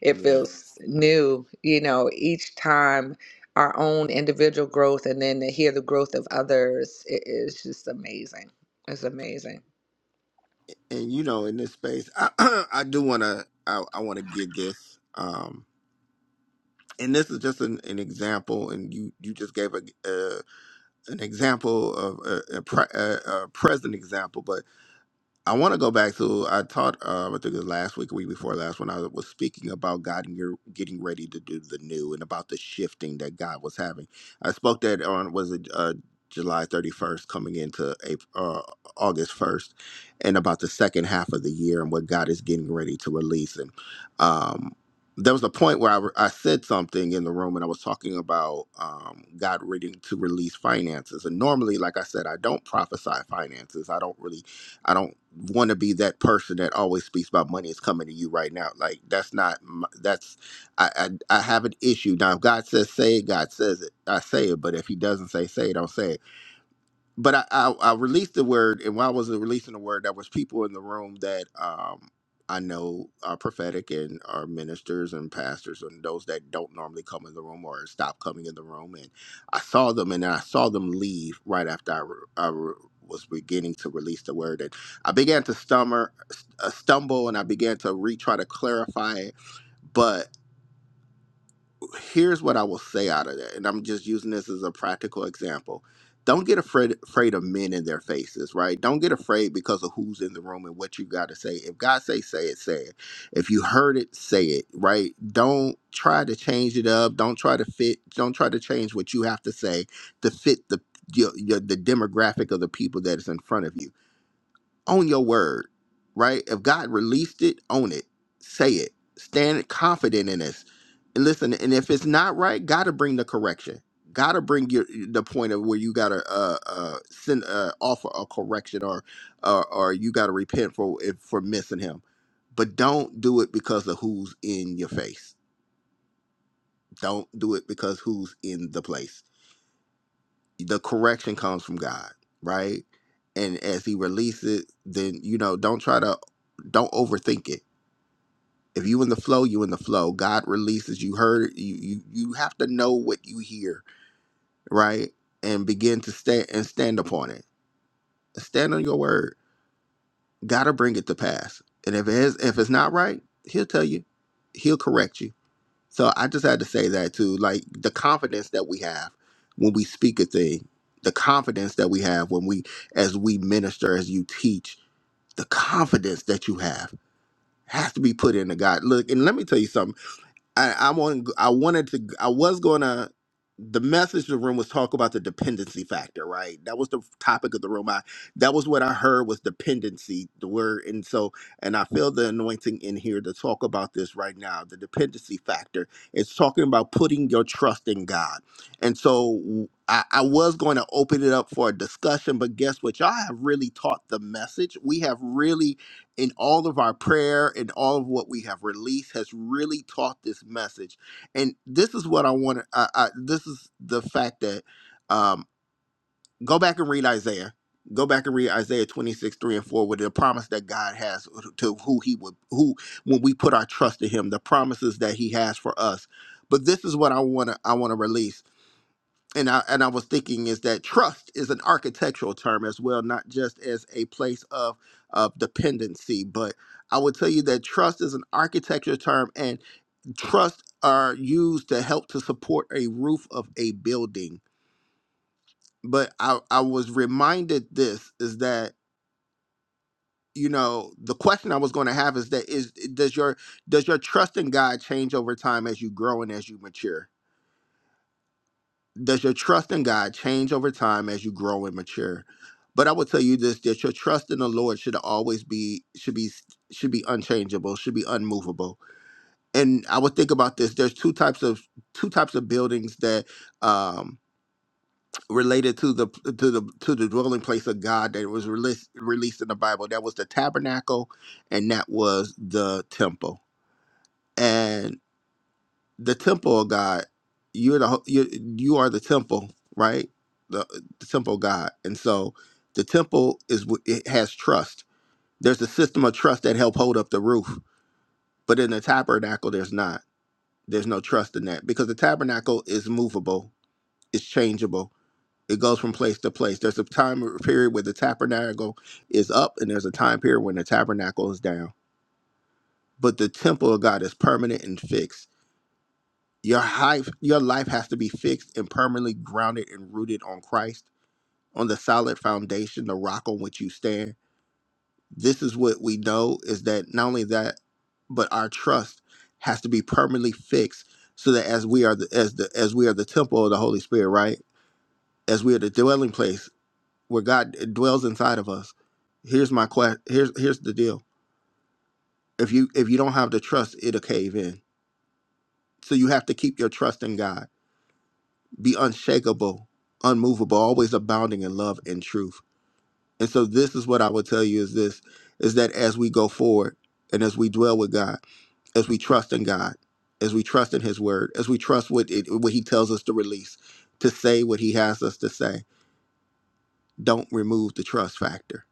[SPEAKER 2] it
[SPEAKER 1] yeah
[SPEAKER 2] feels new, you know, each time our own individual growth and then to hear the growth of others it is just amazing. It's amazing.
[SPEAKER 1] and you know in this space i, do want to i, I want to give this um and this is just an, an example and you you just gave a, uh an example of a, a, pre, a, a present example but I want to go back to I taught uh, I think it was last week, week before last, when I was speaking about God and you're getting ready to do the new and about the shifting that God was having. I spoke that on was it uh, July 31st, coming into April, uh, August 1st, and about the second half of the year and what God is getting ready to release. And um, there was a point where I, re- I said something in the room and I was talking about um, God reading to release finances. And normally, like I said, I don't prophesy finances. I don't really I don't want to be that person that always speaks about money is coming to you right now. Like that's not my, that's I, I I have an issue now. If God says say it, God says it. I say it, but if He doesn't say say it, I don't say it but I, I I released the word, and while I was releasing the word, there was people in the room that um I know are prophetic and are ministers and pastors, and those that don't normally come in the room or stop coming in the room. And I saw them, and then I saw them leave right after I, re- I re- was beginning to release the word, and I began to stummer, uh, stumble, and I began to re try to clarify it, here's what I will say out of that, and I'm just using this as a practical example. Don't get afraid afraid of men in their faces, right? Don't get afraid because of who's in the room and what you got to say. If God say say it, say it. If you heard it, say it, right? Don't try to change it up. Don't try to fit. Don't try to change what you have to say to fit the your, your, the demographic of the people that is in front of you own your word, right? If God released it, own it, say it, stand confident in this. And listen, and if it's not right, gotta bring the correction. Gotta bring your the point of where you gotta uh uh send uh offer a correction or or, or you gotta repent for if for missing him. But don't do it because of who's in your face. Don't do it because who's in the place the correction comes from God, right? And as he releases, it, then you know, don't try to don't overthink it. If you in the flow, you in the flow. God releases, you heard you you you have to know what you hear, right? And begin to stand and stand upon it. Stand on your word. Gotta bring it to pass. And if it is if it's not right, he'll tell you. He'll correct you So I just had to say that too. Like the confidence that we have when we speak a thing, the confidence that we have when we, as we minister, as you teach, the confidence that you have has to be put into God. Look, and let me tell you something. I, I want I wanted to I was gonna the message of the room was talk about the dependency factor, right? That was the topic of the room. I that was what I heard was dependency, the word, and so and I feel the anointing in here to talk about this right now. The dependency factor. It's talking about putting your trust in God. And so I, I was going to open it up for a discussion, but guess what? Y'all have really taught the message. We have really in all of our prayer and all of what we have released has really taught this message and this is what i want to I, I, this is the fact that um, go back and read isaiah go back and read isaiah 26 3 and 4 with the promise that god has to who he would who when we put our trust in him the promises that he has for us but this is what i want to i want to release and I and I was thinking is that trust is an architectural term as well, not just as a place of of dependency. But I would tell you that trust is an architecture term, and trust are used to help to support a roof of a building. But I, I was reminded this is that you know the question I was going to have is that is does your does your trust in God change over time as you grow and as you mature? does your trust in God change over time as you grow and mature? But I will tell you this: that your trust in the Lord should always be should be should be unchangeable, should be unmovable. And I would think about this: there's two types of two types of buildings that um, related to the to the to the dwelling place of God that was released released in the Bible. That was the tabernacle, and that was the temple the temple of God. You're the ho- you you are the temple, right? The, the temple of God, and so the temple is wh- it has trust. There's a system of trust that help hold up the roof, but in the tabernacle, there's not. There's no trust in that because the tabernacle is movable, it's changeable. It goes from place to place. There's a time period where the tabernacle is up, and there's a time period when the tabernacle is down. But the temple of God is permanent and fixed Your life, your life has to be fixed and permanently grounded and rooted on Christ, on the solid foundation, the rock on which you stand. This is what we know is that not only that, but our trust has to be permanently fixed so that as we are the as the as we are the temple of the Holy Spirit, right? As we are the dwelling place where God dwells inside of us. Here's my question. Here's here's the deal. If you if you don't have the trust, it'll cave in. So you have to keep your trust in God be unshakable, unmovable, always abounding in love and truth. And so this is what I would tell you is this is that as we go forward and as we dwell with God, as we trust in God, as we trust in his word, as we trust what it, what he tells us to release, to say what he has us to say, don't remove the trust factor.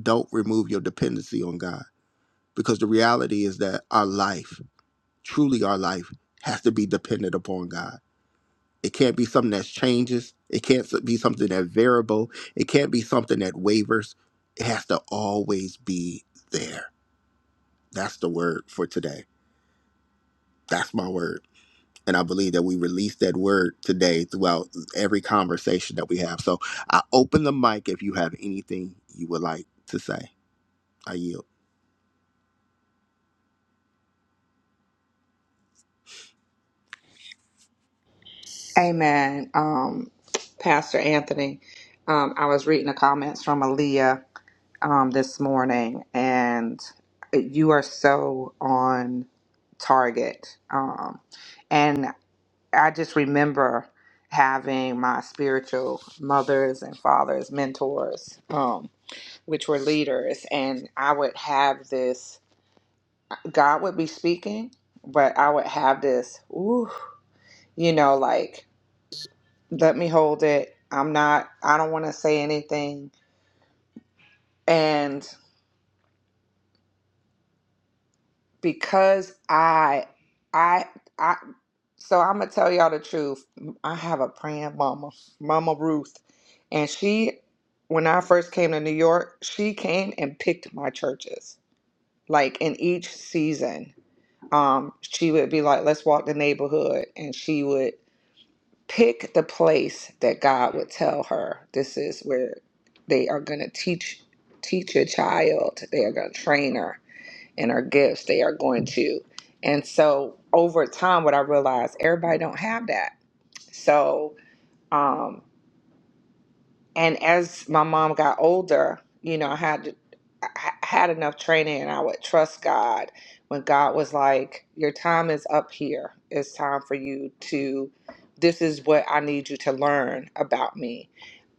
[SPEAKER 1] Don't remove your dependency on God because the reality is that our life, truly our life has to be dependent upon God It can't be something that changes. It can't s- be something that variable. It can't be something that wavers. It has to always be there. That's the word for today. That's my word. And I believe that we release that word today throughout every conversation that we have. So I open the mic if you have anything you would like to say. I yield.
[SPEAKER 2] Amen. Um Pastor Anthony, um, I was reading the comments from Aaliyah um, this morning, and you are so on target. Um, and I just remember having my spiritual mothers and fathers, mentors, um, which were leaders, and I would have this. God would be speaking, but I would have this. Ooh, you know, like let me hold it. I'm not. I don't want to say anything. And. because I, I, I. So I'm gonna tell y'all the truth. I have a praying mama, Mama Ruth, and she, when I first came to New York, she came and picked my churches. Like in each season, um, she would be like, "Let's walk the neighborhood," and she would pick the place that God would tell her, "This is where they are gonna teach." Teach your child. They are going to train her and our gifts they are going to and so over time what i realized everybody don't have that so um and as my mom got older you know i had to I I had enough training and i would trust god when god was like your time is up here it's time for you to this is what i need you to learn about me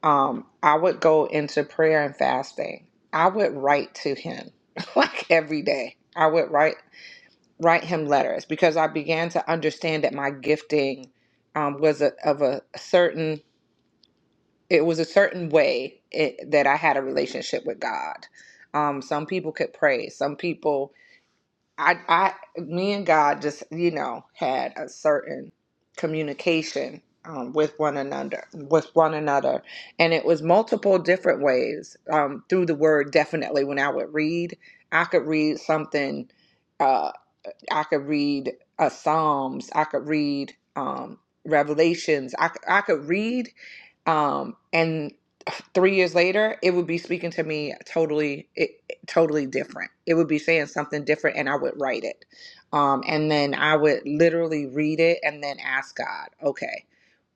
[SPEAKER 2] um i would go into prayer and fasting i would write to him like every day i would write write him letters because I began to understand that my gifting um, was a, of a certain it was a certain way it, that I had a relationship with God. Um, some people could pray. Some people, I, I, me and God just you know had a certain communication um, with one another, with one another, and it was multiple different ways um, through the Word. Definitely, when I would read, I could read something uh, I could read uh, Psalms. I could read um, Revelations. I, c- I could read, um, and three years later, it would be speaking to me totally, it, totally different. It would be saying something different, and I would write it, um, and then I would literally read it, and then ask God, okay,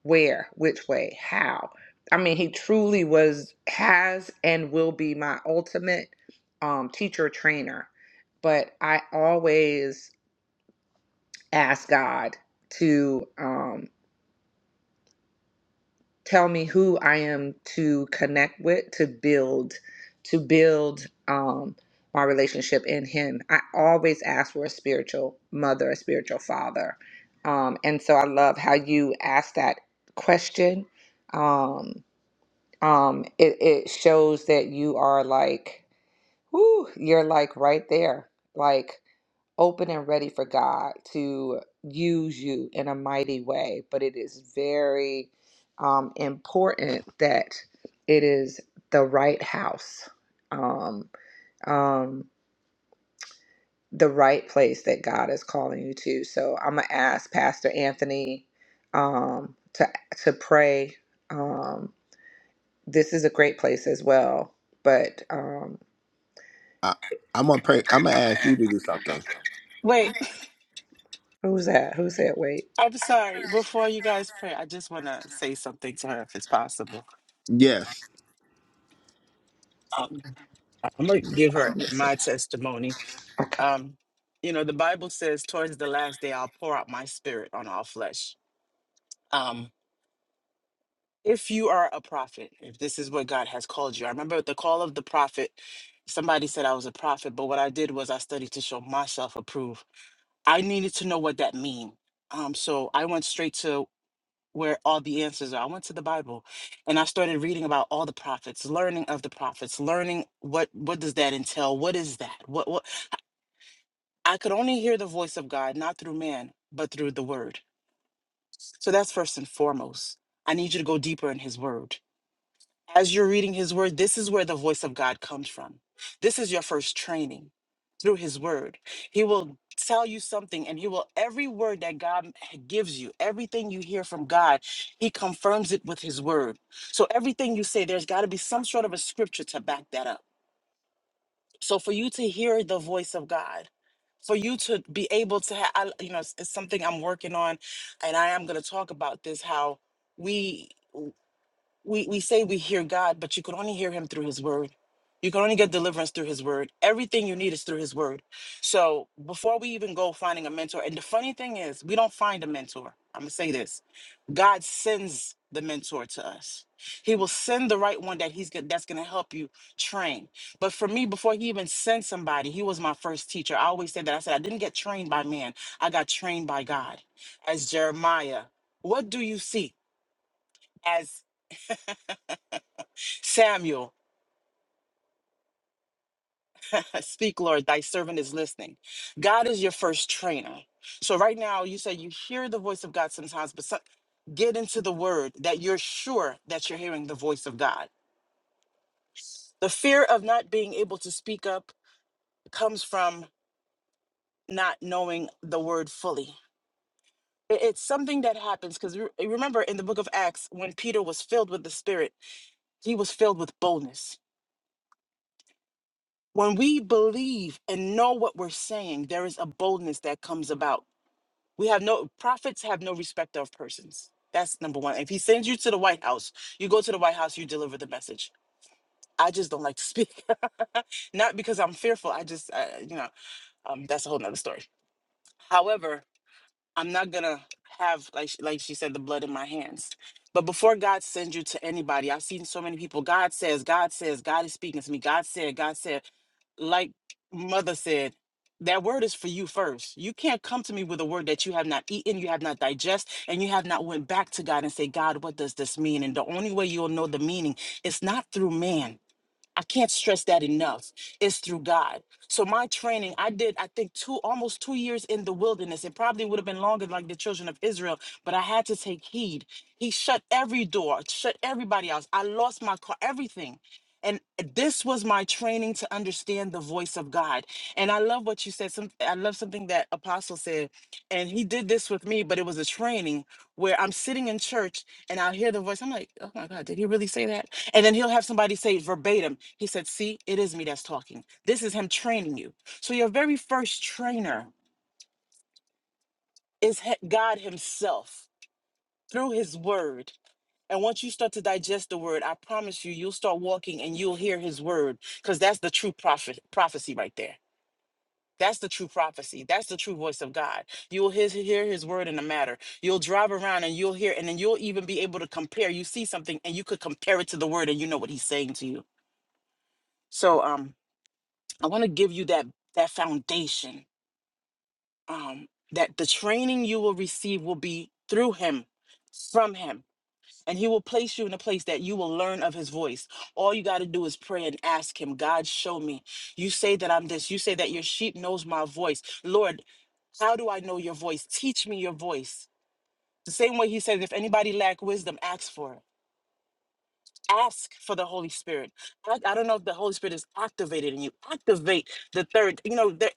[SPEAKER 2] where, which way, how. I mean, He truly was, has, and will be my ultimate um, teacher trainer but I always ask God to um, tell me who I am to connect with, to build, to build um, my relationship in Him. I always ask for a spiritual mother, a spiritual father, um, and so I love how you asked that question. Um, um, it, it shows that you are like, whoo, you're like right there, like. open and ready for God to use you in a mighty way. But it is very um, important that it is the right house, um, um, the right place that God is calling you to. So I'm gonna ask Pastor Anthony um, to to pray. Um, this is a great place as well. But um,
[SPEAKER 1] I, I'm gonna pray. I'm gonna ask you to do something.
[SPEAKER 7] Wait,
[SPEAKER 2] who's that? Who said wait?
[SPEAKER 7] I'm sorry. Before you guys pray, I just want to say something to her if it's possible.
[SPEAKER 1] Yes,
[SPEAKER 7] Um, I'm gonna give
[SPEAKER 2] Oh,
[SPEAKER 7] her
[SPEAKER 2] listen.
[SPEAKER 7] my testimony.
[SPEAKER 2] Okay.
[SPEAKER 7] Um, you know, the Bible says, towards the last day, I'll pour out my spirit on all flesh. Um, if you are a prophet, if this is what God has called you, I remember at the call of the prophet, somebody said I was a prophet, but what I did was I studied to show myself approved. I needed to know what that mean. Um, so I went straight to where all the answers are. I went to the Bible and I started reading about all the prophets, learning of the prophets, learning what what does that entail? What is that? what I could only hear the voice of God, not through man, but through the word. So that's first and foremost. I need you to go deeper in his word. As you're reading his word, this is where the voice of God comes from. This is your first training through his word. He will tell you something and he will, every word that God gives you, everything you hear from God, he confirms it with his word. So everything you say, there's got to be some sort of a scripture to back that up so for you to hear the voice of God, for you to be able to have, I, you know, it's, it's something I'm working on, and I am going to talk about this how we we, we say we hear God, but you can only hear him through his word. You can only get deliverance through his word. Everything you need is through his word. So before we even go finding a mentor, and the funny thing is, we don't find a mentor. I'm gonna say this. God sends the mentor to us. He will send the right one that he's go- that's going to help you train. But for me, before he even sent somebody, he was my first teacher. I always said that. I said I didn't get trained by man. I got trained by God. As Jeremiah, what do you see? As Samuel, Speak, Lord, thy servant is listening. God is your first trainer. So right now, you say you hear the voice of God sometimes, but some, get into the word that you're sure that you're hearing the voice of God. The fear of not being able to speak up comes from not knowing the word fully. I- It's something that happens because remember in the book of Acts, when Peter was filled with the Spirit, he was filled with boldness. When we believe and know what we're saying, there is a boldness that comes about. We have no prophets have no respecter of persons. That's number one. If he sends you to the White House, you go to the White House, you deliver the message. I just don't like to speak, not because I'm fearful. I just, uh, you know, um, that's a whole nother story. However, I'm not gonna have like sh- like she said the blood in my hands. But before God sends you to anybody, I've seen so many people. God says, God says, God is speaking to me. God said, God said, like mother said, that word is for you first. You can't come to me with a word that you have not eaten, you have not digest, and you have not went back to God and say, God, what does this mean? And the only way you'll know the meaning is not through man. I can't stress that enough. It's through God. So my training, I did, I think two almost two years in the wilderness. It probably would have been longer like the children of Israel, but I had to take heed. He shut every door, shut everybody else. I lost my car, everything. And this was my training to understand the voice of God. And I love what you said. Some I love something that Apostle said. And he did this with me, but it was a training where I'm sitting in church and I'll hear the voice. I'm like, oh my God, did he really say that? And then he'll have somebody say verbatim, he said, See, it is me that's talking. This is him training you. So your very first trainer is he- God Himself through His Word. And once you start to digest the word, I promise you, you'll start walking and you'll hear his word because that's the true prophet, prophecy right there. That's the true prophecy. That's the true voice of God. You'll his, hear his word in the matter. You'll drive around and you'll hear, and then you'll even be able to compare. You see something and you could compare it to the word and you know what he's saying to you. So, um, I want to give you that that foundation um, that the training you will receive will be through him, from him, and he will place you in a place that you will learn of his voice. All you got to do is pray and ask him, God, show me. You say that I'm this. You say that your sheep knows my voice. Lord, how do I know your voice? Teach me your voice. The same way he says, if anybody lack wisdom, ask for it. ask for the Holy Spirit. I, I don't know if the Holy Spirit is activated in you. Activate the third. You know, there-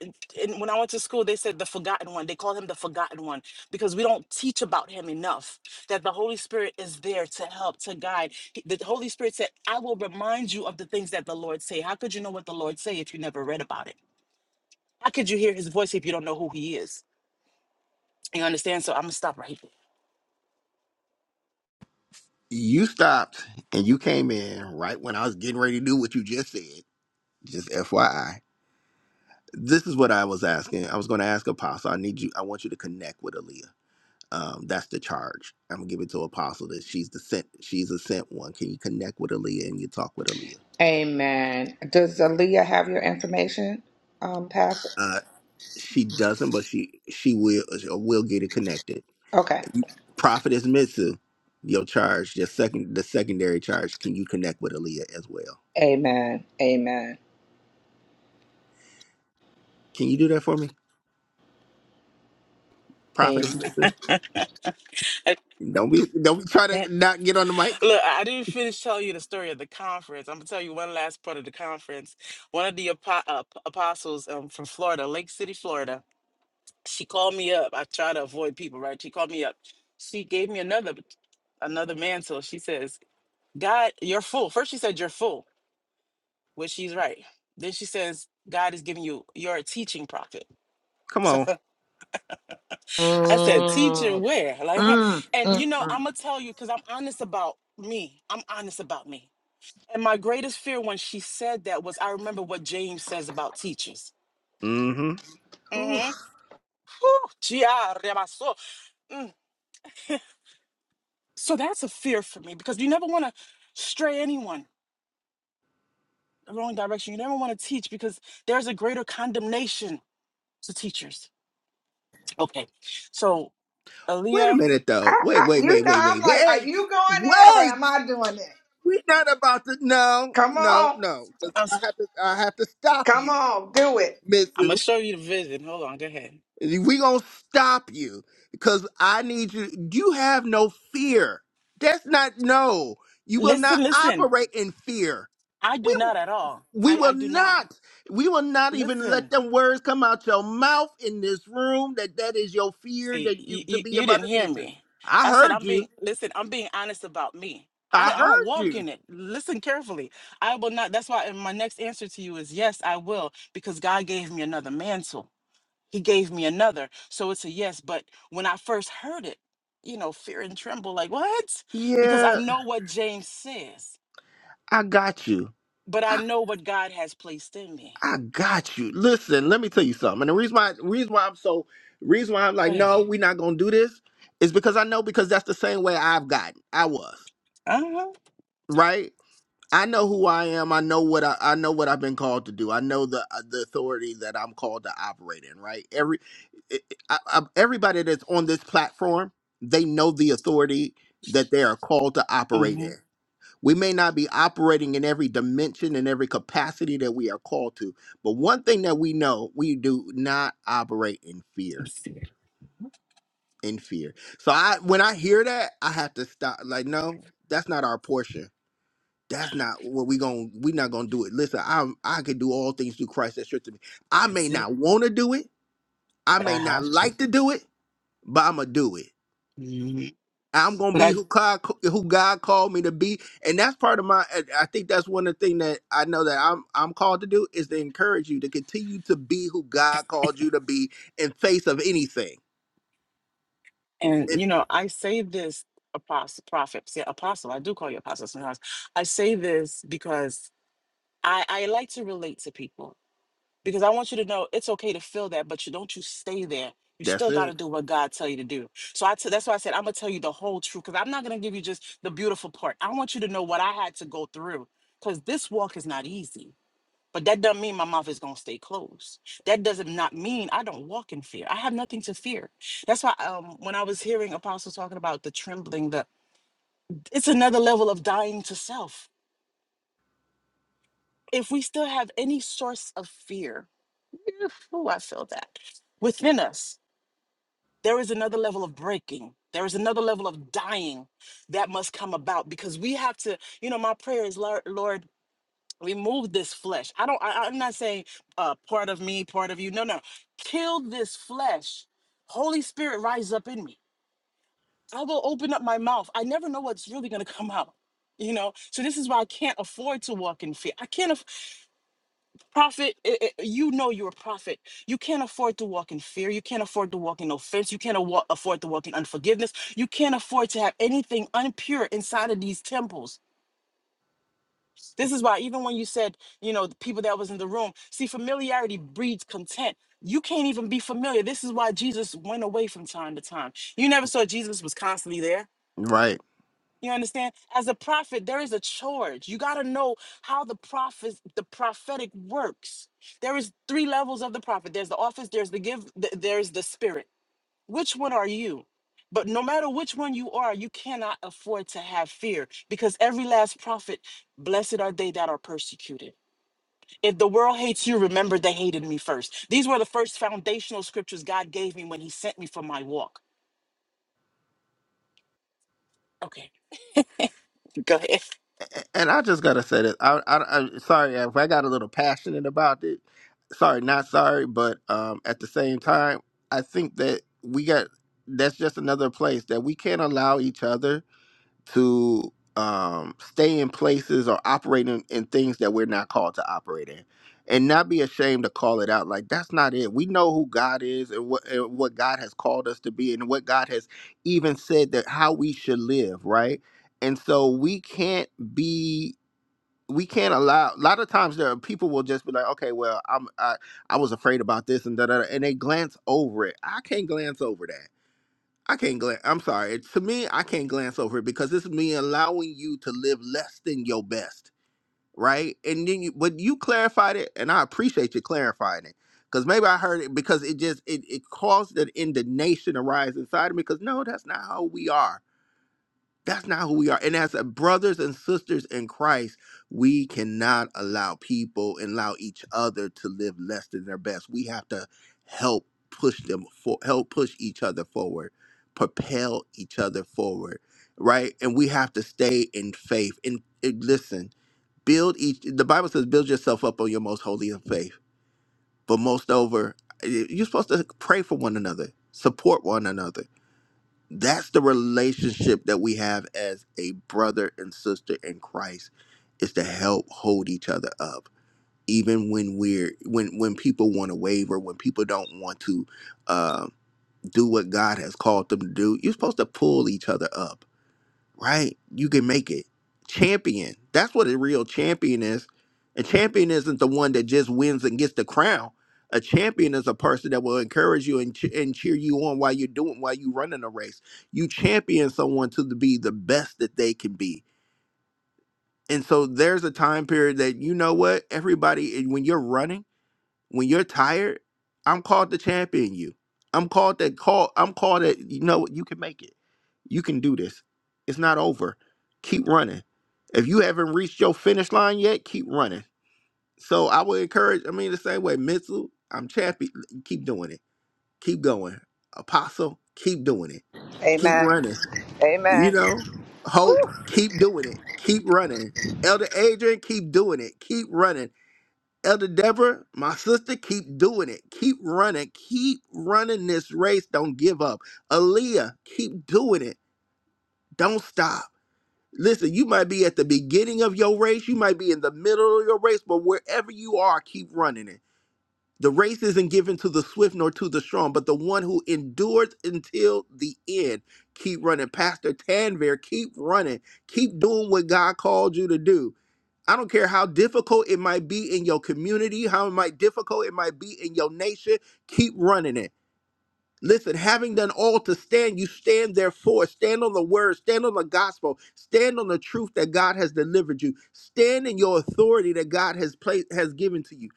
[SPEAKER 7] and when I went to school, they said the forgotten one. They call him the forgotten one because we don't teach about him enough. That the Holy Spirit is there to help, to guide. He- The Holy Spirit said, "I will remind you of the things that the Lord say." How could you know what the Lord say if you never read about it? How could you hear His voice if you don't know who He is? You understand? So I'm gonna stop right
[SPEAKER 1] you stopped and you came in right when I was getting ready to do what you just said. Just FYI this is what I was asking. I was going to ask Apostle. I need you. I want you to connect with Aaliyah. Um, that's the charge. I'm gonna give it to Apostle that she's the sent. She's a sent one. Can you connect with Aaliyah and you talk with Aaliyah?
[SPEAKER 2] Amen. Does Aaliyah have your information, um, Pastor?
[SPEAKER 1] Uh, she doesn't, but she she will she will get it connected.
[SPEAKER 2] Okay.
[SPEAKER 1] Prophetess Mitsu, your charge, your second the secondary charge. Can you connect with Aaliyah as well?
[SPEAKER 2] Amen. Amen.
[SPEAKER 1] Can you do that for me, Prophetess
[SPEAKER 2] Amen.
[SPEAKER 1] Mitsu?
[SPEAKER 7] there.
[SPEAKER 1] Don't be don't be trying to not get on the mic.
[SPEAKER 7] Look, I I didn't finish telling you the story of the conference. I'm gonna tell you one last part of the conference. One of the apo- uh, p- apostles um, from Florida, Lake City, Florida, she called me up. I try to avoid people, right? She called me up. She gave me another another mantle. She says, "God, you're full." First, she said, "You're full," which she's right. Then she says, "God is giving you. You're a teaching prophet."
[SPEAKER 1] Come
[SPEAKER 7] So
[SPEAKER 1] on.
[SPEAKER 7] I said, "Teacher,
[SPEAKER 2] Mm, mm,
[SPEAKER 7] where?" Like,
[SPEAKER 2] mm,
[SPEAKER 7] and you know,
[SPEAKER 2] mm.
[SPEAKER 7] I'm gonna tell you because I'm honest about me. I'm honest about me And my greatest fear when she said that was I remember what James says about teachers.
[SPEAKER 1] Mm-hmm.
[SPEAKER 7] Mm-hmm. Mm. So that's a fear for me because you never want to stray anyone the wrong direction. You never want to teach because there's a greater condemnation to teachers. Okay. So,
[SPEAKER 1] Wait a
[SPEAKER 7] Aaliyah,
[SPEAKER 1] minute
[SPEAKER 2] I,
[SPEAKER 1] though. Wait,
[SPEAKER 2] I,
[SPEAKER 1] wait,
[SPEAKER 2] you
[SPEAKER 1] wait,
[SPEAKER 2] know,
[SPEAKER 1] wait,
[SPEAKER 2] I'm
[SPEAKER 1] wait,
[SPEAKER 2] like, are
[SPEAKER 1] wait.
[SPEAKER 2] you going in or
[SPEAKER 1] Wait.
[SPEAKER 2] am I doing it?
[SPEAKER 1] We're not about to no,
[SPEAKER 2] Come
[SPEAKER 1] no,
[SPEAKER 2] on.
[SPEAKER 1] no. 'Cause
[SPEAKER 7] I'm,
[SPEAKER 1] I have to I have to stop
[SPEAKER 2] Come
[SPEAKER 1] you,
[SPEAKER 2] on. Do it.
[SPEAKER 7] I'm going
[SPEAKER 1] Mitsu.
[SPEAKER 7] to show you the vision. Hold on. Go ahead.
[SPEAKER 1] We gonna stop you. Because I need you you have no fear. That's not no. You will not
[SPEAKER 7] Listen, listen.
[SPEAKER 1] operate in fear.
[SPEAKER 7] I do not at all.
[SPEAKER 1] We
[SPEAKER 7] I,
[SPEAKER 1] will
[SPEAKER 7] I do not.
[SPEAKER 1] not. We will not even
[SPEAKER 7] Listen.
[SPEAKER 1] let them words come out your mouth in this room. That that is your fear
[SPEAKER 7] See,
[SPEAKER 1] that you
[SPEAKER 7] you,
[SPEAKER 1] to
[SPEAKER 7] you,
[SPEAKER 1] be
[SPEAKER 7] you
[SPEAKER 1] about
[SPEAKER 7] didn't
[SPEAKER 1] a
[SPEAKER 7] hear
[SPEAKER 1] teacher.
[SPEAKER 7] me.
[SPEAKER 1] I
[SPEAKER 7] I said
[SPEAKER 1] heard
[SPEAKER 7] I'm being
[SPEAKER 1] you.
[SPEAKER 7] listen. I'm being honest about me. I
[SPEAKER 1] I
[SPEAKER 7] don't, I don't
[SPEAKER 1] heard
[SPEAKER 7] walk
[SPEAKER 1] you.
[SPEAKER 7] in it. Listen carefully. I will not. That's why. And my next answer to you is yes, I will, because God gave me another mantle. He gave me another. So it's a yes. But when I first heard it, you know, fear and tremble, like what? Because I
[SPEAKER 1] Yeah,
[SPEAKER 7] know what James says,
[SPEAKER 1] I got you.
[SPEAKER 7] but I
[SPEAKER 1] I,
[SPEAKER 7] know what God has placed in me.
[SPEAKER 1] I got you. Listen, let me tell you something. And the reason why reason why I'm so reason why I'm
[SPEAKER 7] Go
[SPEAKER 1] like no,
[SPEAKER 7] ahead.
[SPEAKER 1] we're not gonna do this is because I know because that's the same way I've gotten. I was
[SPEAKER 7] Uh huh.
[SPEAKER 1] right. I know who I am. I know what I, I know what I've been called to do. I know the uh, the authority that I'm called to operate in. Right. Every I, I, I- everybody that's on this platform, they know the authority that they are called to operate
[SPEAKER 7] Mm-hmm.
[SPEAKER 1] in. We may not be operating in every dimension and every capacity that we are called to, but one thing that we know, we do not operate in fear. In fear. So I, when I hear that, I have to stop. Like, no, that's not our portion that's not what we going to we not gonna do it. Listen, I I can do all things through Christ that strengthens me. I may
[SPEAKER 7] That's it.
[SPEAKER 1] not want to do it, I
[SPEAKER 7] But I
[SPEAKER 1] may not
[SPEAKER 7] have to.
[SPEAKER 1] like to do it, but I'm gonna do it.
[SPEAKER 7] Mhm.
[SPEAKER 1] I'm gonna
[SPEAKER 7] But I.
[SPEAKER 1] be who God who God called me to be, and that's part of my. and I think that's one of the things that I know that I'm I'm called to do is to encourage you to continue to be who God called you to be in face of anything.
[SPEAKER 7] And
[SPEAKER 1] It,
[SPEAKER 7] you know, I say this apostle prophet, yeah, apostle, I do call you apostle sometimes. I say this because I, I like to relate to people because I want you to know it's okay to feel that, but you don't you stay there. You
[SPEAKER 1] that's
[SPEAKER 7] still got
[SPEAKER 1] it,
[SPEAKER 7] to do what God tell you to do. So I t- that's why I said I'm gonna tell you the whole truth because I'm not gonna give you just the beautiful part. I want you to know what I had to go through because this walk is not easy but that doesn't mean my mouth is going to stay closed. That doesn't not mean I don't walk in fear. I have nothing to fear. That's why um, when I was hearing Apostle talking about the trembling, the it's another level of dying to self. If we still have any source of fear, oh, I feel that within us, there is another level of breaking. There is another level of dying that must come about because we have to. You know, my prayer is, Lord, Lord remove this flesh i don't I, i'm not saying uh part of me part of you no no kill this flesh holy spirit rise up in me i will open up my mouth i never know what's really going to come out you know so this is why i can't afford to walk in fear i can't aff prophet i- i- you know you're a prophet you can't afford to walk in fear you can't afford to walk in offense you can't awa- afford to walk in unforgiveness you can't afford to have anything unpure inside of these temples This is why, even when you said, you know, the people that was in the room, see, familiarity breeds content. You can't even be familiar. This is why Jesus went away from time to time. You never saw Jesus was constantly there.
[SPEAKER 1] right?
[SPEAKER 7] You understand? As a prophet, there is a charge. You got to know how the prophet, the prophetic works. There is three levels of the prophet. There's the office. There's the give. th- There's the spirit. Which one are you? But no matter which one you are, you cannot afford to have fear because every last prophet, blessed are they that are persecuted. If the world hates you, remember they hated me first. These were the first foundational scriptures God gave me when He sent me for my walk. Okay, go ahead.
[SPEAKER 1] and I just gotta say this. I, I, I sorry if I got a little passionate about it. Sorry, not sorry, but um, at the same time, I think that we got that's just another place that we can't allow each other to um, stay in places or operate in, in things that we're not called to operate in and not be ashamed to call it out like that's not it we know who god is and what, and what god has called us to be and what god has even said that how we should live right and so we can't be we can't allow a lot of times there are people will just be like okay well i'm i, I was afraid about this and da da da," and they glance over it i can't glance over that I can't glance. I'm sorry. To me, I can't glance over it because it's me allowing you to live less than your best, right? And then you, but you clarified it, and I appreciate you clarifying it because maybe I heard it because it just it it caused an indignation to rise inside of me because no, that's not how we are that's not who we are. And as a brothers and sisters in Christ, we cannot allow people and allow each other to live less than their best. We have to help push them for help push each other forward, propel each other forward, right? And we have to stay in faith. And, and listen, build each the bible says build yourself up on your most holy in faith but most over eh, you're supposed to pray for one another support one another that's the relationship that we have as a brother and sister in Christ is to help hold each other up even when we're when when people want to waver when people don't want to uh, do what God has called them to do you're supposed to pull each other up right? You can make it. Champion. That's what a real champion is. A champion isn't the one that just wins and gets the crown. A champion is a person that will encourage you and, che- and cheer you on while you're doing while you're running a race. You champion someone to the- be the best that they can be. And so there's a time period that you know what everybody and when you're running when you're tired, I'm called to champion you. I'm called that call. I'm called that you know what, you can make it. You can do this. It's not over. Keep running. If you haven't reached your finish line yet, keep running. So I would encourage. I mean, the same way, mental. I'm champion. Keep doing it. Keep going. Apostle, keep doing it. Keep
[SPEAKER 2] Amen.
[SPEAKER 1] running. You
[SPEAKER 2] Amen.
[SPEAKER 1] know, hope. Keep doing it. Keep running. Elder Adrian, keep doing it. Keep running. Elder Deborah, my sister, keep doing it. Keep running. Keep running this race. Don't give up. Aaliyah, keep doing it. Don't stop. Listen, you might be at the beginning of your race, you might be in the middle of your race, but wherever you are, keep running it. The race isn't given to the swift nor to the strong, but the one who endures until the end. Keep running. Pastor Tanvir, keep running. Keep doing what God called you to do. I don't care how difficult it might be in your community, how it might difficult it might be in your nation. Keep running it Listen, having done all to stand, you stand therefore. Stand on the word, stand on the gospel, stand on the truth that God has delivered you. Stand in your authority that God has placed has given to you.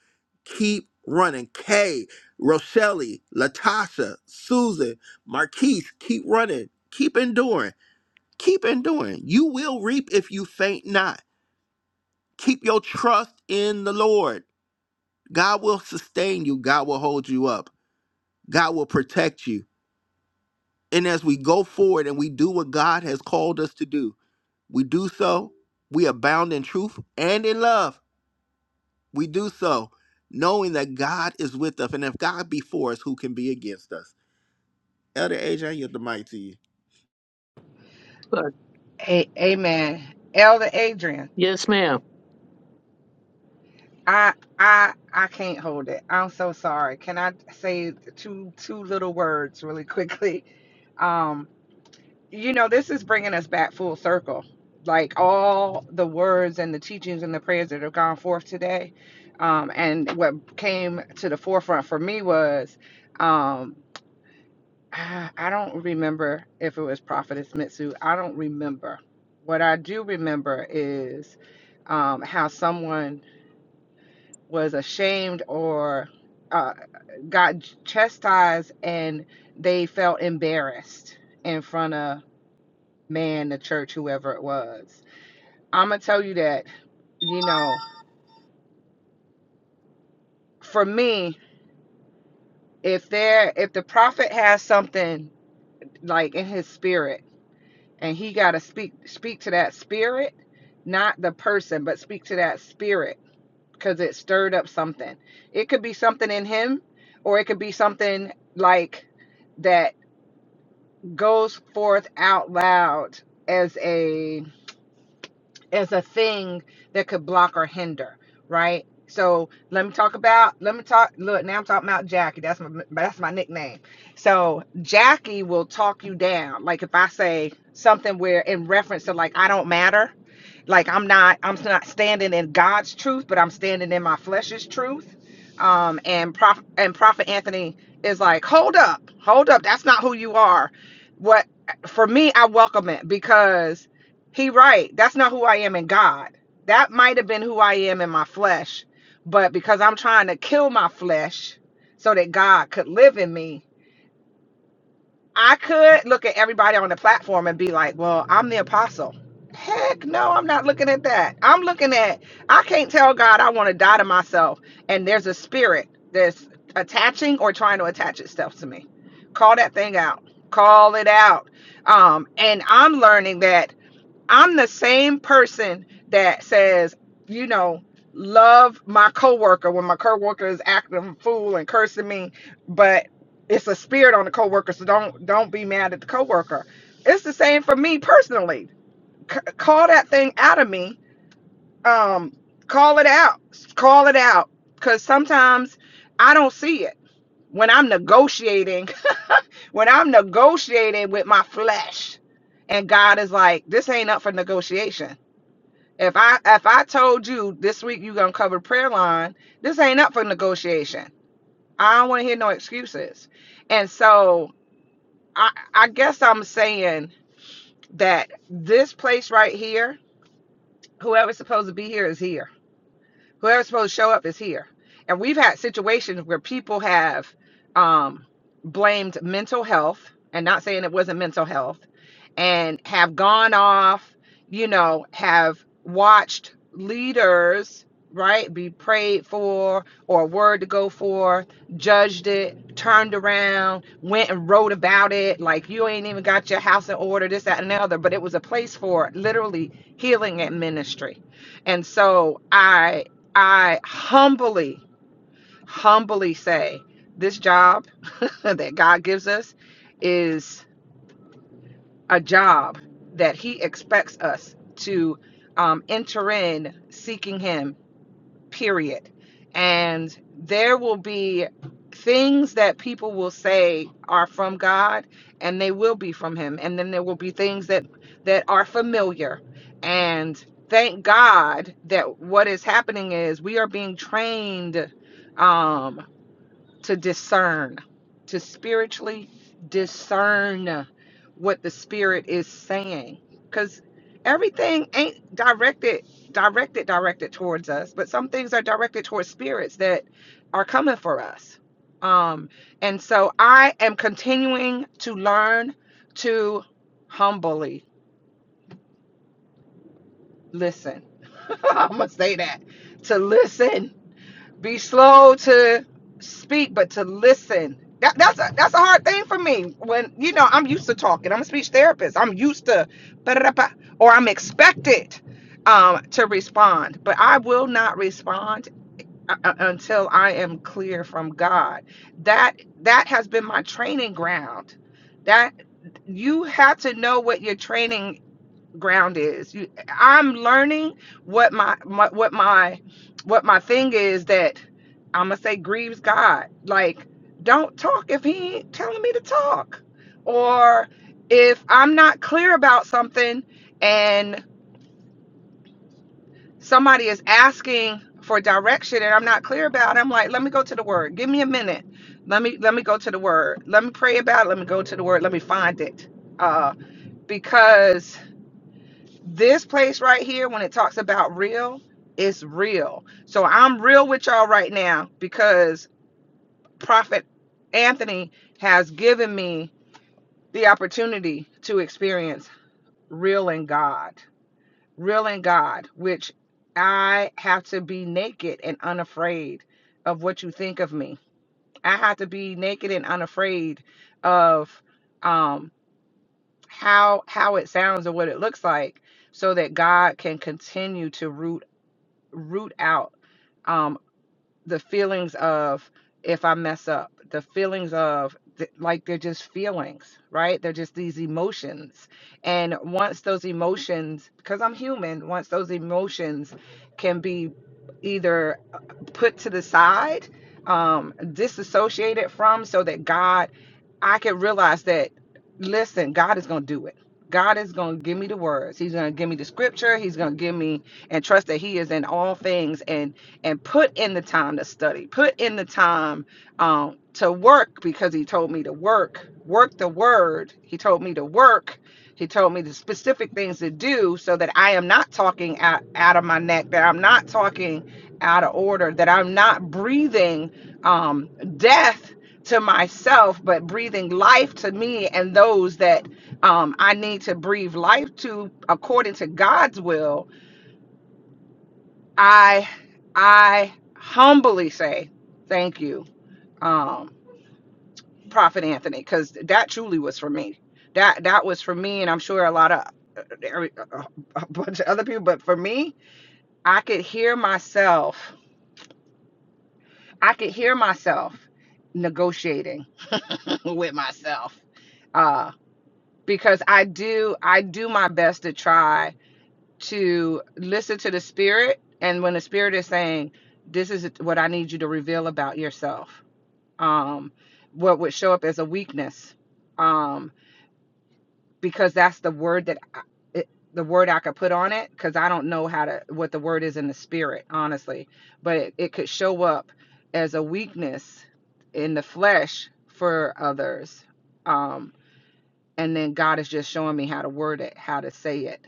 [SPEAKER 1] Keep running. Kay, Rochelle, Latasha, Susan, Marquise, keep running. Keep enduring. Keep enduring. You will reap if you faint not. Keep your trust in the Lord. God will sustain you. God will hold you up. God will protect you. And as we go forward and we do what God has called us to do, we do so, we abound in truth and in love. We do so knowing that God is with us. And if God be for us, who can be against us? Elder AJ, you're the mighty.
[SPEAKER 5] But
[SPEAKER 2] A- amen. Elder Adrian,
[SPEAKER 5] yes, ma'am.
[SPEAKER 2] I I I can't hold it. I'm so sorry. Can I say two two little words really quickly? Um. you know, this is bringing us back full circle. Like all the words and the teachings and the prayers that have gone forth today. Um, and what came to the forefront for me was um, I don't remember if it was Prophetess Mitsu. I don't remember. What I do remember is um, how someone was ashamed or uh, got chastised and they felt embarrassed in front of man, the church, whoever it was. I'm gonna tell you that, you know, for me, if there, if the prophet has something like in his spirit, and he gotta speak speak to that spirit, not the person, but speak to that spirit, because it stirred up something. It could be something in him, or it could be something like that goes forth out loud as a as a thing that could block or hinder, right? So let me talk about let me talk look now I'm talking about Jackie. That's my that's my nickname. So Jackie will talk you down. Like if I say something where in reference to like I don't matter, like I'm not I'm not standing in God's truth, but I'm standing in my flesh's truth. Um and prof and Prophet Anthony is like, hold up, hold up, that's not who you are. What for me, I welcome it because he right. That's not who I am in God. That might have been who I am in my flesh, but because I'm trying to kill my flesh so that God could live in me, I could look at everybody on the platform and be like, "Well, I'm the apostle." Heck no, I'm not looking at that. I'm looking at I can't tell God I want to die to myself and there's a spirit that's attaching or trying to attach itself to me. Call that thing out. Call it out. Um and I'm learning that I'm the same person that says, you know, love my coworker when my coworker is acting a fool and cursing me, but it's a spirit on the coworker, so don't don't be mad at the coworker. It's the same for me personally. C- call that thing out of me. Um, call it out. Call it out. Cause sometimes I don't see it when I'm negotiating. When I'm negotiating with my flesh, and God is like, "This ain't up for negotiation." If I if I told you this week you're gonna cover prayer line, this ain't up for negotiation. I don't want to hear no excuses. And so I I guess I'm saying that this place right here, whoever's supposed to be here is here. whoever's supposed to show up is here. And we've had situations where people have um, blamed mental health, and not saying it wasn't mental health, and have gone off, you know, have watched leaders, right, be prayed for or a word to go for, judged it, turned around, went and wrote about it, like you ain't even got your house in order, this, that, and the other. But it was a place for literally healing and ministry. And so I I humbly, humbly say this job that God gives us is a job that He expects us to um, enter in seeking Him period. And there will be things that people will say are from God and they will be from him. And then there will be things that that are familiar. And thank God that what is happening is we are being trained um to discern, to spiritually discern what the spirit is saying cuz everything ain't directed directed directed towards us, but some things are directed towards spirits that are coming for us. Um and so I am continuing to learn to humbly listen. I'm going to say that. To listen be slow to speak, but to listen. That, that's a that's a hard thing for me. When you know, I'm used to talking. I'm a speech therapist. I'm used to, or I'm expected um, to respond. But I will not respond uh, uh, until I am clear from God. That that has been my training ground. That you have to know what your training ground is. You, I'm learning what my, my what my what my thing is that I'm gonna say grieves God. Like, don't talk if He ain't telling me to talk, or if I'm not clear about something and somebody is asking for direction and I'm not clear about it. I'm like, let me go to the Word. Give me a minute. Let me let me go to the Word. Let me pray about it. Let me go to the Word. Let me find it. Uh, because this place right here when it talks about real it's real so i'm real with y'all right now because prophet anthony has given me the opportunity to experience real in god real in god which i have to be naked and unafraid of what you think of me i have to be naked and unafraid of um how how it sounds or what it looks like so that god can continue to root root out um, the feelings of if I mess up, the feelings of th- like they're just feelings, right? They're just these emotions. And once those emotions, because I'm human, once those emotions can be either uh, put to the side, um, disassociated from, so that God, I can realize that, listen, God is going to do it. God is going to give me the words. He's going to give me the scripture. He's going to give me and trust that He is in all things. and and put in the time to study, put in the time um, to work because he told me to work, work the word. He told me to work. He told me the specific things to do so that I am not talking out, out of my neck, that I'm not talking out of order, that I'm not breathing um, death to myself, but breathing life to me and those that um, I need to breathe life to according to God's will I I humbly say thank you, um, Prophet Anthony, because that truly was for me. That that was for me, and I'm sure a lot of uh, every- a a bunch of other people, but for me, I could hear myself. I could hear myself negotiating with myself, uh, because I do I do my best to try to listen to the spirit and when the spirit is saying this is what i need you to reveal about yourself um what would show up as a weakness um because that's the word that I, it, the word i could put on it because i don't know how to what the word is in the spirit honestly but it, it could show up as a weakness in the flesh for others um and then god is just showing me how to word it how to say it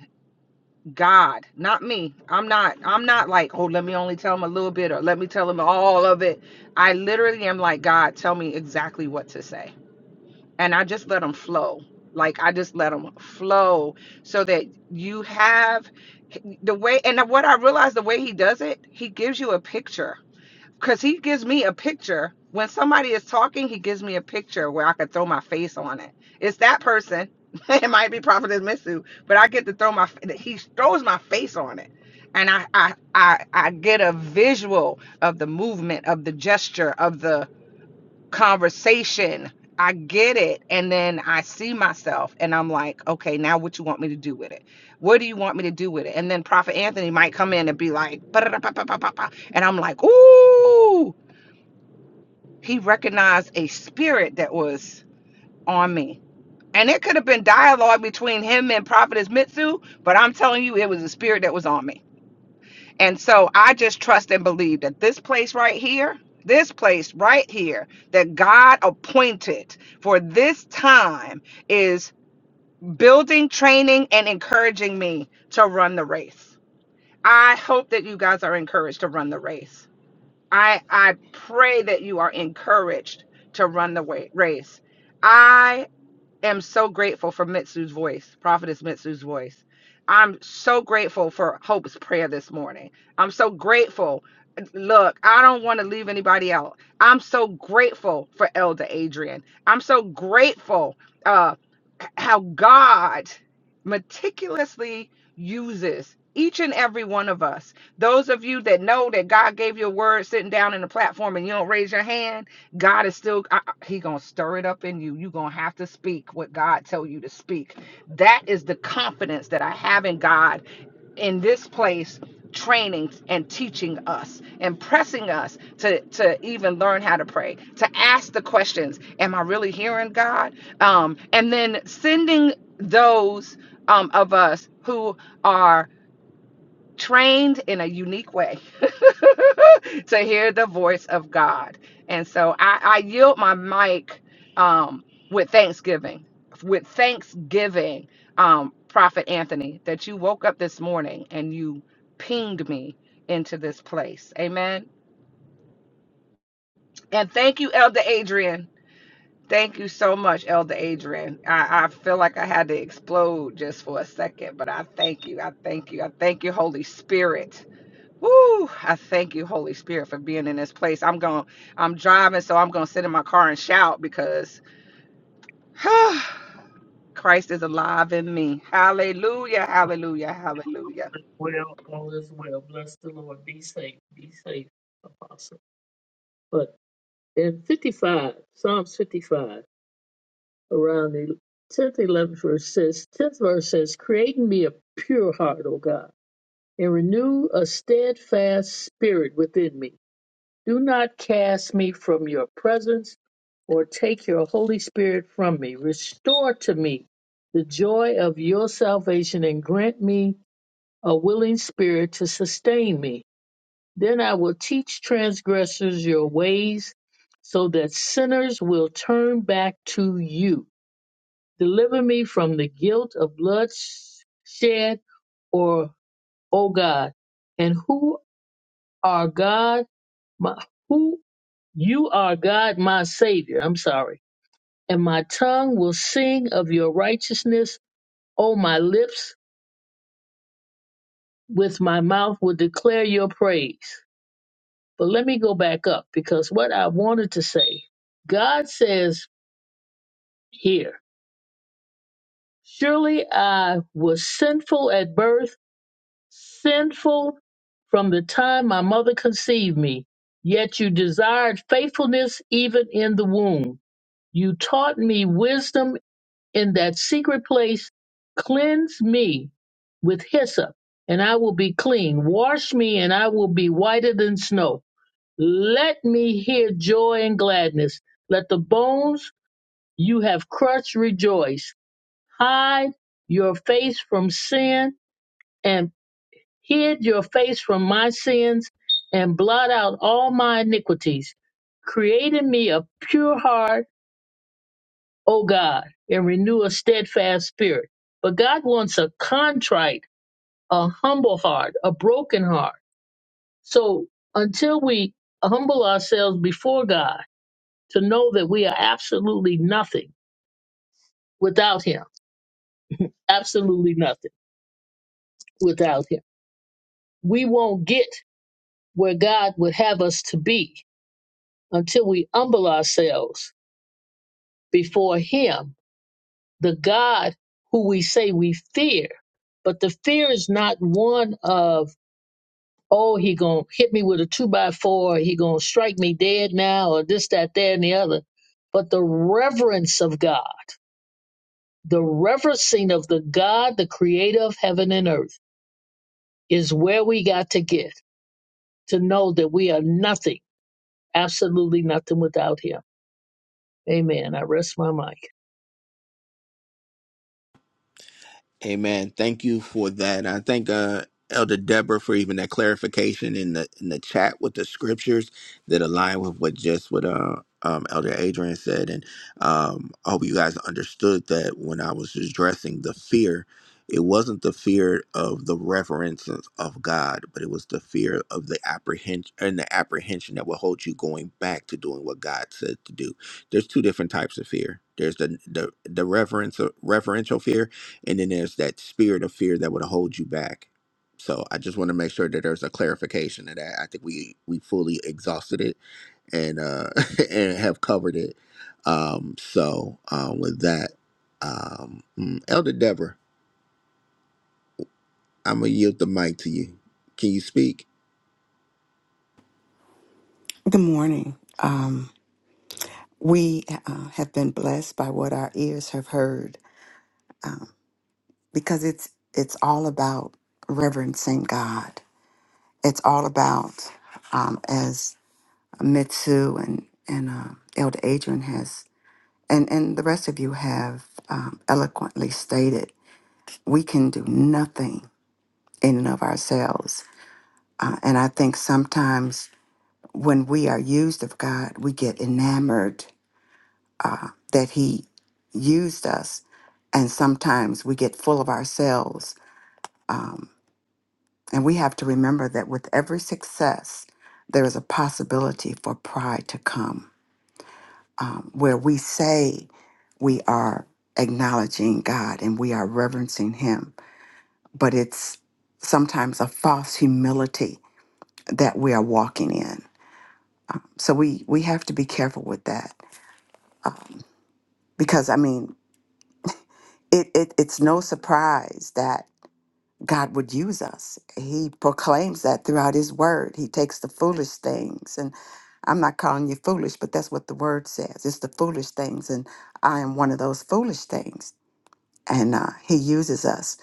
[SPEAKER 2] God, not me. I'm not I'm not like, oh, let me only tell him a little bit or let me tell him all of it. I literally am like, God, tell me exactly what to say. And I just let him flow. Like I just let him flow so that you have the way and what I realized the way he does it, he gives you a picture because he gives me a picture. When somebody is talking, he gives me a picture where I could throw my face on it. It's that person. it might be Prophetess Mitsu, but I get to throw my. He throws my face on it, and I I I, I get a visual of the movement, of the gesture, of the conversation. I get it, and then I see myself, and I'm like, okay, now what you want me to do with it? What do you want me to do with it? And then Prophet Anthony might come in and be like, ba da da ba ba ba ba and I'm like, ooh, he recognized a spirit that was on me. And it could have been dialogue between him and Prophetess Mitsu, but I'm telling you, it was a spirit that was on me. And so I just trust and believe that this place right here, this place right here that God appointed for this time is building, training, and encouraging me to run the race. I hope that you guys are encouraged to run the race. I I pray that you are encouraged to run the wa- race. I am so grateful for Mitsu's voice, Prophetess Mitsu's voice. I'm so grateful for Hope's prayer this morning. I'm so grateful. Look, I don't want to leave anybody out. I'm so grateful for Elder Adrian. I'm so grateful uh, how God meticulously uses each and every one of us. Those of you that know that God gave you a word sitting down in the platform and you don't raise your hand, God is still I, I- he going to stir it up in you. you going to have to speak what God tell you to speak. That is the confidence that I have in God in this place training and teaching us and pressing us to to even learn how to pray, to ask the questions, am I really hearing God? Um and then sending those um of us who are trained in a unique way to hear the voice of God. And so I, I yield my mic um, with thanksgiving, with thanksgiving, um, Prophet Anthony, that you woke up this morning and you pinged me into this place. Amen. And thank you, Elder Adrian. Thank you so much, Elder Adrian. I, I feel like I had to explode just for a second, but I thank you. I thank you. I thank you, Holy Spirit. Woo! I thank you, Holy Spirit, for being in this place. I'm going I'm driving, so I'm gonna sit in my car and shout because Christ is alive in me. Hallelujah,
[SPEAKER 5] All
[SPEAKER 2] hallelujah, hallelujah.
[SPEAKER 5] is well, all is well. Bless the Lord. Be safe. Be safe, Apostle. But in 55, Psalms 55, around the 10th, 11th verse says, 10th verse says, Create in me a pure heart, O God, and renew a steadfast spirit within me. Do not cast me from your presence or take your Holy Spirit from me. Restore to me the joy of your salvation and grant me a willing spirit to sustain me. Then I will teach transgressors your ways, so that sinners will turn back to you. Deliver me from the guilt of bloodshed, or O God, and who are God, my, who you are God, my Savior. I'm sorry, and my tongue will sing of your righteousness. O my lips with my mouth will declare your praise. But let me go back up because what I wanted to say, God says here, surely I was sinful at birth, sinful from the time my mother conceived me. Yet you desired faithfulness even in the womb. You taught me wisdom in that secret place. Cleanse me with hyssop, and I will be clean. Wash me, and I will be whiter than snow. Let me hear joy and gladness. Let the bones you have crushed rejoice. Hide your face from sin and hid your face from my sins and blot out all my iniquities. Create in me a pure heart, O God, and renew a steadfast spirit. But God wants a contrite, a humble heart, a broken heart. So until we humble ourselves before God, to know that we are absolutely nothing without him. Absolutely nothing without him. We won't get where God would have us to be until we humble ourselves before him, the God who we say we fear. But the fear is not one of, oh, he gonna hit me with a two by four, he gonna strike me dead now, or this, that, there, and the other. But the reverence of God, the reverencing of the God, the creator of heaven and earth is where we got to get to know that we are nothing, absolutely nothing without Him. Amen. I rest my mic.
[SPEAKER 1] Amen. Thank you for that. And I thank uh, Elder Deborah for even that clarification in the in the chat with the scriptures that align with what just what uh, um, Elder Adrian said, and um, I hope you guys understood that when I was addressing the fear, it wasn't the fear of the reverence of God, but it was the fear of the apprehension and the apprehension that will hold you going back to doing what God said to do. There's two different types of fear. There's the the the reverence reverential fear, and then there's that spirit of fear that would hold you back so i just want to make sure that there's a clarification of that i think we we fully exhausted it and uh and have covered it um so um with that um mm, elder deborah i'm gonna yield the mic to you can you speak
[SPEAKER 8] Good morning. Um, we uh, have been blessed by what our ears have heard um, because it's it's all about reverencing God. It's all about um, as Mitsu and and uh, Elder Adrian has and and the rest of you have um, eloquently stated. We can do nothing in and of ourselves, uh, and I think sometimes when we are used of God, we get enamored uh, that He used us. And sometimes we get full of ourselves. Um, and we have to remember that with every success, there is a possibility for pride to come, um, where we say we are acknowledging God and we are reverencing Him, but it's sometimes a false humility that we are walking in. So we, we have to be careful with that. Uh, because, I mean, it, it, it's no surprise that. God would use us. He proclaims that throughout His Word. He takes the foolish things, and I'm not calling you foolish, but that's what the Word says. It's the foolish things, and I am one of those foolish things. And uh, He uses us.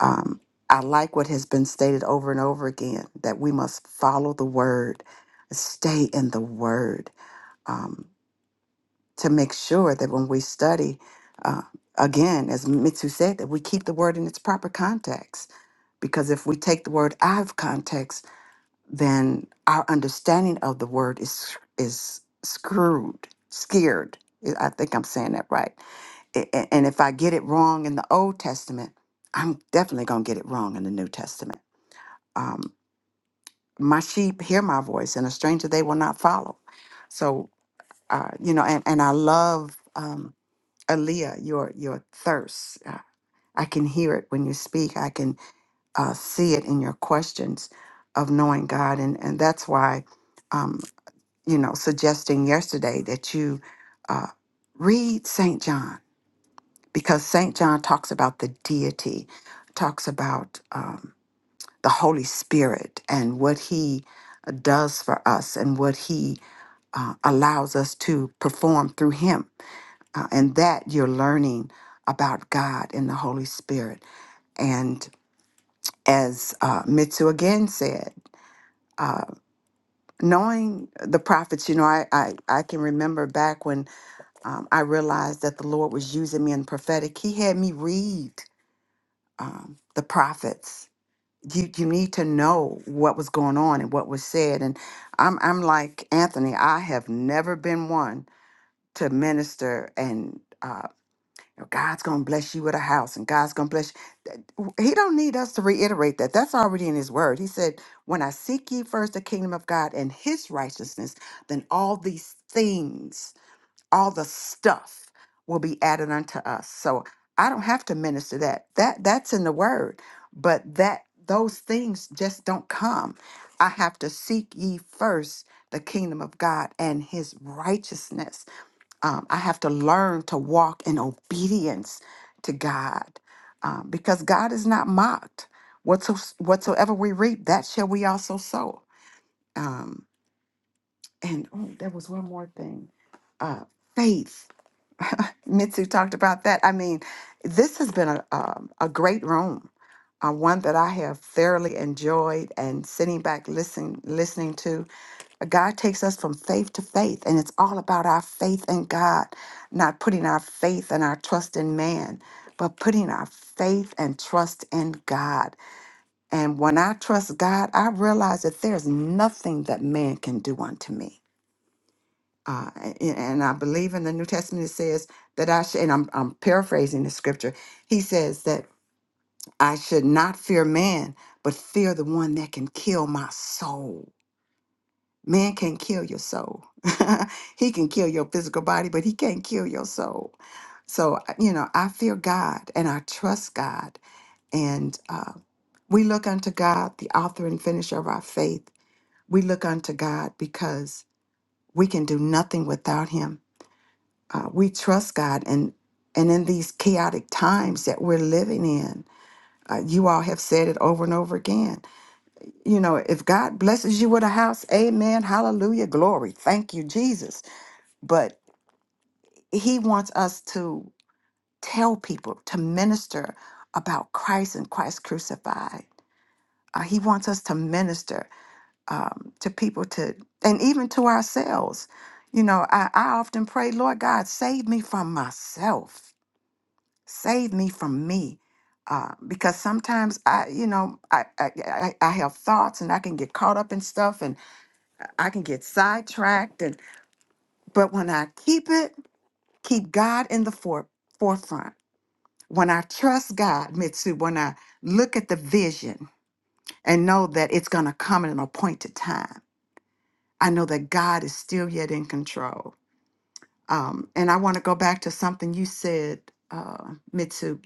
[SPEAKER 8] Um, I like what has been stated over and over again that we must follow the Word, stay in the Word, um, to make sure that when we study, uh, again, as Mitsu said, that we keep the Word in its proper context because if we take the word out of context, then our understanding of the word is is screwed, scared. I I think I'm saying that right. A- a- And if I get it wrong in the Old Testament, I'm definitely going to get it wrong in the New Testament. Um, my sheep hear my voice, and a stranger they will not follow. So, uh, you know, and, and I love um, Aaliyah, your your thirst. Uh, I can hear it when you speak. I can uh, see it in your questions of knowing God. And, and that's why, um, you know, suggesting yesterday that you uh, read St. John, because St. John talks about the deity, talks about um, the Holy Spirit and what he does for us and what he uh, allows us to perform through him. Uh, and that you're learning about God and the Holy Spirit. And as uh, Mitsu again said, uh, knowing the prophets, you know, I I, I can remember back when um, I realized that the Lord was using me in prophetic. He had me read um, the prophets. You you need to know what was going on and what was said. And I'm I'm like Anthony. I have never been one to minister and. Uh, you know, God's gonna bless you with a house, and God's gonna bless he don't need us to reiterate that. That's already in his word. He said, When I seek ye first the kingdom of God and his righteousness, then all these things, all the stuff will be added unto us. So I don't have to minister that. That that's in the word. But that those things just don't come. I have to seek ye first the kingdom of God and his righteousness. Um, I have to learn to walk in obedience to God um, because God is not mocked. Whatso- whatsoever we reap, that shall we also sow. Um, and oh, there was one more thing uh, faith. Mitsu talked about that. I mean, this has been a, um a great room, uh, one that I have thoroughly enjoyed and sitting back listening listening to. God takes us from faith to faith, and it's all about our faith in God, not putting our faith and our trust in man, but putting our faith and trust in God. And when I trust God, I realize that there's nothing that man can do unto me. Uh, a- and I believe in the New Testament it says that I should, and I'm, I'm paraphrasing the scripture, he says that I should not fear man, but fear the one that can kill my soul Man can kill your soul. he can kill your physical body, but he can't kill your soul. So, I- you know, I fear God and I trust God. And uh, we look unto God, the author and finisher of our faith. We look unto God because we can do nothing without him. Uh, we trust God. And, and in these chaotic times that we're living in, uh, you all have said it over and over again. You know, if God blesses you with a house, amen, hallelujah, glory. Thank you, Jesus. but he wants us to tell people to minister about christ and christ crucified uh, he wants us to minister um, to people to and even to ourselves you know I, I often pray lord god save me from myself save me from me uh, because sometimes I, you know, I, I I I have thoughts and I can get caught up in stuff and I can get sidetracked and but when I keep it, keep God in the fore, forefront, When I trust God, Mitsu, when I look at the vision and know that it's going to come at an appointed time, I know that God is still yet in control. Um, and I want to go back to something you said, uh, Mitsu,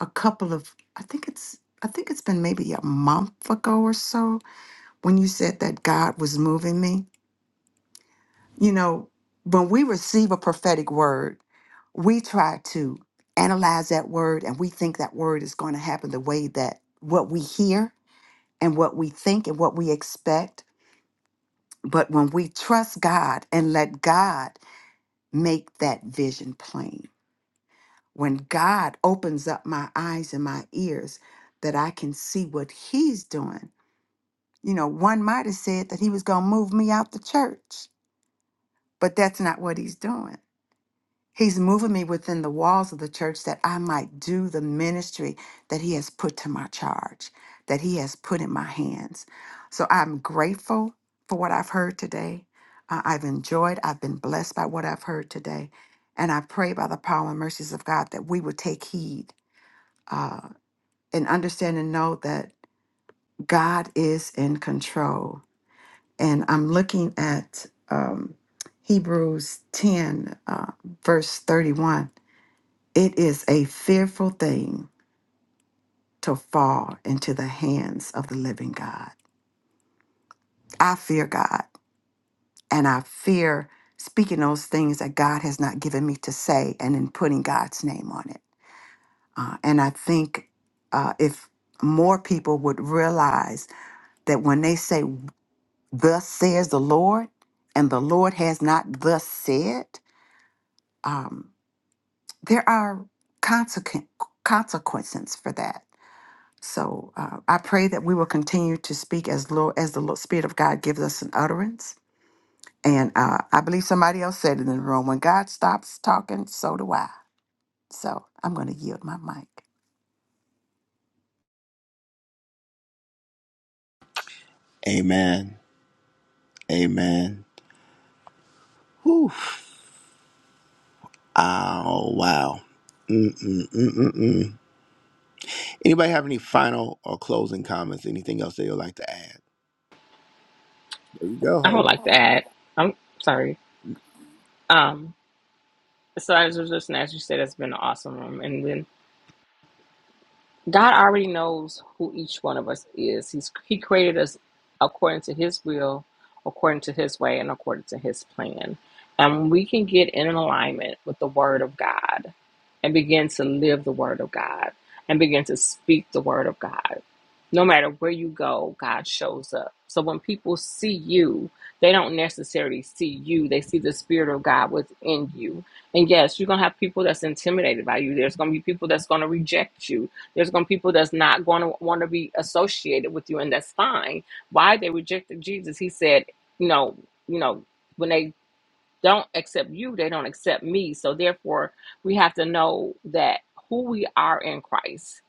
[SPEAKER 8] a couple of, I think it's, I think it's been maybe a month ago or so when you said that God was moving me. You know, when we receive a prophetic word, we try to analyze that word and we think that word is going to happen the way that what we hear and what we think and what we expect. But when we trust God and let God make that vision plain, when God opens up my eyes and my ears that I can see what He's doing, you know, one might have said that He was going to move me out the church, but that's not what He's doing. He's moving me within the walls of the church that I might do the ministry that He has put to my charge, that He has put in my hands. So I'm grateful for what I've heard today. Uh, I've enjoyed, I've been blessed by what I've heard today. And I pray by the power and mercies of God that we would take heed uh, and understand and know that God is in control. And I'm looking at um, Hebrews 10, uh, verse 31 it is a fearful thing to fall into the hands of the living God. I fear God and I fear speaking those things that God has not given me to say and then putting God's name on it. Uh, and I think uh, if more people would realize that when they say, Thus says the Lord, and the Lord has not thus said, um, there are consequen- consequences for that So uh, I pray that we will continue to speak as Lord, as the Lord, Spirit of God gives us an utterance. And uh, I believe somebody else said it in the room, when God stops talking, so do I. So I'm going to yield my mic.
[SPEAKER 1] Amen. Amen. Whew. Oh, wow. Mm-mm-mm-mm-mm. Anybody have any final or closing comments? Anything else they would like to add? There you go,
[SPEAKER 3] I would
[SPEAKER 1] Hope.
[SPEAKER 3] like to add, I'm sorry. Um, So I just listening as you said, it's been an awesome room. And then God already knows who each one of us is. He's He created us according to His will, according to His way, and according to His plan. And we can get in alignment with the Word of God and begin to live the Word of God and begin to speak the Word of God. No matter where you go, God shows up. So when people see you, they don't necessarily see you. They see the Spirit of God within you. And yes, you're going to have people that's intimidated by you. There's going to be people that's going to reject you. There's going to be people that's not going to want to be associated with you. And that's fine. Why they rejected Jesus? He said, you know, you know, when they don't accept you, they don't accept me. So therefore, we have to know that who we are in Christ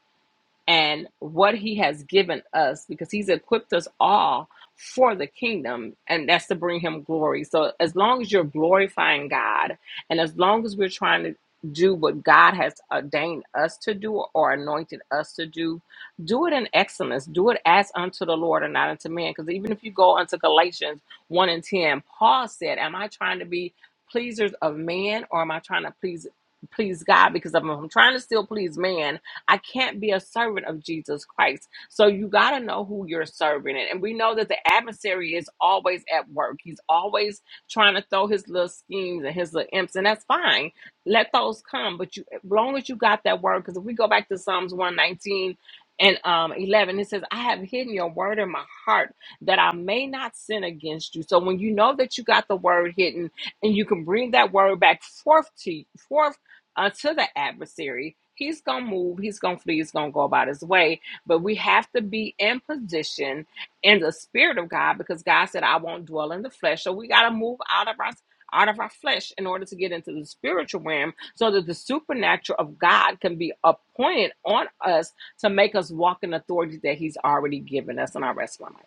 [SPEAKER 3] and what he has given us because he's equipped us all for the kingdom and that's to bring him glory so as long as you're glorifying god and as long as we're trying to do what god has ordained us to do or anointed us to do do it in excellence do it as unto the lord and not unto man because even if you go unto galatians 1 and 10 paul said am i trying to be pleasers of man or am i trying to please please god because if i'm trying to still please man I can't be a servant of Jesus Christ. So you got to know who you're serving. And and we know that the adversary is always at work. He's always trying to throw his little schemes and his little imps, and that's fine. Let those come. But you, as long as you got that word, because if we go back to Psalms 119 and um, 11, it says, I have hidden your word in my heart that I may not sin against you. So when you know that you got the word hidden and you can bring that word back forth to forth unto the adversary. He's going to move, he's going to flee, he's going to go about his way. But we have to be in position in the spirit of God because God said, I won't dwell in the flesh. So we got to move out of our out of our flesh in order to get into the spiritual realm so that the supernatural of God can be appointed on us to make us walk in authority that he's already given us in our rest of our life.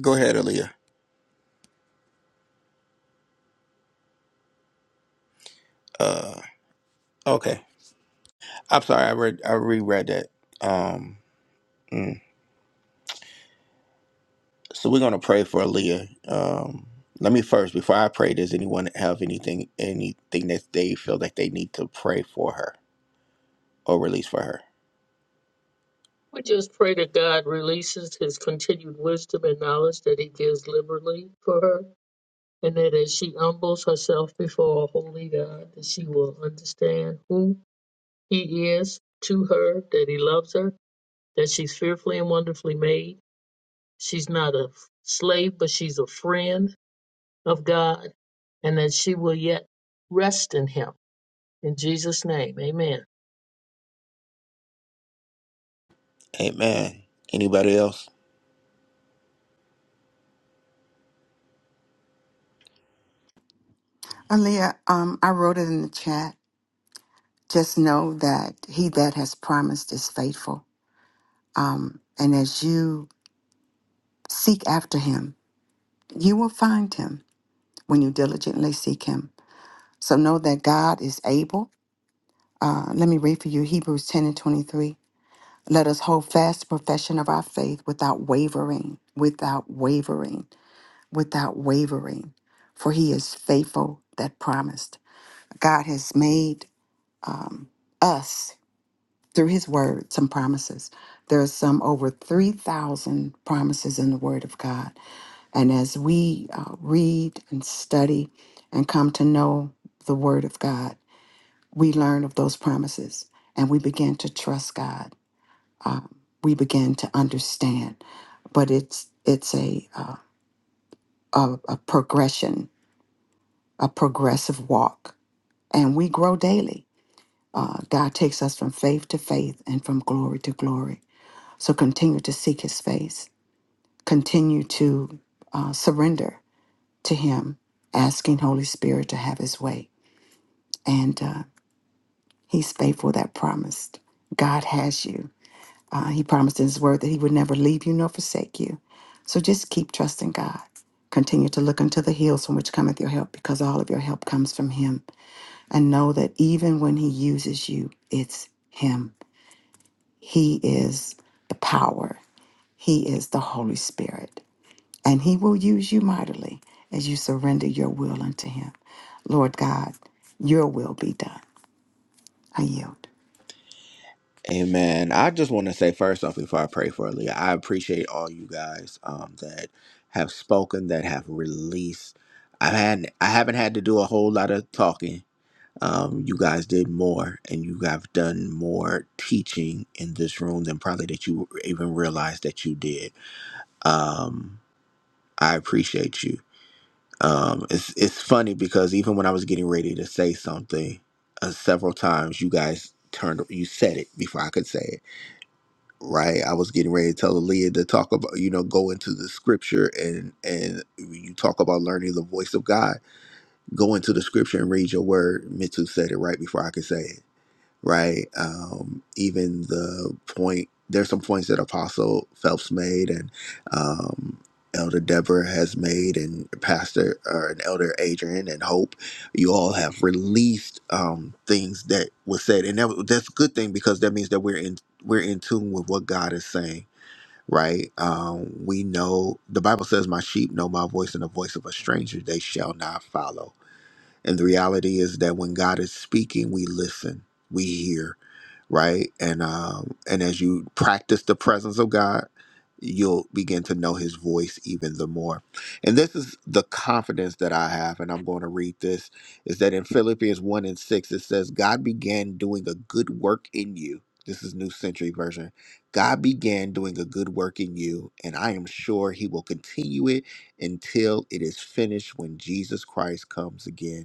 [SPEAKER 1] Go ahead, Aaliyah. Uh, okay. I'm sorry. I read. I reread that. Um, mm. So we're gonna pray for Aaliyah. Um, let me first before I pray. Does anyone have anything anything that they feel that they need to pray for her or release for her?
[SPEAKER 5] We just pray that God releases his continued wisdom and knowledge that he gives liberally for her, and that as she humbles herself before a holy God, that she will understand who he is to her, that he loves her, that she's fearfully and wonderfully made. She's not a slave, but she's a friend of God, and that she will yet rest in him In Jesus' name, amen.
[SPEAKER 1] Amen. Anybody else?
[SPEAKER 8] Aaliyah, um, I wrote it in the chat. Just know that he that has promised is faithful. Um, and as you seek after him, you will find him when you diligently seek him. So know that God is able. Uh, let me read for you Hebrews 10 and 23. Let us hold fast the profession of our faith without wavering, without wavering, without wavering, for he is faithful that promised. God has made um, us, through his word, some promises. There are some over 3,000 promises in the word of God. And as we uh, read and study and come to know the word of God, we learn of those promises and we begin to trust God um, we begin to understand. But it's it's a, uh, a a progression, a progressive walk, and we grow daily. Uh, God takes us from faith to faith and from glory to glory. So continue to seek His face. Continue to uh, surrender to Him, asking Holy Spirit to have His way. And uh, He's faithful that promised. God has you. Uh, he promised in his word that he would never leave you nor forsake you. So just keep trusting God. Continue to look unto the hills from which cometh your help, because all of your help comes from him. And know that even when he uses you, it's him. He is the power, he is the Holy Spirit. And he will use you mightily as you surrender your will unto him. Lord God, your will be done. I yield.
[SPEAKER 1] Amen. I just want to say first off before I pray for Aaliyah, I appreciate all you guys um, that have spoken, that have released. I've had I haven't had to do a whole lot of talking um, you guys did more and you have done more teaching in this room than probably that you even realized that you did. Um, I appreciate you. Um, it's it's funny because even when I was getting ready to say something, uh, several times you guys turned you said it before I could say it. Right, I was getting ready to tell Aaliyah to talk about you know go into the scripture and and you talk about learning the voice of God. Go into the scripture and read your word. Mitsu said it right before I could say it right? Um, even the point, there's some points that Apostle Phelps made and um, Elder Deborah has made, and Pastor or and Elder Adrian and Hope. You all have released um, things that was said, and that, that's a good thing because that means that we're in we're in tune with what God is saying. Right, um, we know the Bible says, "My sheep know my voice, and the voice of a stranger they shall not follow." And the reality is that when God is speaking, we listen, we hear, right? And um, and as you practice the presence of God, you'll begin to know His voice even the more. And this is the confidence that I have, and I'm going to read this: is that in Philippians one and six it says, "God began doing a good work in you." This is New Century Version. God began doing a good work in you, and I am sure He will continue it until it is finished when Jesus Christ comes again.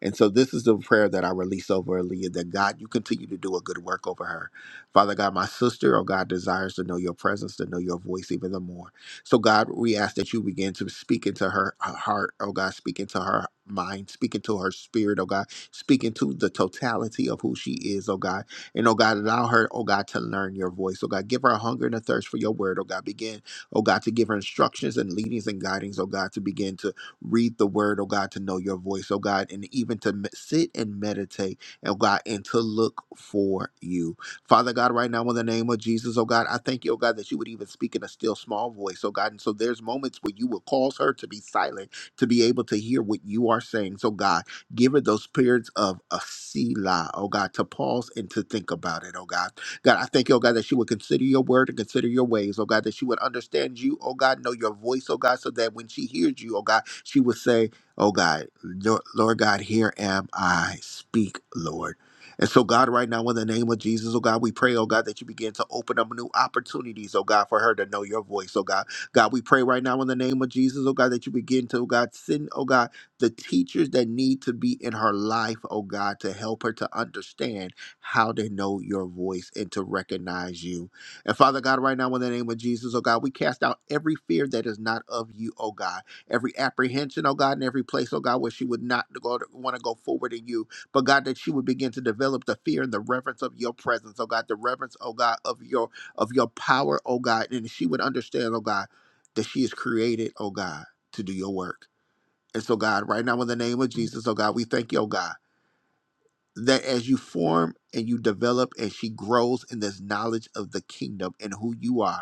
[SPEAKER 1] And so this is the prayer that I release over Aaliyah that God, you continue to do a good work over her. Father God, my sister, oh God, desires to know your presence, to know your voice even the more. So God, we ask that you begin to speak into her her heart, oh God, speak into her mind, speak into her spirit, oh God, speak into the totality of who she is, oh God. And oh God, allow her, oh God, to learn your voice. Oh God, give her a hunger and a thirst for your word, oh God. Begin, oh God, to give her instructions and leadings and guidings, oh God, to begin to read the word, oh God, to know your voice, oh God, and even to me- sit and meditate, oh God, and to look for you. Father God, right now in the name of Jesus, oh God, I thank you, oh God, that you would even speak in a still small voice, oh God. And so there's moments where you will cause her to be silent, to be able to hear what you are saying. So God, give her those periods of a Selah, oh God, to pause and to think about it, oh God. God, I thank you, oh God, that she would consider your word and consider your ways, oh God, that she would understand you, oh God, know your voice, oh God, so that when she hears you, oh God, she would say, oh God, Lord Lord God, here am I, speak, Lord. And so, God, right now, in the name of Jesus, oh God, we pray, oh God, that you begin to open up new opportunities, oh God, for her to know your voice, oh God. God, we pray right now in the name of Jesus, oh God, that you begin to, oh God, send, oh God, the teachers that need to be in her life, oh God, to help her to understand how they know your voice and to recognize you. And Father God, right now, in the name of Jesus, oh God, we cast out every fear that is not of you, oh God, every apprehension, oh God, and every place, oh God, where she would not go to, want to go forward in you, but God, that she would begin to develop the fear and the reverence of your presence, oh God, the reverence, oh God, of your of your power, oh God, and she would understand, oh God, that she is created, oh God, to do your work. And so, God, right now in the name of Jesus, oh God, we thank you, oh God that as you form and you develop and she grows in this knowledge of the kingdom and who you are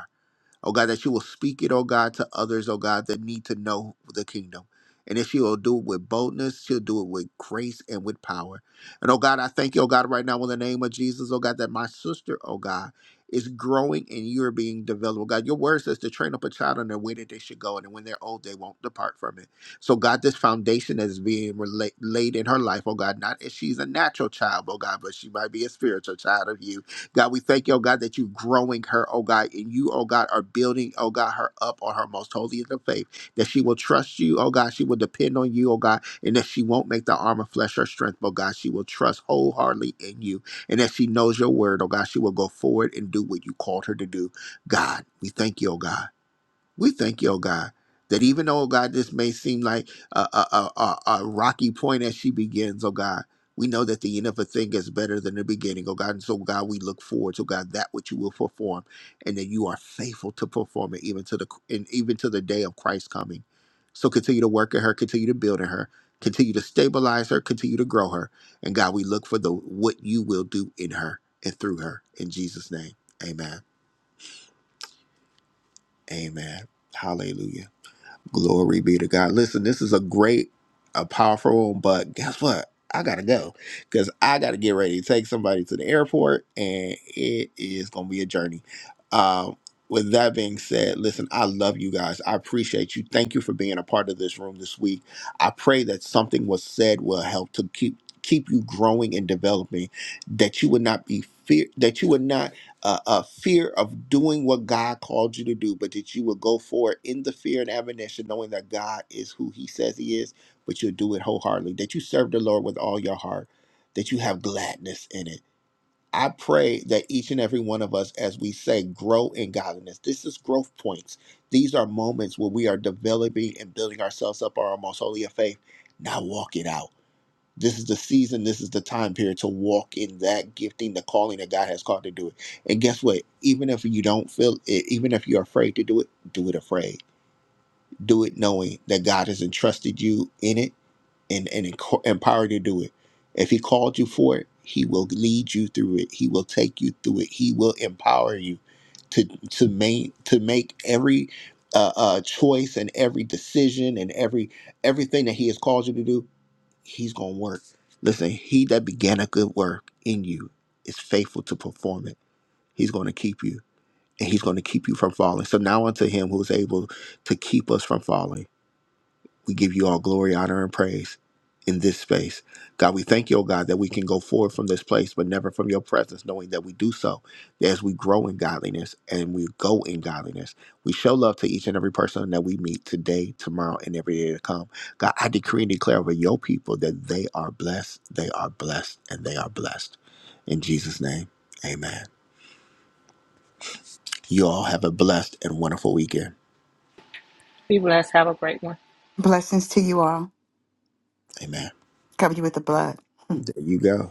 [SPEAKER 1] Oh God, that you will speak it, oh God, to others, oh God, that need to know the kingdom. And if she will do it with boldness, she'll do it with grace and with power. And oh God, I thank you, oh God, right now in the name of Jesus, oh God, that my sister, oh God, is growing and you're being developed. Oh God, your word says to train up a child in the way that they should go, and when they're old, they won't depart from it. So God, this foundation that is being rela- laid in her life, oh God, not as she's a natural child, oh God, but she might be a spiritual child of you. God, we thank you, oh God, that you're growing her, oh God, and you, oh God, are building, oh God, her up on her most holy of faith, that she will trust you, oh God, she will depend on you, oh God, and that she won't make the arm of flesh her strength, but God, she will trust wholeheartedly in you, and that she knows your word, oh God, she will go forward and do what you called her to do. God, we thank you, oh God. We thank you, oh God, that even though, oh God, this may seem like a, a, a, a a rocky point as she begins, oh God, we know that the end of a thing is better than the beginning, oh God. And so, God, we look forward to, God, that which you will perform and that you are faithful to perform it even to the and even to the day of Christ's coming. So continue to work in her, continue to build in her, continue to stabilize her, continue to grow her. And God, we look for the what you will do in her and through her. In Jesus' name. Amen. Amen. Hallelujah. Glory be to God. Listen, this is a great, a powerful one, but guess what? I gotta go because I gotta get ready to take somebody to the airport, and it is gonna be a journey. Um, with that being said, listen, I love you guys. I appreciate you. Thank you for being a part of this room this week. I pray that something was said will help to keep keep you growing and developing. That you would not be fear. That you would not a, a fear of doing what God called you to do, but that you will go for it in the fear and admonition, knowing that God is who He says He is, but you'll do it wholeheartedly, that you serve the Lord with all your heart, that you have gladness in it. I pray that each and every one of us, as we say, grow in godliness. This is growth points. These are moments where we are developing and building ourselves up our most holy of faith. Now walk it out this is the season, this is the time period to walk in that gifting, the calling that God has called to do it. And guess what? Even if you don't feel it, even if you're afraid to do it, do it afraid. Do it knowing that God has entrusted you in it and, and enco- empowered you to do it. If He called you for it, He will lead you through it. He will take you through it. He will empower you to to make to make every uh, uh, choice and every decision and every everything that He has called you to do he's going to work. Listen, he that began a good work in you is faithful to perform it. He's going to keep you and he's going to keep you from falling. So now unto him who is able to keep us from falling we give you all glory, honor, and praise in this space. God, we thank you, oh God, that we can go forward from this place, but never from your presence, knowing that we do so as we grow in godliness and we go in godliness. We show love to each and every person that we meet today, tomorrow, and every day to come. God, I decree and declare over your people that they are blessed, they are blessed, and they are blessed. In Jesus' name, amen. You all have a blessed and wonderful weekend.
[SPEAKER 3] Be blessed. Have a great one.
[SPEAKER 8] Blessings to you all.
[SPEAKER 1] Amen.
[SPEAKER 8] Cover you with the blood.
[SPEAKER 1] There you go.